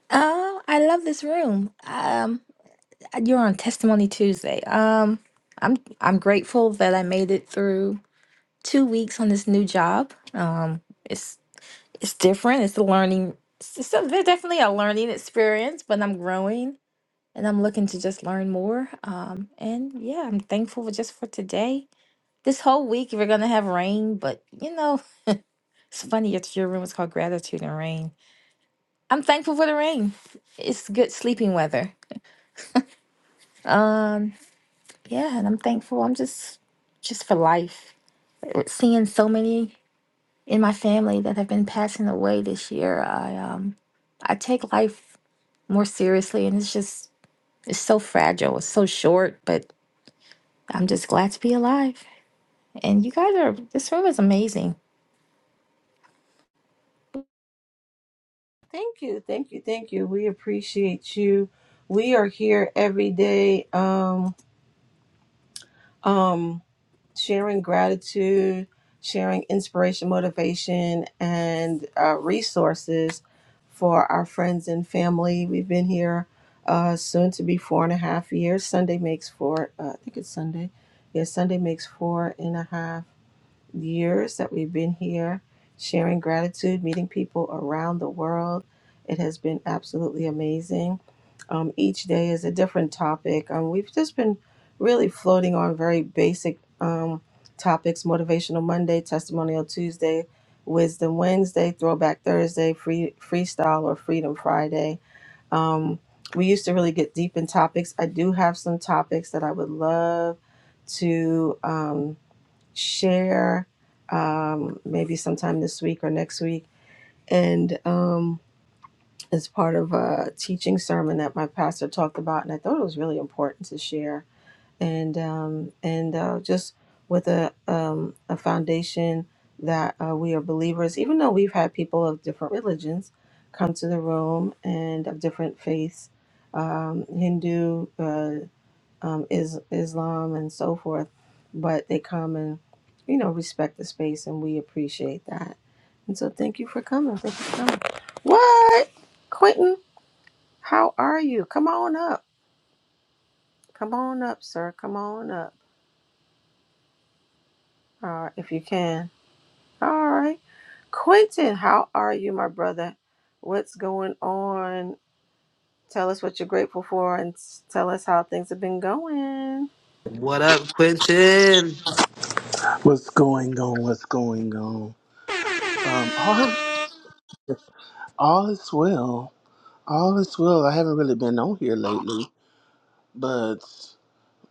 S13: Um, I love this room. Um, you're on Testimony Tuesday. Um, I'm I'm grateful that I made it through two weeks on this new job. Um, it's it's different. It's a learning. It's, it's a- definitely a learning experience, but I'm growing and I'm looking to just learn more. Um, and yeah, I'm thankful for just for today. This whole week we're gonna have rain, but you know. It's funny that your room is called Gratitude and Rain. I'm thankful for the rain. It's good sleeping weather. Um, yeah, and I'm thankful. I'm just just for life. Uh, Seeing so many in my family that have been passing away this year, I um I take life more seriously and it's just it's so fragile. It's so short, but I'm just glad to be alive. And you guys are this room is amazing.
S1: Thank you, thank you, thank you. We appreciate you. We are here every day, um, um, sharing gratitude, sharing inspiration, motivation, and uh, resources for our friends and family. We've been here uh, soon to be four and a half years. Sunday makes four. Uh, I think it's Sunday. Yeah, Sunday makes four and a half years that we've been here sharing gratitude, meeting people around the world. It has been absolutely amazing. Um, each day is a different topic. Um, we've just been really floating on very basic um, topics Motivational Monday, Testimonial Tuesday, Wisdom Wednesday, Throwback Thursday, free, Freestyle or Freedom Friday. Um, we used to really get deep in topics. I do have some topics that I would love to. Um, share um, maybe sometime this week or next week. And um, it's part of a teaching sermon that my pastor talked about, and I thought it was really important to share. And um, and uh, just with a um, a foundation that uh, we are believers, even though we've had people of different religions come to the room and of different faiths, um, Hindu. Uh, um, is Islam and so forth, but they come and you know respect the space, and we appreciate that. And so, thank you for coming. Thank you for coming. What, Quentin? How are you? Come on up. Come on up, sir. Come on up, uh, if you can. All right, Quentin. How are you, my brother? What's going on? Tell us what you're grateful for, and s- tell us how things have been going.
S7: What up, Quentin?
S14: What's going on? What's going on? Um, all all is well. All is well. I haven't really been on here lately, but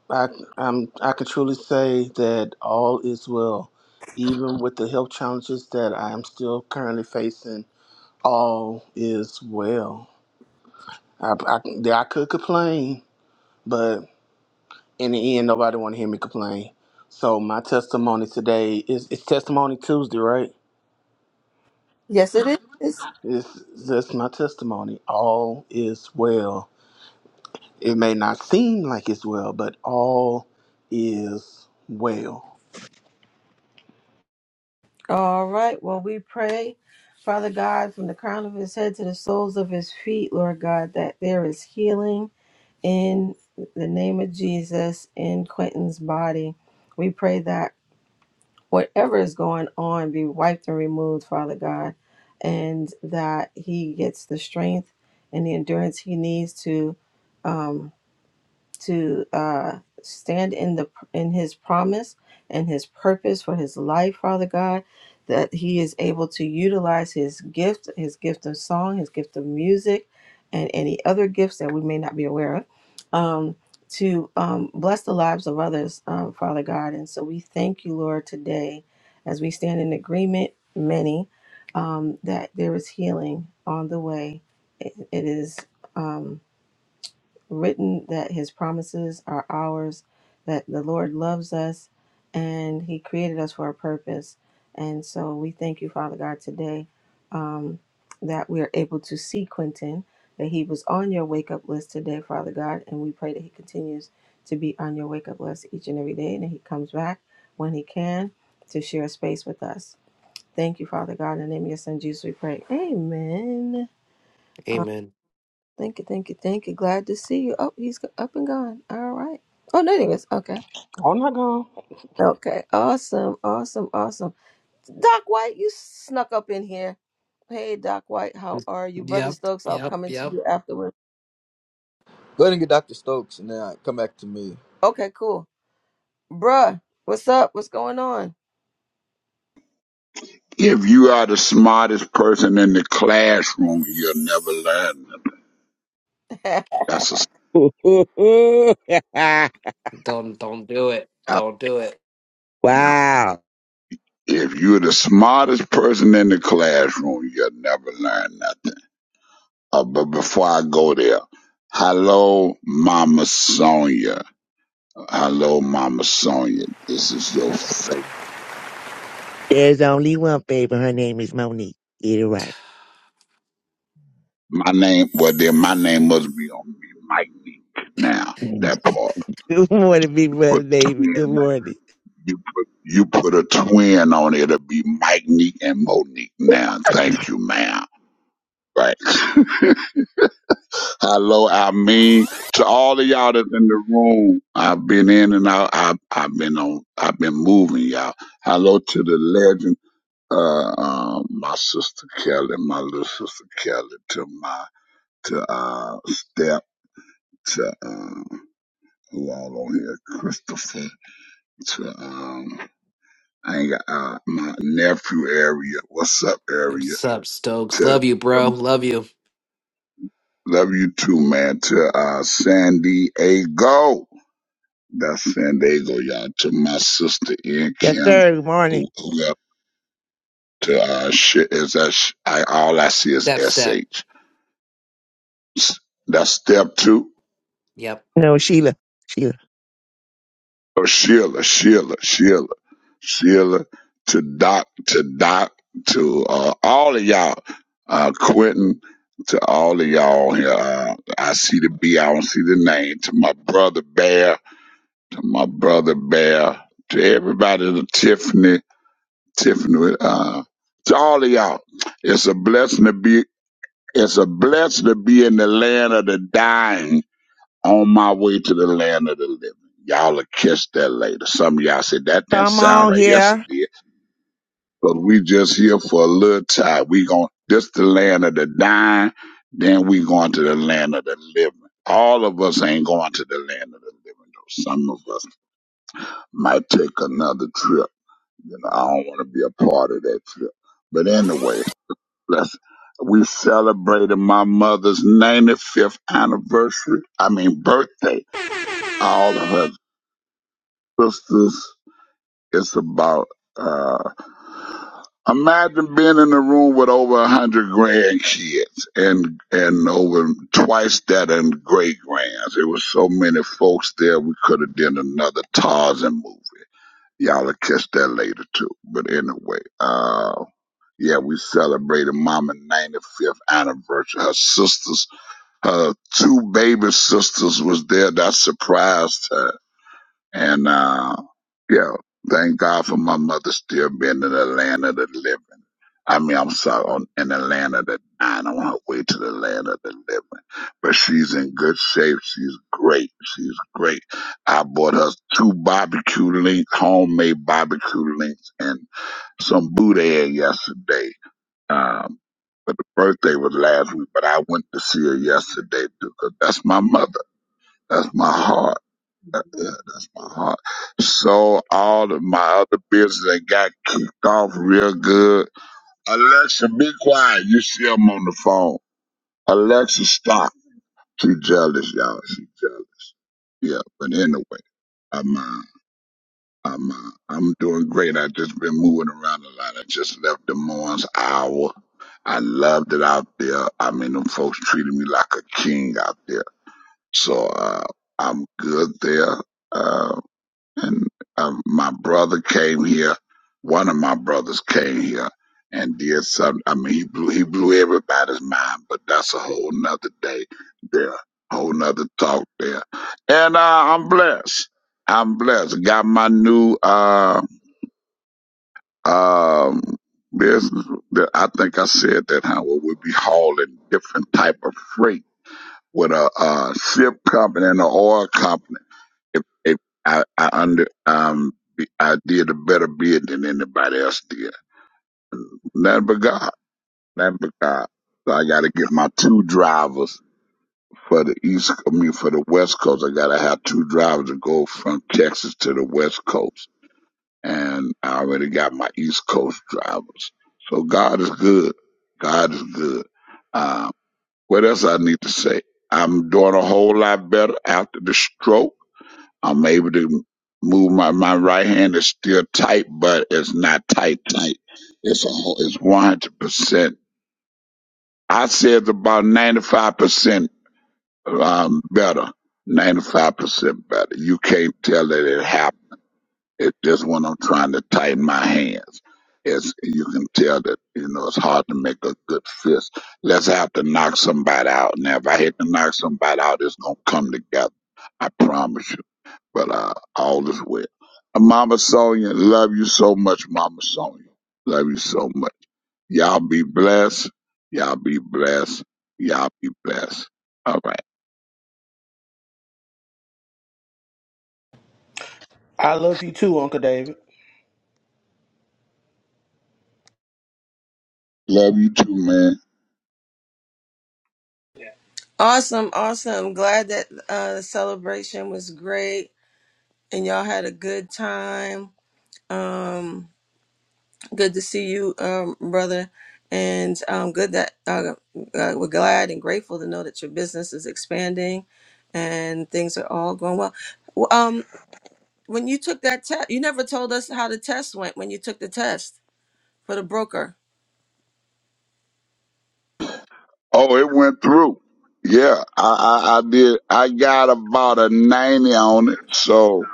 S14: I I'm, I can truly say that all is well, even with the health challenges that I am still currently facing. All is well. I I, I could complain, but in the end, nobody want to hear me complain. So my testimony today is it's testimony Tuesday, right?
S1: Yes, it is.
S14: It's just my testimony. All is well. It may not seem like it's well, but all is well.
S1: All right. Well, we pray, Father God, from the crown of his head to the soles of his feet, Lord God, that there is healing in the name of Jesus in Quentin's body. We pray that whatever is going on be wiped and removed, Father God, and that he gets the strength and the endurance he needs to. um, to uh, stand in the in his promise and his purpose for his life father god that he is able to utilize his gift his gift of song his gift of music and any other gifts that we may not be aware of um, to um, bless the lives of others um, father god and so we thank you lord today as we stand in agreement many um, that there is healing on the way it, it is Um, written that his promises are ours, that the Lord loves us, and he created us for a purpose. And so we thank you, Father God, today um, that we are able to see Quentin, that he was on your wake up list today, Father God, and we pray that he continues to be on your wake up list each and every day, and that he comes back when he can to share space with us. Thank you, Father God. In the name of your son, Jesus, we pray. Amen.
S7: Amen.
S1: Thank you, thank you, thank you. Glad to see you. Oh, he's up and gone. All right. Oh, no, there he is. Okay.
S14: Oh my God.
S1: Okay. Awesome, awesome, awesome. Doc White, you snuck up in here. Hey, Doc White, how are you? Brother
S7: Yep,
S1: Stokes, I'll
S7: yep,
S1: come into
S7: yep.
S1: you afterwards. Okay, cool. Bruh, what's up? What's going on?
S15: If you are the smartest person in the classroom, you'll never learn. That's a
S7: Don't don't do it.
S15: that's-
S7: Don't do it.
S10: [laughs]
S15: yeah.
S10: wow.
S15: if you're the smartest person in the classroom, you'll never learn nothing. Uh, but before I go there, hello, Mama Sonia. Hello, Mama Sonia. This is your favorite.
S10: There's only one baby. Her name is Monique. Get it right.
S15: My name, well, then my name must be on me, Mike Meek. Now,
S10: Mm.
S15: that part.
S10: [laughs] Good morning, big brother
S15: But
S10: David. Good morning.
S15: You put, you put a twin on it. It'll be Mike Neek and Monique now. Thank you, ma'am. Right. [laughs] Hello, I mean to all of y'all that's in the room. I've been in and out. I've, I've been on. I've been moving, y'all. Hello to the legend, uh, um, my sister Kelly, my little sister Kelly, to my to uh step to um who all on here, Christopher to um. I ain't got uh, my nephew area. What's up area?
S7: What's up, Stokes?
S15: To
S7: Love you, bro.
S15: um,
S7: Love you.
S15: love you too, man. To uh, San Diego. That's San Diego, y'all. To my sister in
S10: Yes,
S15: Kim,
S10: sir. Good morning.
S15: who who got to uh, shit is that sh- I all I see is
S7: Step step.
S15: sh. That's step two.
S7: Yep.
S10: No, Sheila. Sheila.
S15: Oh, Sheila, Sheila, Sheila, Sheila, to Doc, to Doc, to uh, all of y'all, uh, Quentin, to all of y'all here. Uh, I see the B, I don't see the name. To my brother Bear, to my brother Bear, to everybody, to Tiffany, Tiffany, uh, to all of y'all. It's a blessing to be. It's a blessing to be in the land of the dying on my way to the land of the living. Y'all will catch that later. Some of y'all said that didn't
S10: Come
S15: sound
S10: on
S15: right. Yes,
S10: here.
S15: it did. But we just here for a little time. We going this the land of the dying, then we going to the land of the living. All of us ain't going to the land of the living though. Some of us might take another trip. You know, I don't want to be a part of that trip. But anyway, let's we celebrated my mother's 95th anniversary. I mean birthday. All of her sisters, it's about uh, imagine being in a room with over a hundred grandkids and and over twice that in great grands. It was so many folks there. We could have done another Tarzan movie. Y'all will catch that later too. But anyway, uh, yeah, we celebrated Mama's 95th anniversary. Her sisters, her two baby sisters, was there. That surprised her and uh, yeah, thank God for my mother still being in the land of the living. I mean, I'm sorry, on, in the land of the dying, on her way to the land of the living. But she's in good shape. She's great. She's great. I bought her two barbecue links, homemade barbecue links, and some boudin yesterday. Um, but the birthday was last week, but I went to see her yesterday because that's my mother. That's my heart. Yeah, that's my heart. So all of my other business that got kicked off real good. Alexa, be quiet. You see I'm on the phone. Alexa, stop. She jealous, y'all. She jealous. Yeah, but anyway, I'm uh, I'm uh, I'm doing great. I just been moving around a lot. I just left Des Moines Iowa. I loved it out there. I mean, them folks treated me like a king out there. So uh, I'm good there. Uh, and um, my brother came here. One of my brothers came here and did some. I mean, he blew he blew everybody's mind, but that's a whole nother day there, whole nother talk there. And uh, I'm blessed. I'm blessed. Got my new uh, um business. that I think I said that how we would be hauling different type of freight with a, uh ship company and an oil company if, if I, I under um I did a better bid than anybody else did. Nothing but God. Nothing but God. So I gotta get my two drivers for the east I mean for the west coast. I gotta have two drivers to go from Texas to the west coast. And I already got my east coast drivers. So God is good. God is good. Um what else I need to say? I'm doing a whole lot better after the stroke. I'm able to move my my right hand is still tight, but it's not tight tight. It's a whole, it's one hundred percent. I say it's about ninety five percent um better. Ninety five percent better. You can't tell that it happened. It's just when I'm trying to tighten my hands. It's you can tell that, you know, it's hard to make a good fist. Let's have to knock somebody out. Now if I hit to knock somebody out, it's gonna come together. I promise you but uh, all is well. And Mama Sonia, love you so much, Mama Sonia. Love you so much. Y'all be blessed. Y'all be blessed. Y'all be blessed. All right.
S14: I love you too, Uncle David.
S15: Love you too, man.
S1: Awesome, awesome. Glad that uh, the celebration was great and y'all had a good time. Um, Good to see you, um, brother. And um, good that uh, uh, we're glad and grateful to know that your business is expanding and things are all going well. Well, Um, when you took that test, you never told us how the test went when you took the test for the broker.
S15: Oh, it went through. Yeah, I, I, I did. I got about a 90 on it. So,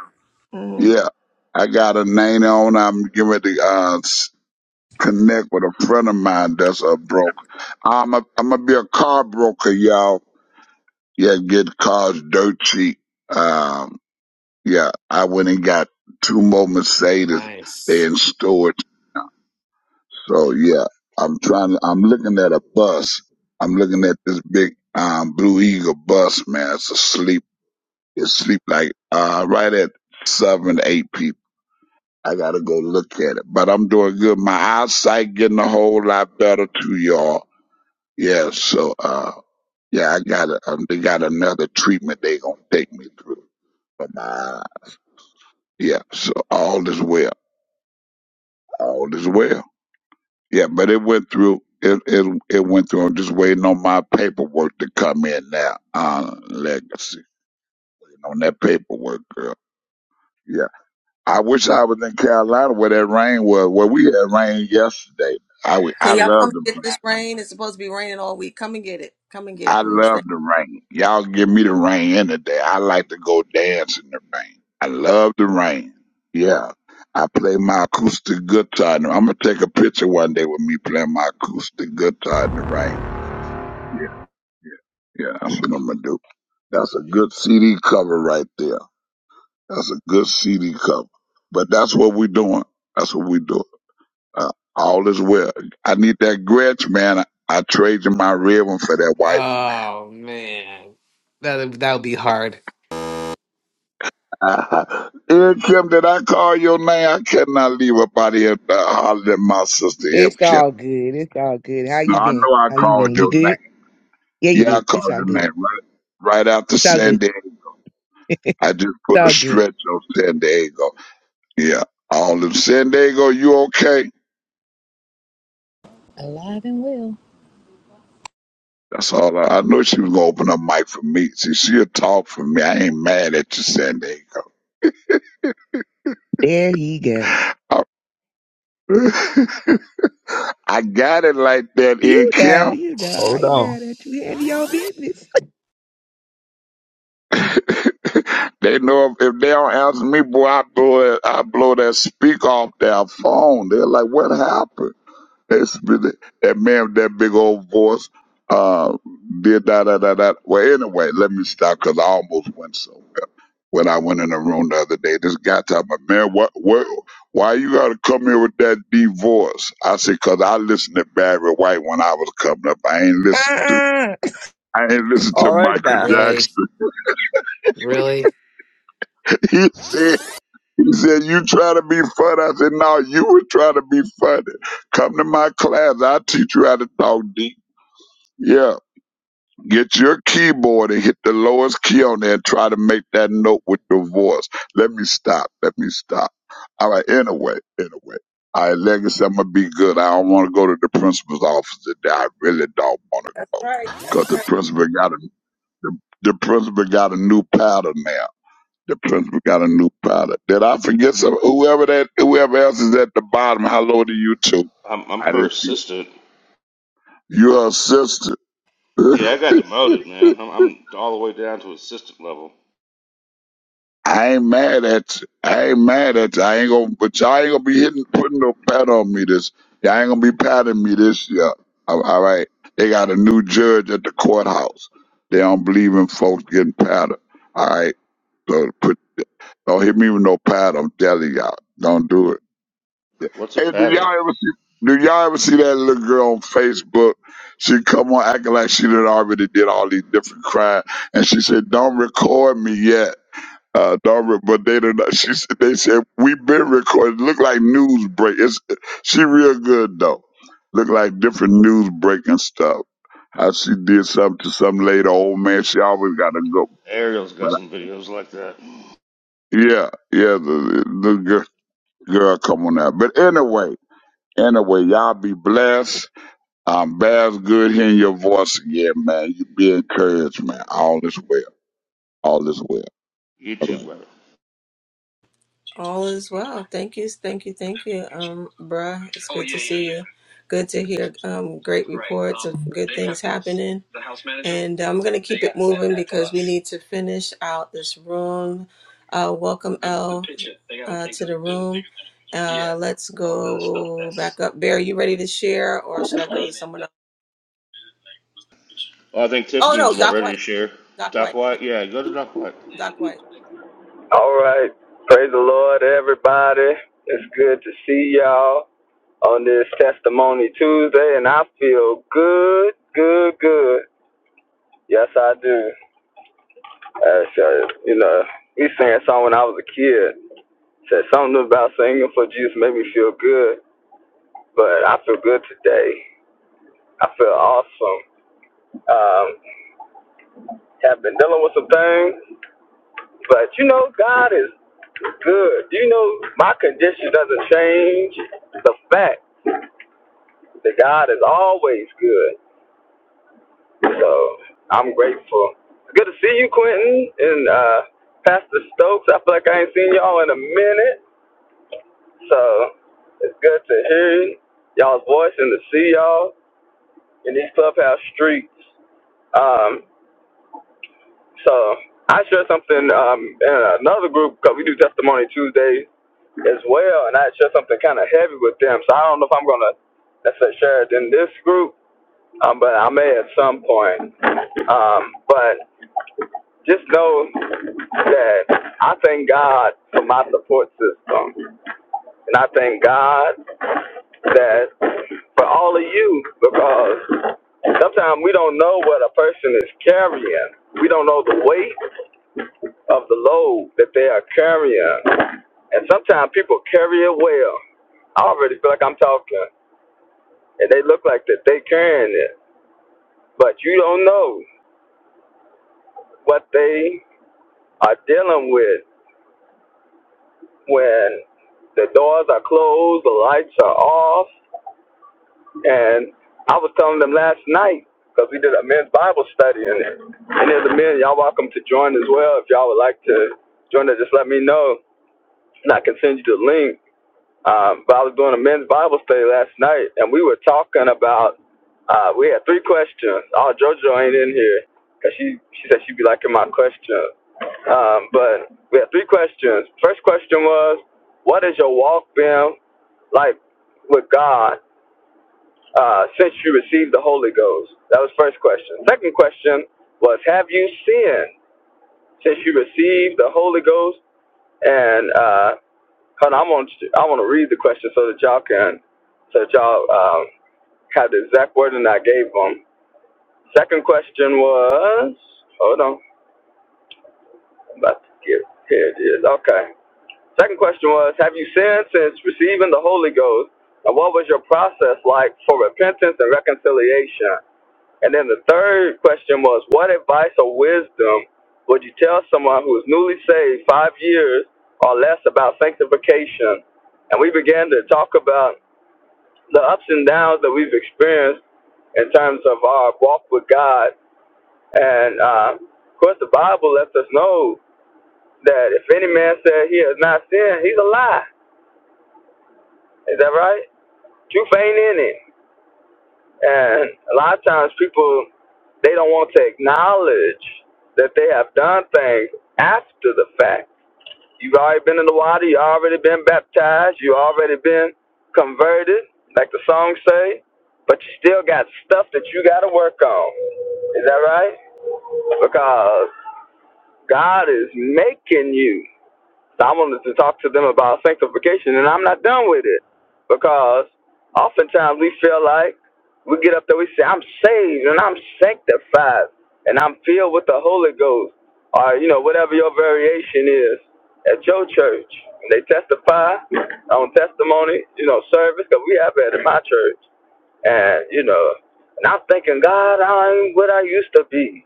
S1: hmm
S15: yeah, I got a 90 on. it. I'm getting ready to uh, s- connect with a friend of mine that's a broker. I'm a, I'm going to be a car broker, y'all. Yeah, good cars, dirt cheap. Um, yeah, I went and got two more Mercedes. They
S7: Nice.
S15: in storage. So yeah, I'm trying to, I'm looking at a bus. I'm looking at this big, um, Blue Eagle bus, man. It's asleep. It's sleep like, uh, right at seven, eight people. I gotta go look at it, but I'm doing good. My eyesight getting a whole lot better too, y'all. Yeah. So, uh, yeah, I got it. Um, they got another treatment they gonna take me through. But nah, yeah. So all is well. All is well. Yeah, but it went through. It it it went through. I'm just waiting on my paperwork to come in now. Uh, legacy waiting on that paperwork, girl. Yeah, I wish I was in Carolina where that rain was. Where we had rain yesterday. I w- I
S1: Can y'all
S15: love
S1: come
S15: the
S1: get
S15: rain.
S1: this rain? It's supposed to be raining all week. Come and get it. Come and get it,
S15: I
S1: please.
S15: love
S1: Thank
S15: the rain. Y'all give me the rain any day. I like to go dance in the rain. I love the rain. Yeah. I play my acoustic guitar. I'm gonna take a picture one day with me playing my acoustic guitar in the rain. Yeah, yeah, yeah. That's what I'm gonna do. That's a good CD cover right there. That's a good CD cover. But that's what we're doing. That's what we do. Uh, all is well. I need that Gretsch, man. I, I traded my red one for that white one, man.
S7: Oh man. That that would be hard.
S15: Uh, Here, Kim, did I call your name? I cannot leave up out here uh, hollering at my sister, M.
S10: It's
S15: Kim.
S10: all good. It's all good. How
S15: No,
S10: you
S15: I
S10: been?
S15: know I
S10: How you been?
S15: called
S10: You
S15: your
S10: good?
S15: name.
S10: Yeah, you
S15: Yeah, I
S10: did. It's
S15: called
S10: all
S15: your
S10: good.
S15: name right, right after
S10: It's all
S15: San
S10: good.
S15: Diego.
S10: [laughs]
S15: I just
S10: it's
S15: put a
S10: all good.
S15: stretch on San Diego. Yeah, all of San Diego. You okay?
S16: Alive and well.
S15: That's all. I, I know she was gonna open a mic for me. See, she'll talk for me. I ain't mad at you, San Diego.
S10: There he go.
S15: [laughs] I got it like that,
S10: You
S15: in
S10: know,
S15: Kim.
S10: you know, I ain't mad at you. Handle your business.
S15: [laughs] They know if, if they don't answer me, boy, I blow it, I blow that speak off their phone. They're like, what happened? It's really, that man with that big old voice, uh, did da da da da. Well, anyway, let me stop because I almost went somewhere when I went in the room the other day. This guy told me, man, what, what, why you gotta come here with that divorce? I said, cause I listened to Barry White when I was coming up. I ain't listened to,
S10: Uh-uh.
S15: I ain't listened to Michael
S7: Really?
S15: Jackson.
S7: Really?
S15: [laughs] he said. He said, You try to be funny. I said, No, you were trying to be funny. Come to my class. I'll teach you how to talk deep. Yeah. Get your keyboard and hit the lowest key on there and try to make that note with your voice. Let me stop. Let me stop. All right. Anyway, anyway. All right, Legacy, I'm going to be good. I don't want to go to the principal's office today. I really don't want to
S1: you. That's right.
S15: because the principal got a, the, the principal got a new pattern now. The principal got a new product. Did I forget some? Whoever that, whoever else is at the bottom, hello to you too.
S3: I'm, I'm
S15: I
S3: her
S15: didn't. see-
S3: assistant.
S15: You're a sister.
S3: Yeah, I
S15: [laughs]
S3: got demoted, man. I'm, I'm all the way down to assistant level.
S15: I ain't mad at you. I ain't mad at you. I ain't gonna, but y'all ain't gonna be hitting, putting no pat on me this. Y'all ain't gonna be patting me this year. All all right. They got a new judge at the courthouse. They don't believe in folks getting patted. All right. So put, don't hit me with no pat. I'm telling y'all. Don't do it.
S3: What's a
S15: Hey, do y'all
S3: pattern?
S15: ever see? Do y'all ever see that little girl on Facebook? She come on acting like she done already did all these different crimes, and she said, "Don't record me yet." Uh, don't re- but they don't. She said, "They said we've been recording. Look like news break. It's she real good though. Look like different news breaking stuff. How she did something to some lady, old man. She always got to go.
S3: Ariel's got
S15: But
S3: some videos like that.
S15: yeah, yeah, the the girl, girl come on out. But anyway, anyway, y'all be blessed. Um, Baz, good hearing your voice again, man. You be encouraged, man. All is well. All is well. All
S3: YouTube
S15: right.
S3: brother.
S1: All is well. Thank you, thank you, thank you, um, bruh. It's Oh, good to yeah, see yeah, you. yeah. Good to hear um, great Right, reports um, of good they things have- happening. The house manager- And um, I'm going to keep they it gotta send moving that to because we us. need to finish out this room. Uh, welcome, The- the L, picture, they gotta uh, take to the the- room. Uh, Yeah. let's go All that stuff, that's- back up. Bear, you ready to share or should I go to Clean it. someone else?
S3: Well, I think
S1: Oh,
S3: Tiffany was
S1: no,
S3: about
S1: Doc
S3: ready
S1: White.
S3: to share.
S1: Doc
S3: Doc
S1: White.
S3: White? Yeah, go to Doc White.
S1: Doc White.
S17: All right. Praise the Lord, everybody. It's good to see y'all on this Testimony Tuesday, and I feel good, good, good. Yes, I do. Uh, so, you know, we sang a song when I was a kid. Said something about singing for Jesus made me feel good, but I feel good today. I feel awesome. Um, have been dealing with some things, but you know, God is good. You know, my condition doesn't change the fact The God is always good. So I'm grateful. Good to see you, Quentin and uh, Pastor Stokes. I feel like I ain't seen y'all in a minute. So it's good to hear y'all's voice and to see y'all in these clubhouse streets. Um, so I shared something um, in another group because we do Testimony Tuesdays as well, and I shared something kind of heavy with them. So I don't know if I'm gonna necessarily share it in this group, um, but I may at some point. Um, but just know that I thank God for my support system, and I thank God that for all of you because sometimes we don't know what a person is carrying. We don't know the weight of the load that they are carrying, and sometimes people carry it well. I already feel like I'm talking, and they look like that they carrying it, but you don't know what they are dealing with when the doors are closed, the lights are off. And I was telling them last night, because we did a men's Bible study, and any of the men, y'all welcome to join as well. If y'all would like to join us, just let me know, and I can send you the link Um, but I was doing a men's Bible study last night, and we were talking about. Uh, we had three questions. Oh, JoJo ain't in here because she she said she'd be liking my questions. Um, but we had three questions. First question was, what has your walk been like with God uh, since you received the Holy Ghost? That was first question. Second question was, have you sinned since you received the Holy Ghost? And uh, Hold on, I want you- I want to read the question so that y'all can so that y'all um, have the exact wording I gave them. Second question was hold on, I'm about to get here it is. Okay. Second question was Have you sinned since receiving the Holy Ghost, and what was your process like for repentance and reconciliation? And then the third question was What advice or wisdom would you tell someone who is newly saved five years or less about sanctification? And we began to talk about the ups and downs that we've experienced in terms of our walk with God. And uh, of course, the Bible lets us know that if any man says he has not sinned, he's a lie. Is that right? Truth ain't in it. And a lot of times people, they don't want to acknowledge that they have done things after the fact. You already been in the water. You already been baptized. You already been converted, like the song say. But you still got stuff that you got to work on. Is that right? Because God is making you. So I wanted to talk to them about sanctification, and I'm not done with it because oftentimes we feel like we get up there, we say, I'm saved and I'm sanctified and I'm filled with the Holy Ghost, or you know, whatever your variation is at your church. They testify on testimony, you know, service because we have it at my church, and you know, and I'm thinking, God, I ain't what I used to be,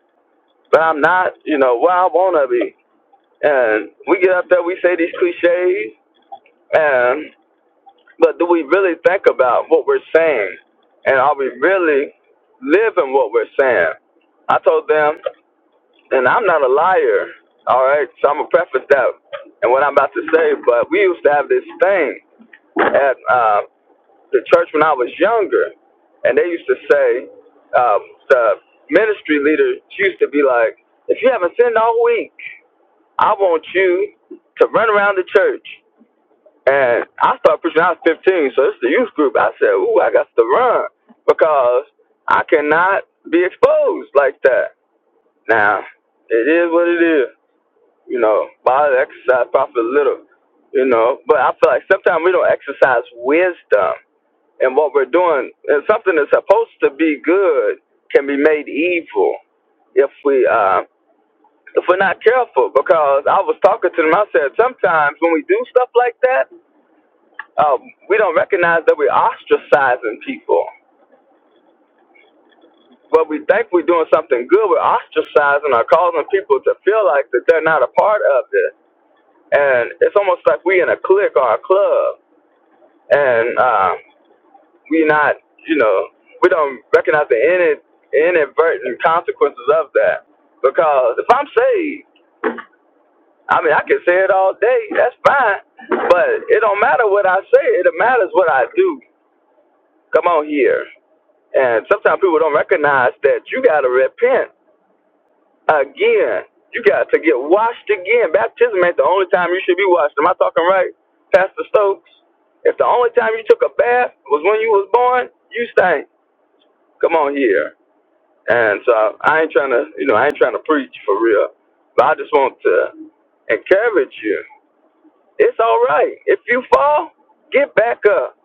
S17: but I'm not, you know, where I want to be. And we get out there, we say these cliches, and but do we really think about what we're saying? And are we really living what we're saying? I told them, and I'm not a liar, all right? So I'm going to preface that and what I'm about to say, but we used to have this thing at uh, the church when I was younger, and they used to say, um, the ministry leader used to be like, if you haven't sinned all week, I want you to run around the church. And I started preaching, when I was 15, so it's the youth group. I said, ooh, I got to run because I cannot be exposed like that. Now, it is what it is. You know, body exercise profit little, you know. But I feel like sometimes we don't exercise wisdom in what we're doing. And something that's supposed to be good can be made evil if we uh, if we're not careful, because I was talking to them, I said, sometimes when we do stuff like that, um, we don't recognize that we're ostracizing people. But we think we're doing something good, we're ostracizing or causing people to feel like that they're not a part of this. And it's almost like we in a clique or a club, and um, we're not, you know, we don't recognize the inad- inadvertent consequences of that. Because if I'm saved, I mean, I can say it all day. That's fine. But it don't matter what I say. It matters what I do. Come on here. And sometimes people don't recognize that you got to repent again. You got to get washed again. Baptism ain't the only time you should be washed. Am I talking right, Pastor Stokes? If the only time you took a bath was when you was born, you stink. Come on here. And so I ain't trying to, you know, I ain't trying to preach for real. But I just want to encourage you It's all right. If you fall, get back up.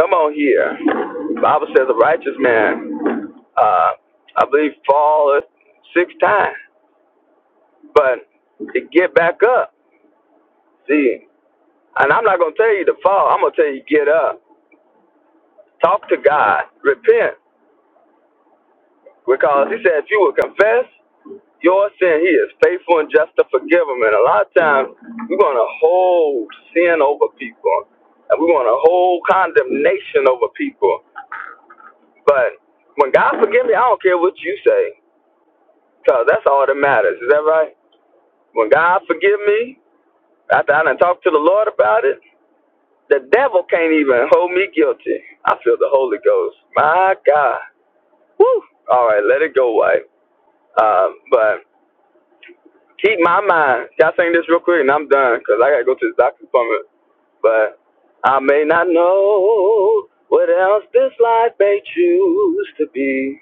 S17: Come on here. The Bible says a righteous man, uh, I believe, fall six times, but to get back up. See, and I'm not gonna tell you to fall. I'm gonna tell you get up. Talk to God. Repent, because He said if you will confess your sin, He is faithful and just to forgive them. And a lot of times we're gonna hold sin over people, and we're gonna hold condemnation over people. But when God forgive me, I don't care what you say, cause that's all that matters. Is that right? When God forgive me, after I done talked to the Lord about it, the devil can't even hold me guilty. I feel the Holy Ghost. My God. Woo. All right, let it go, wife. Um, but keep my mind. Y'all saying this real quick, and I'm done, cause I gotta go to the doctor's appointment. But I may not know what else this life may choose to be.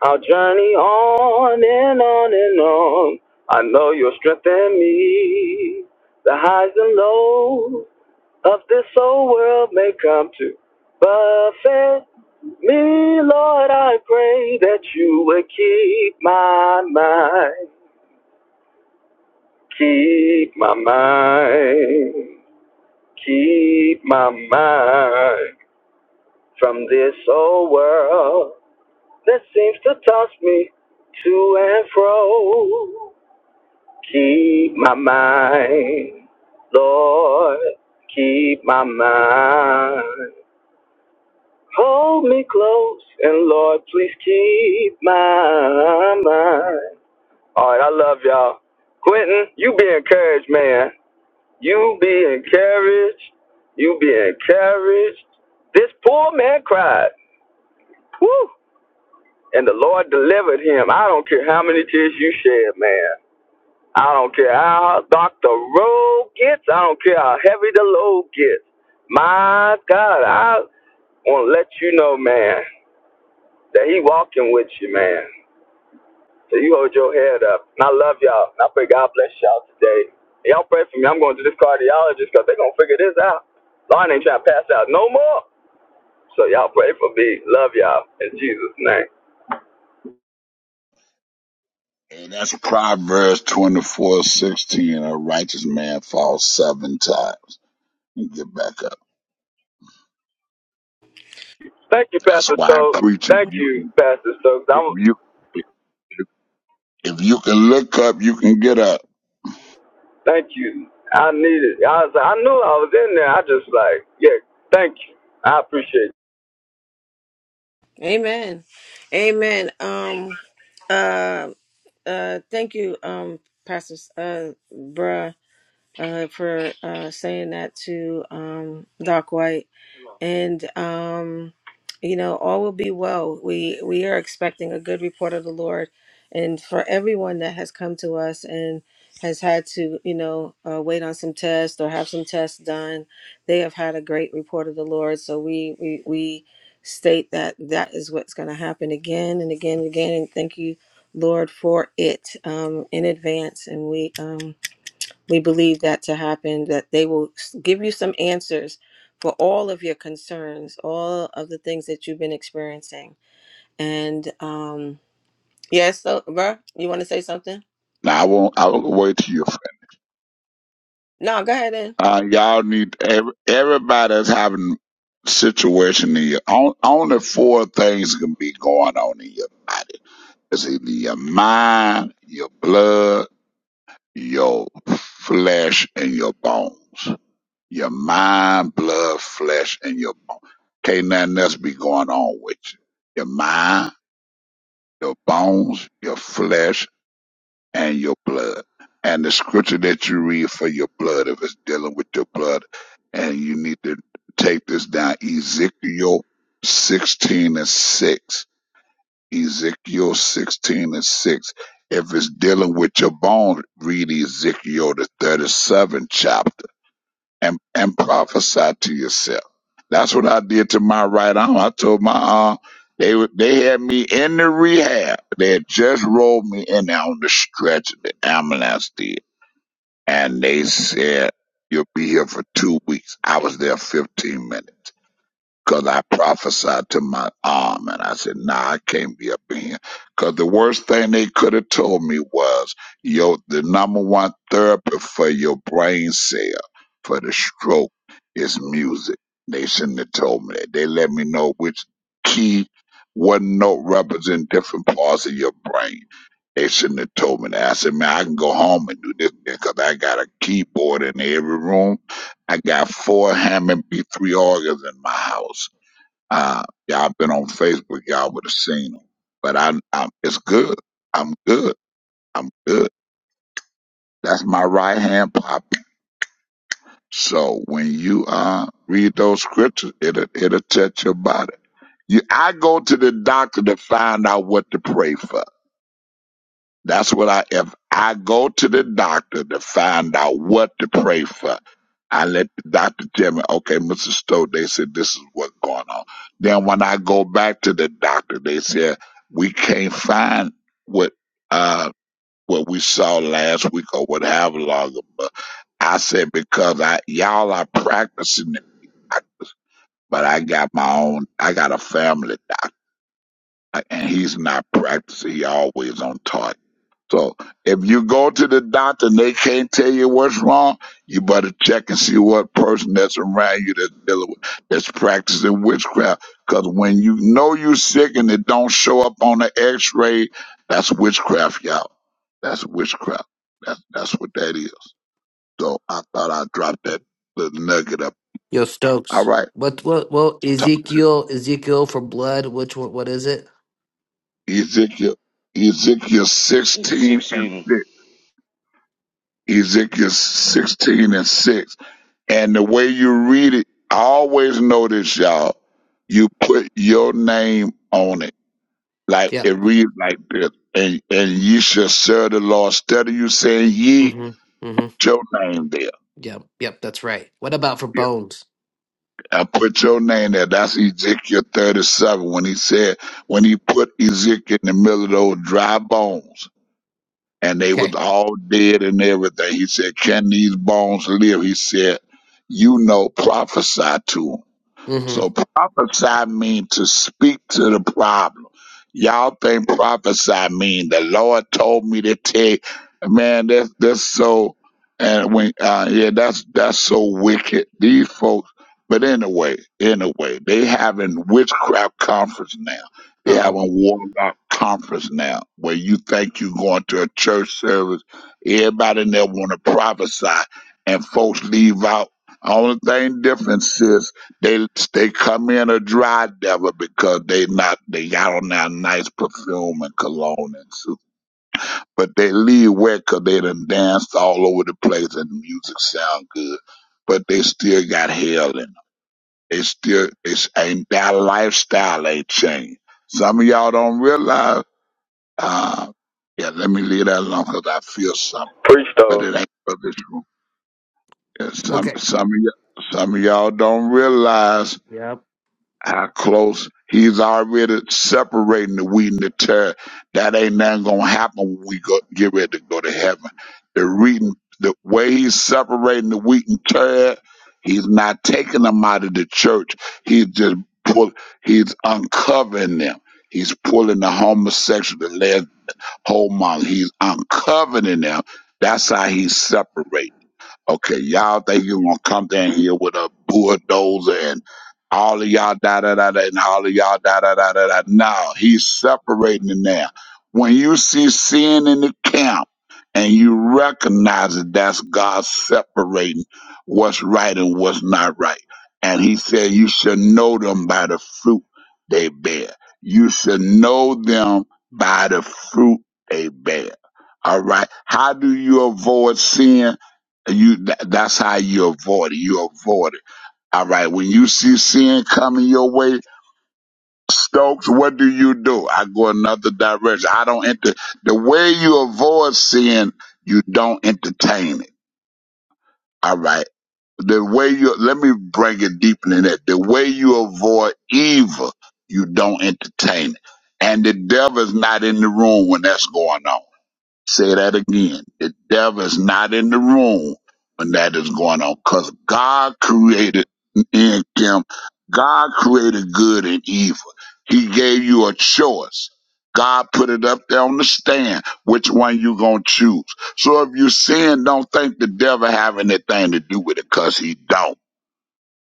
S17: I'll journey on and on and on. I know you'll strengthen me. The highs and lows of this old world may come to buffet me, Lord. I pray that you would keep my mind, keep my mind, keep my mind from this old world that seems to toss me to and fro. Keep my mind, Lord, keep my mind. Hold me close, and Lord, please keep my mind. All right, I love y'all. Quentin, you be encouraged, man. You be encouraged. You be encouraged. This poor man cried. Woo! And the Lord delivered him. I don't care how many tears you shed, man. I don't care how dark the road gets. I don't care how heavy the load gets. My God, I want to let you know, man, that he walking with you, man. So you hold your head up. And I love y'all. And I pray God bless y'all today. And Y'all pray for me. I'm going to this cardiologist because they are going to figure this out. Lauren ain't trying to pass out no more. So y'all pray for me. Love y'all. In Jesus' name.
S15: And that's Proverbs twenty four sixteen. A righteous man falls seven times and get back up.
S17: Thank you,
S15: That's
S17: Pastor
S15: why I
S17: Stokes.
S15: preach. If
S17: Thank
S15: you
S17: you,
S15: can,
S17: Pastor Stokes.
S15: if
S17: I'm.
S15: you, if, if if you can look up, you can get up.
S17: Thank you. I needed. I was. like, I knew I was in there. I just like, yeah. Thank you. I appreciate. It.
S1: Amen. Amen. Um, uh, Uh, thank you, um, Pastor uh, Bruh, uh, for uh, saying that to um, Doc White and um, you know all will be well. We we are expecting a good report of the Lord, and for everyone that has come to us and has had to you know uh, wait on some tests or have some tests done, they have had a great report of the Lord. So we we we state that that is what's going to happen again and again and again. And thank you, Lord, for it um, in advance. And we um, we believe that to happen, that they will s- give you some answers for all of your concerns, all of the things that you've been experiencing. And um, yes, so, bruh, you want to say something?
S15: Now I won't. I will wait till you.
S1: No, go ahead then.
S15: Uh, y'all need every, everybody's having situation in your own. Only four things can be going on in your. life. It's either your mind, your blood, your flesh, and your bones. Your mind, blood, flesh, and your bones. Can't nothing else be going on with you. Your mind, your bones, your flesh, and your blood. And the scripture that you read for your blood, if it's dealing with your blood, and you need to take this down, Ezekiel 16 and 6 Ezekiel 16 and 6. If it's dealing with your bone, read Ezekiel the 37th chapter and, and prophesy to yourself. That's what I did to my right arm. I told my arm, they, were- they had me in the rehab. They had just rolled me in there on the stretch the ambulance did. And they said, you'll be here for two weeks. I was there 15 minutes. Because I prophesied to my arm and I said, nah, I can't be up in Because the worst thing they could have told me was, yo, the number one therapy for your brain cell, for the stroke, is music. They shouldn't have told me that. They let me know which key, what note represents different parts of your brain. They shouldn't have told me that. I said, man, I can go home and do this because I got a keyboard in every room. I got four Hammond B3 organs in my house. Uh, y'all been on Facebook, y'all would have seen them. But I, I, it's good. I'm good. I'm good. That's my right hand pop. So when you uh read those scriptures, it'll it'll touch your body. You, I go to the doctor to find out what to pray for. That's what I, if I go to the doctor to find out what to pray for, I let the doctor tell me, okay, Mr. Stowe, they said this is what's going on. Then when I go back to the doctor, they said, we can't find what, uh, what we saw last week or what have longer. But I said, because I, y'all are practicing it, but I got my own, I got a family doctor and he's not practicing. He always on target. So if you go to the doctor and they can't tell you what's wrong, you better check and see what person that's around you that's dealing with, that's practicing witchcraft. Because when you know you sick and it don't show up on the X-ray, that's witchcraft, y'all. That's witchcraft. That's that's what that is. So I thought I'd drop that little nugget up.
S7: Yo,
S15: All
S7: Stokes.
S15: right,
S7: What what what
S15: talk to
S7: Ezekiel Ezekiel for blood, which one what is it?
S15: Ezekiel. Ezekiel
S3: Six
S15: sixteen and
S3: sixteen.
S15: six. Ezekiel sixteen and six. And the way you read it, I always notice y'all, you put your name on it. Like
S7: Yep.
S15: it reads like this. And and ye shall serve the Lord. Instead of you saying ye,
S7: Mm-hmm. Mm-hmm.
S15: your name there.
S7: Yep. Yep, that's right. What about for bones?
S15: I put your name there. That's Ezekiel 37 when he said, when he put Ezekiel in the middle of those dry bones and they
S7: Okay.
S15: was all dead and everything. He said, can these bones live? He said, you know, prophesy to 'em."
S7: Mm-hmm.
S15: So prophesy mean to speak to the problem. Y'all think prophesy mean the Lord told me to take man, that's that's so and when uh yeah, that's that's so wicked. These folks but anyway, anyway, they having witchcraft conference now. They
S7: Uh-oh.
S15: having warlock conference now where you think you going to a church service, everybody in there wanna prophesy and folks leave out. Only thing different sis they they come in a dry devil because they not they got on that nice perfume and cologne and soup, but they leave wet 'cause they done danced all over the place and the music sound good, but they still got hell in them. They still it's ain't that lifestyle ain't changed. Some of y'all don't realize. Uh, yeah, let me leave that alone 'cause I feel something,
S17: Preach
S15: but
S17: though.
S15: it ain't for this room. Yeah, some
S7: Okay.
S15: some of y'all some of y'all don't realize.
S7: Yep.
S15: how close he's already separating the wheat and the tear. That ain't nothing gonna happen when we go, get ready to go to heaven. The reading, the way he's separating the wheat and tear, he's not taking them out of the church. He's just pull, he's uncovering them. He's pulling the homosexual, the lesbian, homo. He's uncovering them. That's how he's separating. Okay, y'all think you gonna come down here with a bulldozer and all of y'all da da da da and all of y'all da da da da da. No, he's separating it now. When you see sin in the camp and you recognize it, that's God separating what's right and what's not right. And he said, You should know them by the fruit they bear. You should know them by the fruit they bear. All right. How do you avoid sin? you that, that's how you avoid it. You avoid it. All right. When you see sin coming your way, Stokes, what do you do? I go another direction. I don't enter the way you avoid sin. You don't entertain it. All right. The way you let me bring it deeper than that. The way you avoid evil, you don't entertain it. And the devil is not in the room when that's going on. Say that again. The devil is not in the room when that is going on because God created in him, God created good and evil. He gave you a choice. God put it up there on the stand, which one you gonna choose. So if you sin, don't think the devil have anything to do with it, cause he don't.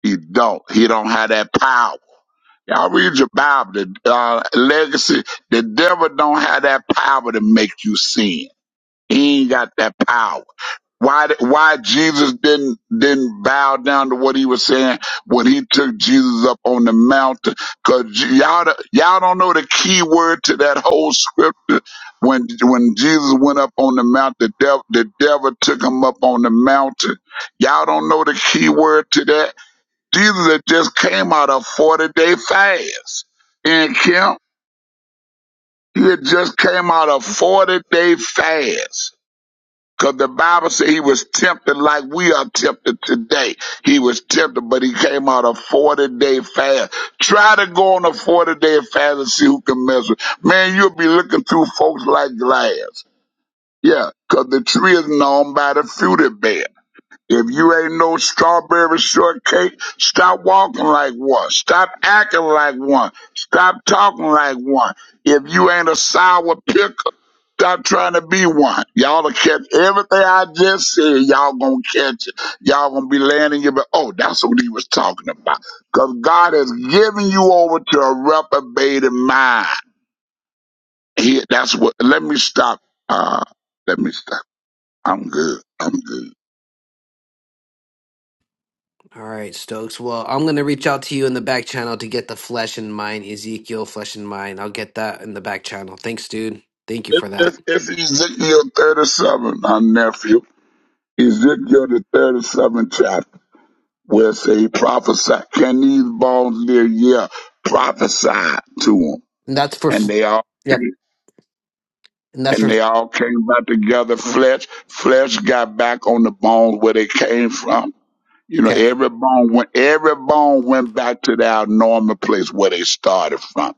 S15: He don't. He don't have that power. Y'all read your Bible, the uh, legacy. The devil don't have that power to make you sin. He ain't got that power. Why, why Jesus didn't, didn't bow down to what he was saying when he took Jesus up on the mountain? Cause you- all y'all don't know the key word to that whole scripture. When, when Jesus went up on the mountain, the devil, the devil took him up on the mountain. Y'all don't know the key word to that. Jesus had just came out of 40 day fast. And Kim, he had just came out of 40 day fast because the Bible said he was tempted like we are tempted today. He was tempted, but he came out a 40 day fast. Try to go on a 40 day fast and see who can mess with. Man, you'll be looking through folks like glass. Yeah, because the tree is known by the fruit it bear. If you ain't no strawberry shortcake, stop walking like one. Stop acting like one. Stop talking like one. If you ain't a sour pickle, Stop trying to be one. Y'all will catch everything I just said. Y'all gonna catch it. Y'all gonna be landing your. Oh, that's what he was talking about. Cause God has given you over to a reprobated mind. He, that's what. Let me stop. Uh, let me stop. I'm good. I'm good.
S7: All right, Stokes. Well, I'm gonna reach out to you in the back channel to get the flesh in mind, Ezekiel flesh in mind. I'll get that in the back channel. Thanks, dude. Thank you for
S15: It's,
S7: that.
S15: it's Ezekiel 37, my nephew. Ezekiel the 37th chapter, where it say he prophesied. Can these bones live? Yeah, prophesy to them,
S7: And that's for
S15: and
S7: f-
S15: they are.
S7: yep. And that's
S15: and
S7: for
S15: they all came back together. Flesh, flesh got back on the bones where they came from. You know,
S7: okay.
S15: every bone went, every bone went back to their normal place where they started from.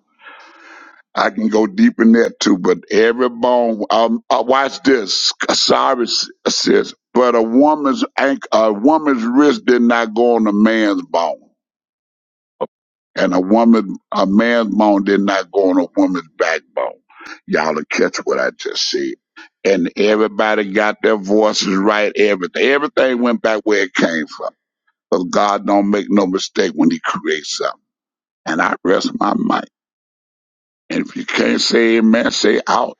S15: I can go deep in that too, but every bone. Um, uh, watch this. Sorry, sis. but a woman's ankle, a woman's wrist did not go on a man's bone. And a woman, a man's bone did not go on a woman's backbone. Y'all will catch what I just said. And everybody got their voices right. Everything, everything went back where it came from. But God don't make no mistake when He creates something. And I rest my mind. And if you can't say Amen, say out.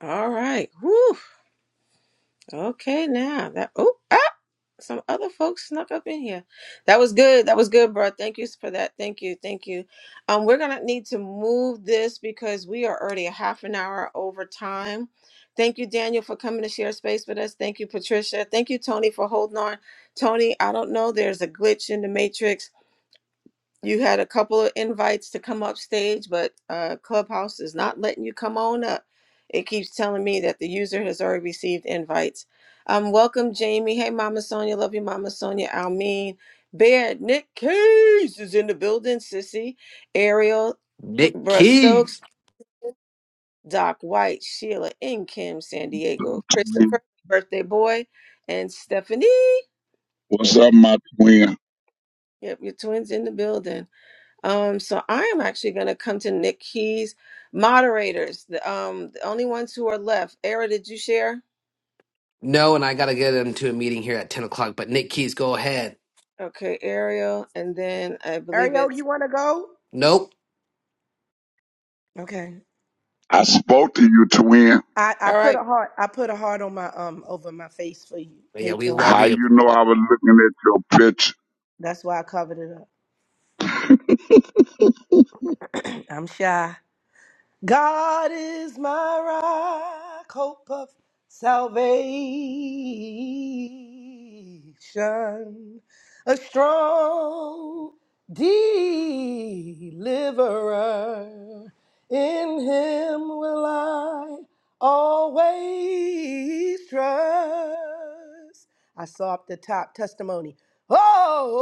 S1: All right. Whew. Okay, now that. Oh, some other folks snuck up in here. That was good. That was good, bro. Thank you for that. Thank you. Thank you. Um, we're gonna need to move this because we are already a half an hour over time. Thank you, Daniel, for coming to share space with us. Thank you, Patricia. Thank you, Tony, for holding on. Tony, I don't know. There's a glitch in the matrix. You had a couple of invites to come up stage, but uh, Clubhouse is not letting you come on up. It keeps telling me that the user has already received invites. Um, welcome, Jamie. Hey, Mama Sonia. Love you, Mama Sonia. Almeen. Bear, Nick Case is in the building. Sissy, Ariel,
S7: Nick
S1: Bruss Stokes,
S7: Keys.
S1: Doc White, Sheila, and Kim San Diego,
S15: twin.
S1: Christopher, birthday boy, and Stephanie.
S15: What's
S1: Thank
S15: up, my twin?
S1: you. Yep, your twins in the building. Um, so I am actually going to come to Nick Keys. Moderators, the, um, the only ones who are left. Ariel, did you share?
S7: No, and I gotta get into a meeting here at ten o'clock. But Nick Keys, go ahead.
S1: Okay, Ariel, and then I believe
S18: Ariel,
S1: it's
S18: you want to go?
S7: Nope.
S18: Okay.
S15: I
S1: okay.
S15: spoke to you, twin.
S18: I, I
S1: All right.
S18: put a heart. I put a heart on my um over my face for you.
S7: But yeah,
S18: Hey,
S7: we
S18: twin.
S7: love
S15: How
S7: you.
S15: you know I was looking at
S18: That's why I covered it up. [clears throat] I'm shy. God is my rock, hope of salvation, a strong deliverer. In him will I always trust. I saw up the top testimony. Oh, oh,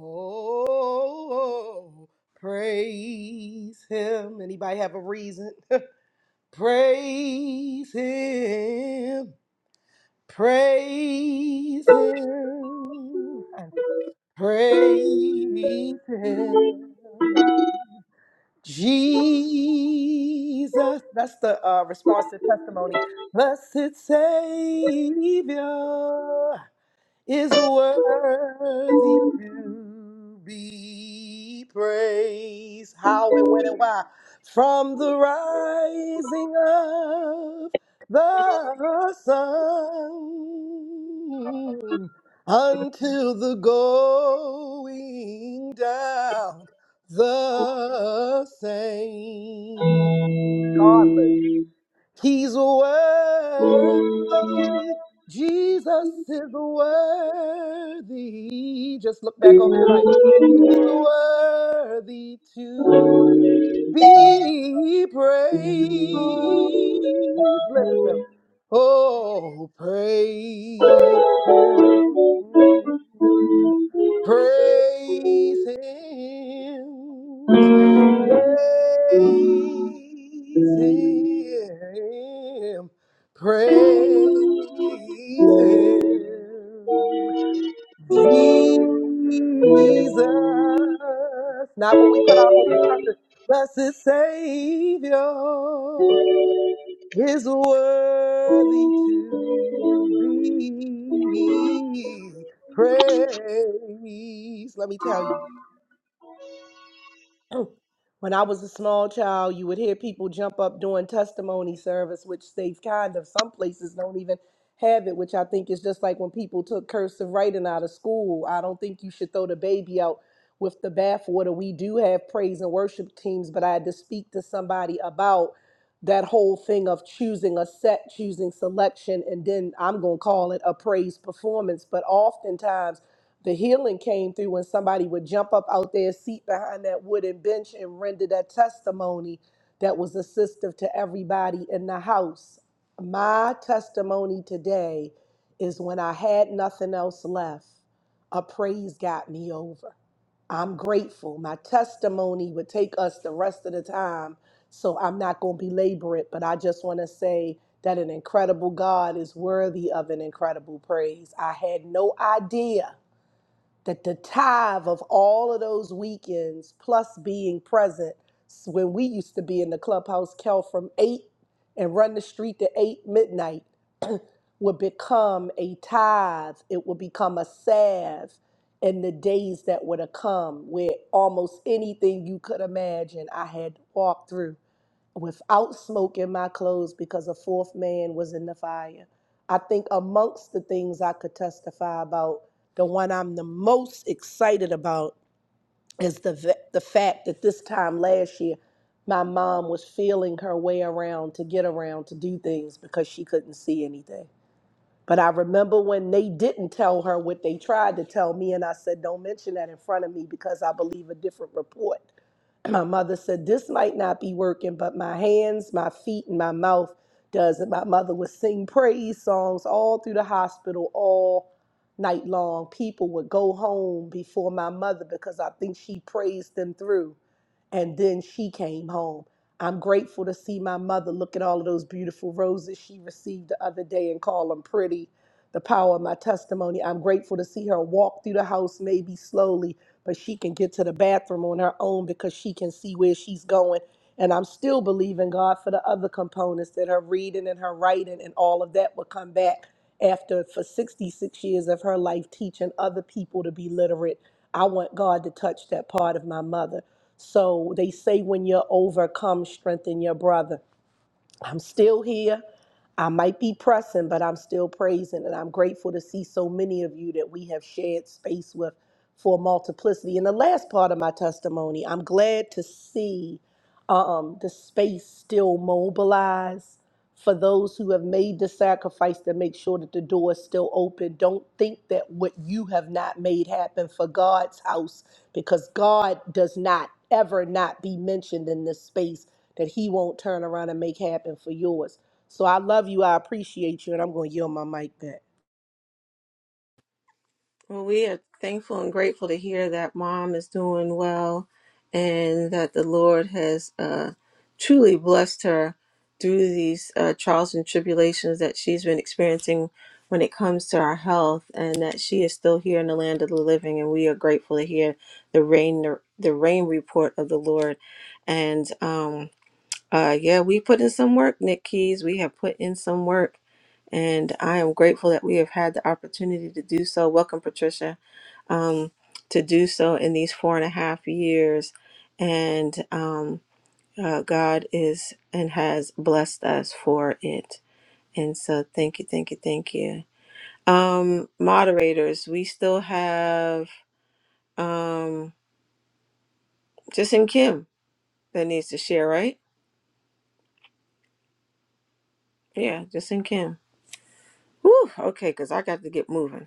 S18: oh, oh, oh, oh. Praise him. Anybody have a reason? [laughs] Praise him. Praise him. And praise him. Jesus. That's the uh, response to testimony. Blessed Savior is worthy to be praised. How and when and why? From the rising of the sun until the going down the
S15: your
S18: same. regardless.
S15: picture?
S18: He's worthy. Jesus is worthy. Just look back over your life. He's worthy to be praised. Lift him. Oh, praise him. Praise him. Praise him. Praise him. Jesus. Not what we put our hope and trust in. Blessed Savior is worthy to be praised. Let me tell you. [clears throat] when I was a small child, you would hear people jump up doing testimony service, which they've kind of, some places don't even have it, which I think is just like when people took cursive writing out of school. I don't think you should throw the baby out with the bathwater. We do have praise and worship teams, but I had to speak to somebody about that whole thing of choosing a set, choosing selection, and then I'm going to call it a praise performance. But oftentimes, the healing came through when somebody would jump up out their seat behind that wooden bench and render that testimony that was assistive to everybody in the house. My testimony today is when I had nothing else left, a praise got me over. I'm grateful. My testimony would take us the rest of the time, so I'm not going to belabor it, but I just want to say that an incredible God is worthy of an incredible praise. I had no idea that the tithe of all of those weekends plus being present s- when we used to be in the clubhouse kel from eight and run the street to eight midnight would become a tithe it would become a salve in the days that would have come where almost anything you could imagine i had walked through without smoke in my clothes because a fourth man was in the fire. I think amongst the things I could testify about, the one I'm the most excited about is the v- the fact that this time last year, my mom was feeling her way around to get around to do things because she couldn't see anything. But I remember when they didn't tell her what they tried to tell me, and I said, "Don't mention that in front of me because I believe a different report." my mother said this might not be working but my hands my feet and my mouth does it my mother would sing praise songs all through the hospital all night long people would go home before my mother because i think she praised them through and then she came home. I'm grateful to see my mother look at all of those beautiful roses she received the other day and call them pretty. The power of my testimony. I'm grateful to see her walk through the house, maybe slowly, but she can get to the bathroom on her own because she can see where she's going. And I'm still believing God for the other components that her reading and her writing and all of that will come back after for 66 years of her life teaching other people to be literate. I want God to touch that part of my mother. So they say when you're overcome, strengthen your brother. I'm still here. I might be pressing, but I'm still praising. And I'm grateful to see so many of you that we have shared space with for multiplicity. And the last part of my testimony, I'm glad to see um, the space still mobilized for those who have made the sacrifice to make sure that the door is still open. Don't think that what you have not made happen for God's house, because God does not ever not be mentioned in this space that he won't turn around and make happen for yours. So I love you. I appreciate you. And I'm going to yield my mic back.
S1: Well, we are thankful and grateful to hear that mom is doing well and that the Lord has uh, truly blessed her through these uh, trials and tribulations that she's been experiencing when it comes to our health and that she is still here in the land of the living. And we are grateful to hear the rain, the rain report of the Lord. And, um, uh, yeah, we put in some work, Nick Keys. We have put in some work, and I am grateful that we have had the opportunity to do so. Welcome, Patricia, um, to do so in these four and a half years. And um, uh, God is and has blessed us for it. And so, thank you, thank you, thank you. Um, moderators, we still have um, Justin Kim that needs to share, right? Yeah, Justin Kim. Whew, okay, because I got to get moving.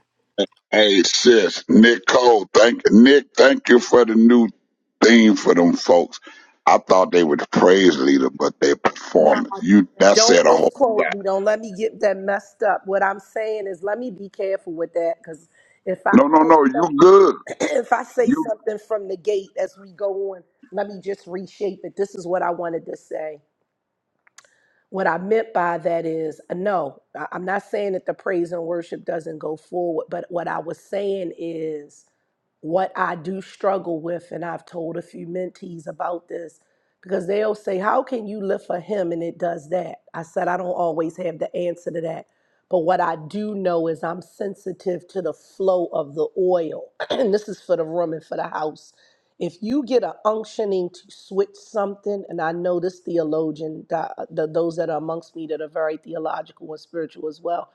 S15: Hey sis, Nick Cole, thank Nick, thank you for the new theme for them folks. I thought they were the praise leader, but their
S18: No,
S15: performance. You that said
S18: don't
S15: a whole
S18: misquote
S15: lot.
S18: me. Don't let me get that messed up. What I'm saying is let me be careful with that because if I
S15: No, no, no,
S18: say
S15: you good.
S18: something, [clears throat] if I say
S15: You
S18: something from the gate as we go on, let me just reshape it. This is what I wanted to say. What I meant by that is uh, no, I- I'm not saying that the praise and worship doesn't go forward, but what I was saying is what I do struggle with, and I've told a few mentees about this because they'll say, How can you live for him and it does that? I said, I don't always have the answer to that. But what I do know is I'm sensitive to the flow of the oil. [clears throat] and this is for the room and for the house. If you get an unctioning to switch something, and I know this theologian, the, the, those that are amongst me that are very theological and spiritual as well,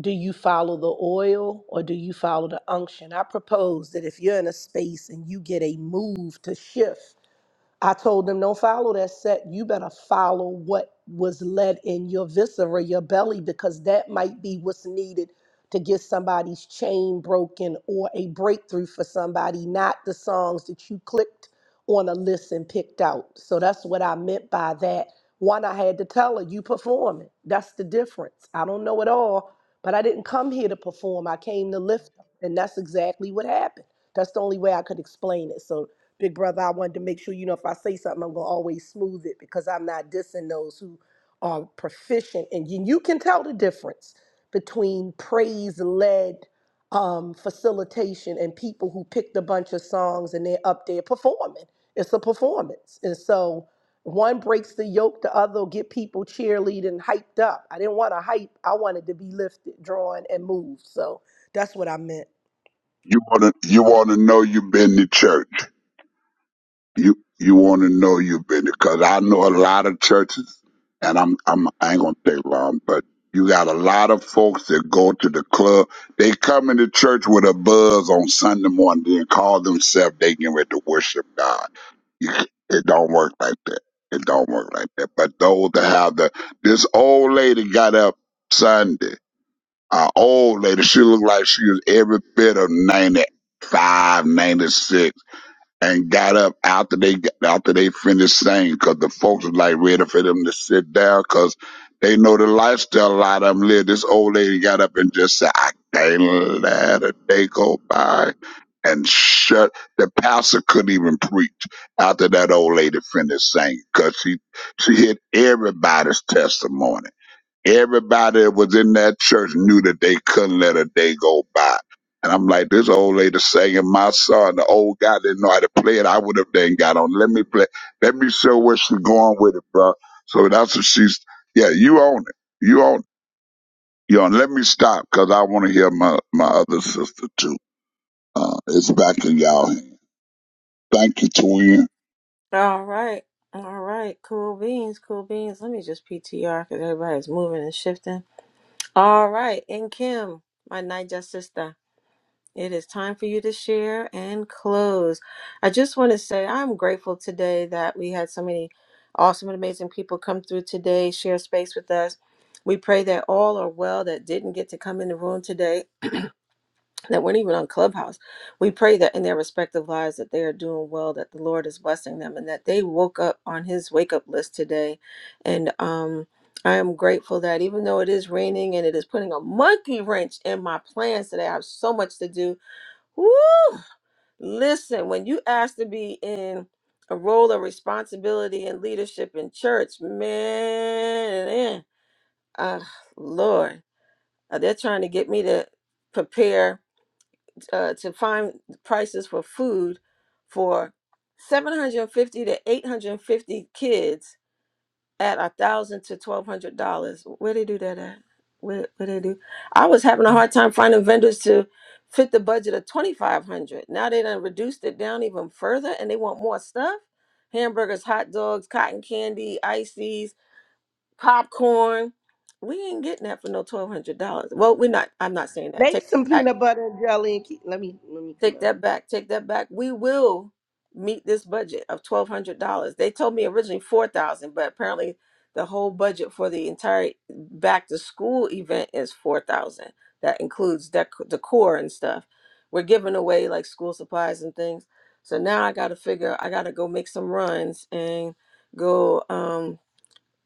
S18: do you follow the oil or do you follow the unction? I propose that if you're in a space and you get a move to shift, I told them, don't follow that set. You better follow what was led in your viscera, your belly, because that might be what's needed to get somebody's chain broken or a breakthrough for somebody, not the songs that you clicked on a list and picked out. So that's what I meant by that. One, I had to tell her, you performing. That's the difference. I don't know it all, but I didn't come here to perform. I came to lift, up, and that's exactly what happened. That's the only way I could explain it. So big brother, I wanted to make sure, you know, if I say something, I'm gonna always smooth it because I'm not dissing those who are proficient. And you you can tell the difference between praise led um, facilitation and people who picked a bunch of songs and they're up there performing. It's a performance. And so one breaks the yoke, the other will get people cheerleading, hyped up. I didn't want to hype. I wanted to be lifted, drawn, and moved. So that's what I meant.
S15: you wanna you wanna know you been to church. you you want to know you've been because I know a lot of churches, and I'm I'm I ain't gonna take long, but you got a lot of folks that go to the club. They come into church with a buzz on Sunday morning, then call themselves they getting ready to worship God. You, it don't work like that. It don't work like that. But those that have the this old lady got up Sunday. Our old lady, she looked like she was every bit of ninety five, ninety six and got up after they after they finished saying because the folks was like ready for them to sit down because they know the lifestyle a lot of them live. This old lady got up and just said, "I can't let a day go by," and shut. The pastor couldn't even preach after that old lady finished saying because she she hit everybody's testimony. Everybody that was in that church knew that they couldn't let a day go by. And I'm like, this old lady singing my song. The old guy didn't know how to play it. I would have then got on. Let me play. Let me show where she's going with it, bro. So that's what she's. Yeah, you own it. You own. You own. Let me stop because I want to hear my my other sister too. Uh, it's back in y'all. hands. Thank you, twin.
S1: All right. All right. Cool beans. Cool beans. Let me just PTR because everybody's moving and shifting. All right. And Kim, my Niger sister, it is time for you to share and close. I just want to say I'm grateful today that we had so many awesome and amazing people come through today, share space with us. We pray that all are well that didn't get to come in the room today that weren't even on Clubhouse. We pray that in their respective lives that they are doing well, that the Lord is blessing them, and that they woke up on His wake up list today. And um, I am grateful that even though it is raining and it is putting a monkey wrench in my plans today, I have so much to do. Woo! Listen, when you ask to be in a role of responsibility and leadership in church, man, eh, ah, Lord, uh, they're trying to get me to prepare uh, to find prices for food for 750 to 850 kids at a thousand to twelve hundred dollars. Where they do that at? Where, where they do? I was having a hard time finding vendors to fit the budget of 2500. Now they done reduced it down even further and they want more stuff. Hamburgers, hot dogs, cotton candy, ices, popcorn. We ain't getting that for no twelve hundred dollars. Well, we're not. I'm not saying that. Take
S18: Make some
S1: it back
S18: peanut butter and jelly and keep, let me let me come
S1: Take
S18: out.
S1: that back. Take that back. We will meet this budget of twelve hundred dollars. They told me originally four thousand, but apparently the whole budget for the entire back to school event is four thousand. That includes dec- decor and stuff. We're giving away like school supplies and things. So now I got to figure. I got to go make some runs and go um,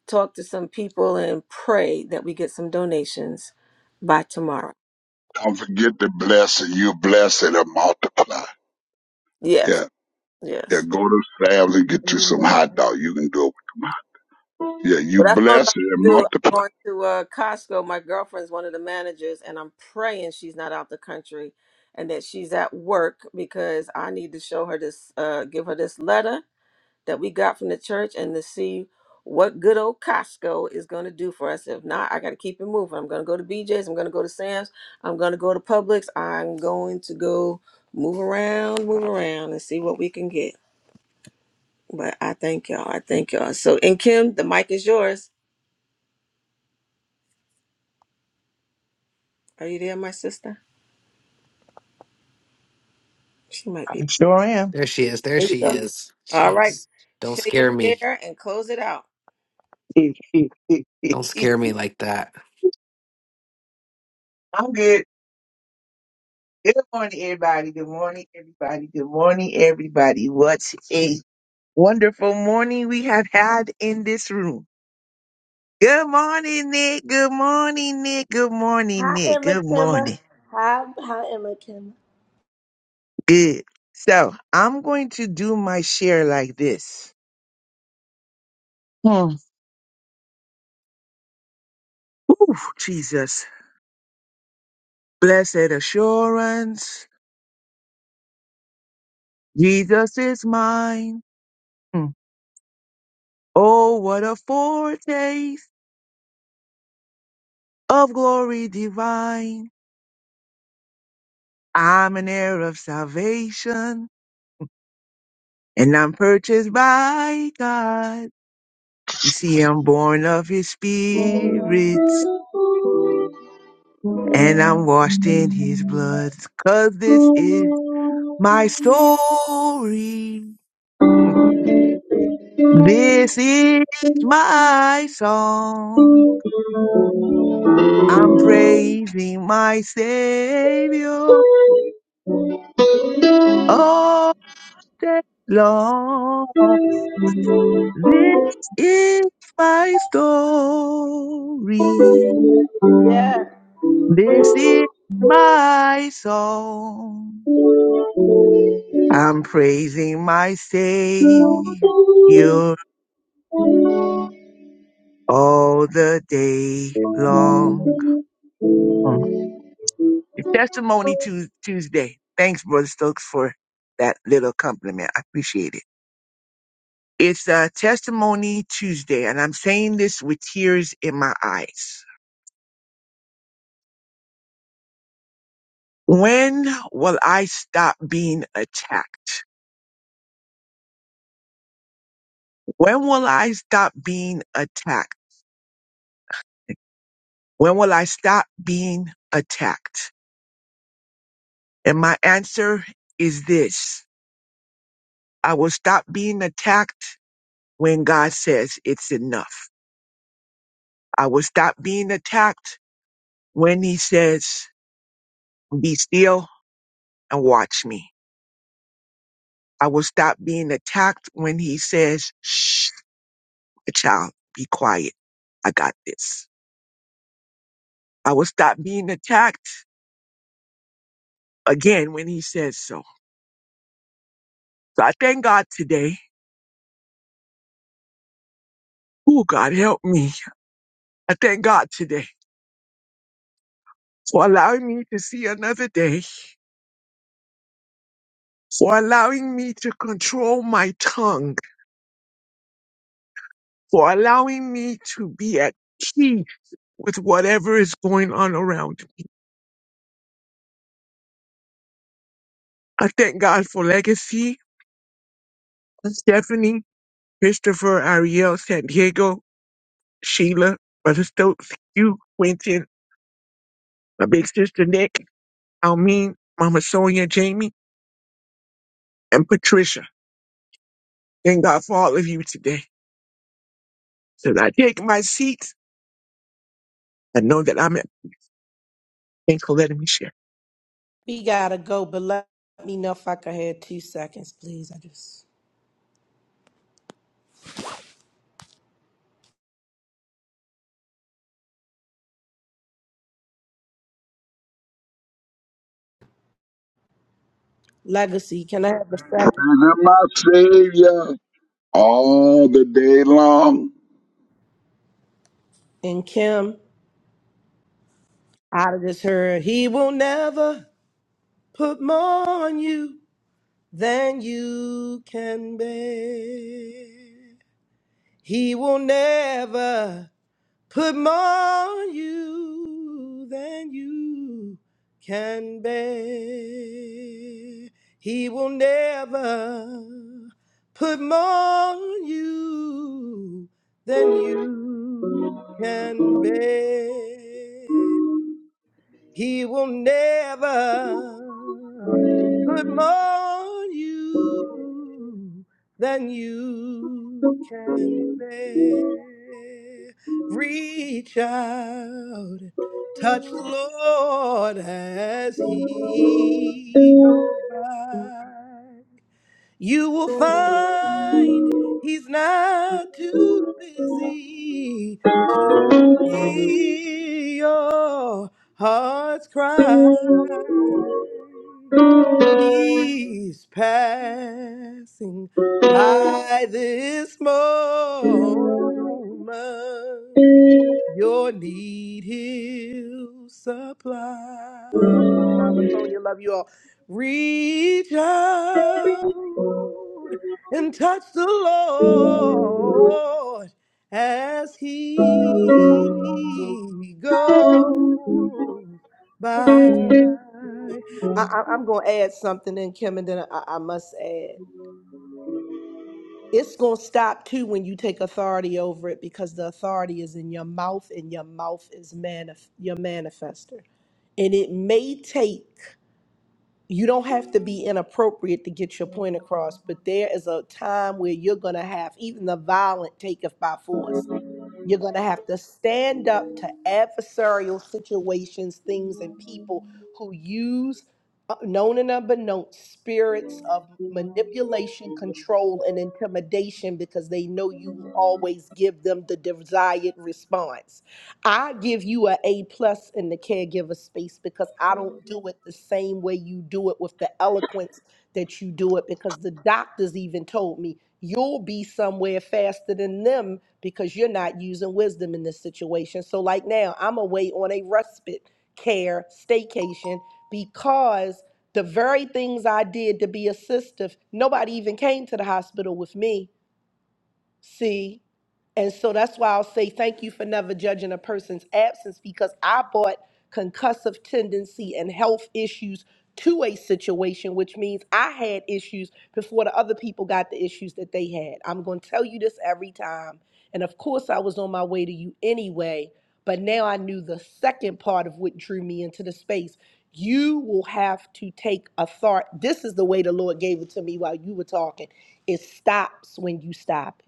S1: talk to some people and pray that we get some donations by tomorrow.
S15: Don't forget to bless and you bless it and multiply.
S1: Yes,
S15: Yeah,
S1: yes.
S15: yeah. Go to Sam's and get you some
S18: Amen.
S15: hot dog. You can do it. Yeah, you
S1: Well, that's what I'm
S15: bless
S1: about to
S15: and
S1: do. I'm
S15: multiply.
S1: going to uh, Costco. My girlfriend's one of the managers, and I'm praying she's not out the country and that she's at work because I need to show her this, uh, give her this letter that we got from the church and to see what good old Costco is going to do for us. If not, I got to keep it moving. I'm going to go to BJ's. I'm going to go to Sam's. I'm going to go to Publix. I'm going to go move around, move around, and see what we can get. But I thank y'all. I thank y'all. So, and Kim, the mic is yours. Are you there, my sister? She might
S10: I
S1: be.
S10: sure am.
S7: There she is. There
S1: There you
S7: she
S1: go.
S7: is.
S1: All right.
S7: Jeez. Don't
S1: Shay and
S7: scare me.
S1: share and close it out.
S10: [laughs]
S7: Don't scare me like that.
S10: I'm good. Good morning, everybody. Good morning, everybody. Good morning, everybody. What a wonderful morning we have had in this room. Good morning, Nick. Good morning, Nick. Good morning,
S18: Hi,
S10: Nick.
S18: Emma
S10: Good
S18: Kimma.
S10: morning.
S18: Hi, hi, Emma Kimma.
S10: Good. So I'm going to do my share like this. Hmm. Ooh, Jesus. Blessed assurance. Jesus is mine. Oh, what a foretaste of glory divine. I'm an heir of salvation and I'm purchased by God. You see, I'm born of his spirits and I'm washed in his blood. 'Cause this is my story. This is my song. I'm praising my Savior all day long. This is my story.
S18: Yeah,
S10: This is my song. I'm praising my
S15: And of
S10: Savior all the day long. Mm. It's Testimony Tues- Tuesday. Thanks, Brother Stokes, for that little compliment. I appreciate it. It's a Testimony Tuesday, and I'm saying this with tears in my eyes. When will I stop being attacked? When will I stop being attacked? When will I stop being attacked? And my answer is this. I will stop being attacked when God says it's enough. I will stop being attacked when he says, be still and watch me. I will stop being attacked when he says, shh, child, be quiet. I got this. I will stop being attacked again when he says so. So I thank God today. Oh, God, help me. I thank God today for allowing me to see another day, for allowing me to control my tongue, for allowing me to be at peace with whatever is going on around me. I thank God for Legacy, Stephanie, Christopher, Ariel, San Diego, Sheila, Brother Stokes, Hugh, Quentin, my big sister Nick, Almeen, Mama Sonia, Jamie, and Patricia. Thank God for all of you today. So that I take my seat and know that I'm thank for letting me share.
S18: We gotta go, but let me know if I could have two seconds, please. I just legacy. Can I have a second?
S15: my Savior all the day long.
S18: And Kim, I just heard he will never put more on you than you can bear. He will never. Put more on you than you can bear. He will never put more on you than you can bear. He will never put more on you than you can bear. Reach out, and touch the Lord as He goes by. You will find he's not too busy to hear your heart's
S15: Are,
S18: cry. He's passing by this moment. Your need he'll supply. Love you, Mama Sonia. Love you all. Reach out and touch the Lord as he goes by. I, I, I'm going to add something in, Kim, and then I, I must add. It's going to stop too when you take authority over it because the authority is in your mouth and your mouth is manif- your manifester. And it may take, you don't have to be inappropriate to get your point across, but there is a time where you're going to have, even the violent taketh by force You're going to have to stand up to adversarial situations, things, and people who use uh, known and unbeknown spirits of manipulation, control, and intimidation because they know you will always give them the desired response. I give you a A plus in the caregiver space because I don't do it the same way you do it with the eloquence that you do it because the doctors even told me you'll be somewhere faster than them because you're not using wisdom in this situation. So, like now, I'm away on a respite care staycation because the very things I did to be assistive, nobody even came to the hospital with me. See, and so that's why I'll say thank you for never judging a person's absence because I brought concussive tendency and health issues to a situation, which means I had issues before the other people got the issues that they had. I'm going to tell you this every time. And of course, I was on my way to you anyway, but now I knew the second part of what drew me into the space. You will have to take authority. This is the way the Lord gave it to me while you were talking. It stops when you stop.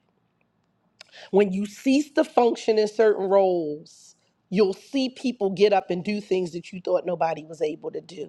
S18: When you cease to function in certain roles, you'll see people get up and do things that you thought nobody was able to do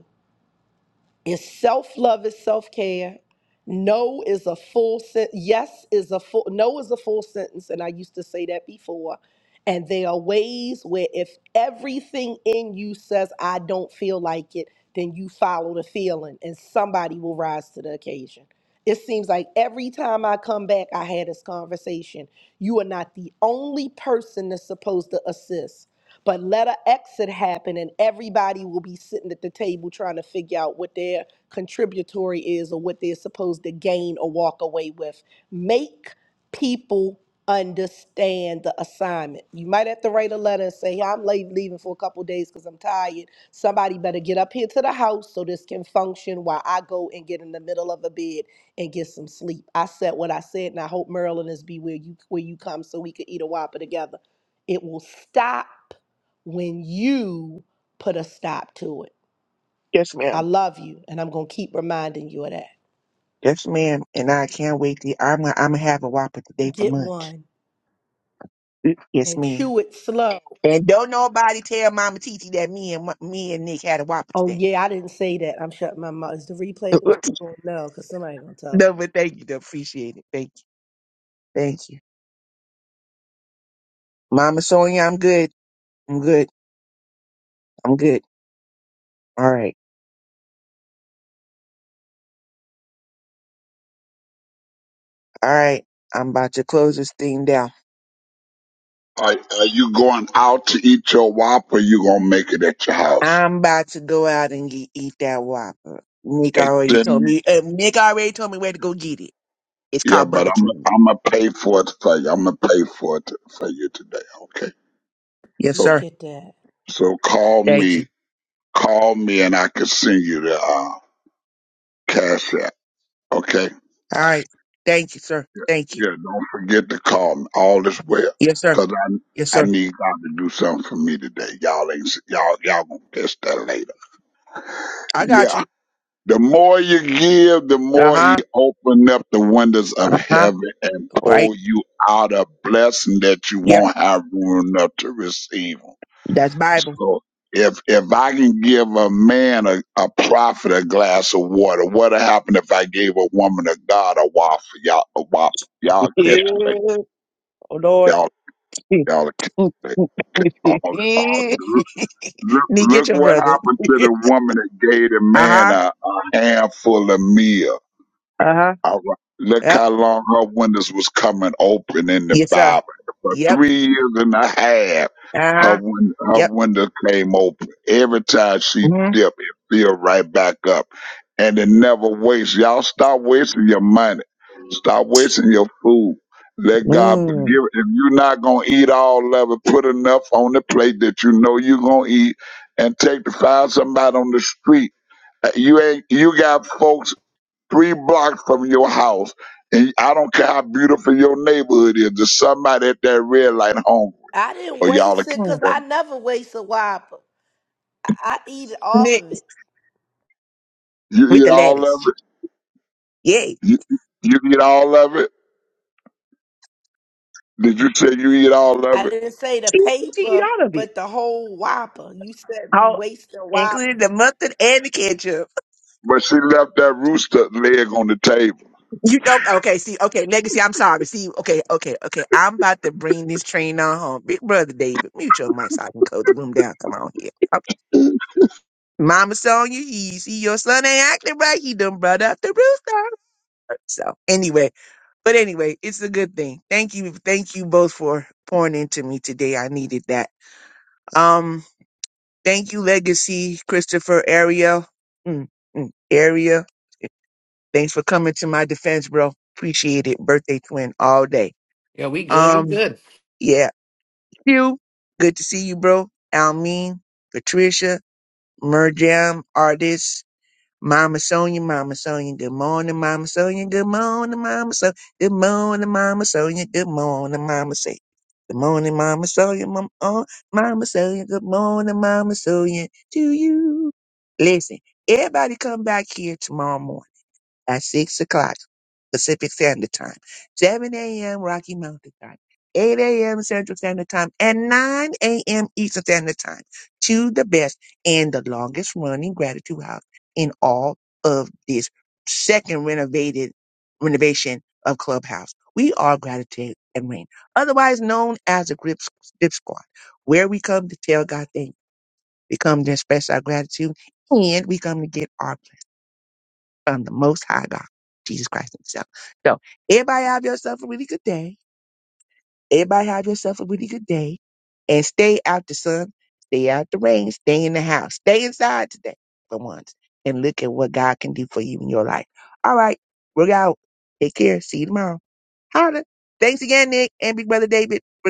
S18: is self love is self care. No is a full sentence. Yes is a full. No is a full sentence, and I used to say that before. And there are ways where if everything in you says I don't feel like it, then you follow the feeling, and somebody will rise to the occasion. It seems like every time I come back, I had this conversation. You are not the only person that's supposed to assist. But let an exit happen, and everybody will be sitting at the table trying to figure out what their contributory is or what they're supposed to gain or walk away with. Make people understand the assignment. You might have to write a letter and say, I'm late leaving for a couple days because I'm tired. Somebody better get up here to the house so this can function while I go and get in the middle of a bed and get some sleep. I said what I said, and I hope Maryland is be where you where you come so we could eat a whopper together. It will stop when you put a stop to it.
S10: Yes,
S18: I
S10: ma'am.
S18: love you, and I'm going to keep reminding you of that.
S10: Yes, ma'am. And I can't wait. To, I'm gonna, I'm gonna have a whopper today for
S18: Get one
S10: lunch. Yes,
S18: and
S10: ma'am.
S18: chew it slow.
S10: And don't nobody tell Mama Titi that me and me and Nick had a whopper
S18: Oh,
S10: today.
S18: yeah, I didn't say that. I'm shutting my mouth. Is the replay? Was,
S10: [laughs]
S18: oh, no, because somebody going to tell.
S10: no, but thank you. though. Appreciate it. Thank you. Thank you, Mama Sonia. I'm good. I'm good. I'm good. All right. All right. I'm about to close this thing down.
S15: are you going out to eat your wop or you going to make it at your house?
S10: I'm about to go out and get, eat that Whopper. Nick
S15: Hey,
S10: already
S15: then,
S10: told me. Uh, Nick already told me where to go get it. It's
S15: yeah,
S10: called
S15: but
S10: Bubba
S15: I'm
S10: King.
S15: I'm gonna pay for it for you. I'm gonna pay for it for you today. Okay.
S10: Yes,
S15: So
S18: Look
S10: sir.
S18: at that.
S15: so call
S10: Thank you.
S15: me, call me, and I can send you the uh, cash app. Okay.
S10: All right. Thank you, sir. Thank you.
S15: Yeah. Don't forget to call me. All is well,
S10: Yes, sir.
S15: cause
S10: Yes,
S15: I I
S10: sir.
S15: need God to do something for me today. Y'all ain't y'all y'all gonna catch that later.
S10: I got
S15: Yeah.
S10: you.
S15: The more you give, the
S10: Uh
S15: more he
S10: huh.
S15: open up the windows of
S10: Uh huh.
S15: heaven and
S10: Right.
S15: pull you out a blessing that you
S10: Yep.
S15: won't have room enough to receive.
S10: That's Bible.
S15: So if if I can give a man a, a prophet a glass of water, what'll happen if I gave a woman a god a waffle? Y'all a waffle.
S10: [laughs]
S15: Y'all catch it
S10: Yeah.
S15: like
S10: Oh Lord.
S15: y'all
S10: [laughs] Nick,
S15: y'all catch it like all, all look, look
S10: get
S15: look
S10: your
S15: what
S10: brother.
S15: happened
S10: [laughs]
S15: to the woman that gave the
S10: uh
S15: man
S10: huh.
S15: a, a handful of meal
S10: Uh huh.
S15: All right. Look
S10: Yep.
S15: how long her windows was coming open in the
S10: Yes, sir.
S15: Bible. For
S10: Yep.
S15: three years and a half,
S10: Uh
S15: her
S10: huh.
S15: win- her
S10: Yep.
S15: window came open. Every time she dipped, it filled right back up. And it never wastes. Y'all stop wasting your money. Stop wasting your food. Let God be-
S10: Mm-hmm.
S15: give. If you're not gonna eat all of it, put enough on the plate that you know you're gonna eat, and take to find somebody on the street. Uh, You ain't. You got folks three blocks from your house, and I don't care how beautiful your neighborhood is, there's somebody at that red light hungry,
S18: I didn't
S15: or y'all are killing
S18: waste it
S10: Mm.
S18: because I
S15: them.
S18: never waste a whopper. I, I eat all of
S10: Nick
S18: it.
S15: You
S10: with
S15: eat
S10: the
S15: all of
S10: lettuce. Yay.
S15: it. You, you eat all of it. Did you say you eat all of
S18: I
S15: it?
S18: didn't say the
S10: She, she eat
S18: paper,
S10: all of it.
S18: but the whole whopper. You said we
S10: All
S18: waste a whopper.
S10: including the mustard and the ketchup.
S15: But she left that rooster leg on the table.
S10: You don't okay, see, okay, legacy, I'm sorry. See, okay, okay, okay. I'm about to bring this train on home. Big brother David, mute your mic so I can close the room down. Come on here. Okay. Mama Sonya, you see your son ain't acting right. He done brought out the rooster. So anyway, but anyway, it's a good thing. Thank you. Thank you both for pouring into me today. I needed that. Um Thank you, Legacy Christopher Ariel. Mm, mm, Ariel, thanks for coming to my defense, bro. Appreciate it. Birthday twin all day.
S7: Yeah, we good. We
S10: Um,
S7: good.
S10: yeah. Q, good to see you, bro. Almeen, Patricia, Merjam, artist. Mama Sonia, Mama Sonia, good morning, Mama Sonia, good morning, Mama Sonia, good morning, Mama Sonia, good morning, Mama Sonia. Good morning, Mama Sonia, Mama, oh, Mama Sonia, good morning, Mama Sonia, to you. Listen, everybody come back here tomorrow morning at 6 o'clock Pacific Standard Time, 7 a.m. Rocky Mountain Time, 8 a.m. Central Standard Time, and 9 a.m. Eastern Standard Time. to the best and the longest running gratitude house in all of this second renovated renovation of Clubhouse. We are Gratitude and Rain, otherwise known as the Grip, Grip Squad, where we come to tell God thanks, we come to express our gratitude, and we come to get our from the Most High God, Jesus Christ Himself. So, everybody have yourself a really good day. Everybody have yourself a really good day, and stay out the sun, stay out the rain, stay in the house, stay inside today for once, and look at what God can do for you in your life. All right, we're out. Take care. See you tomorrow. Holla. Thanks again, Nick and Big Brother David. We're gonna.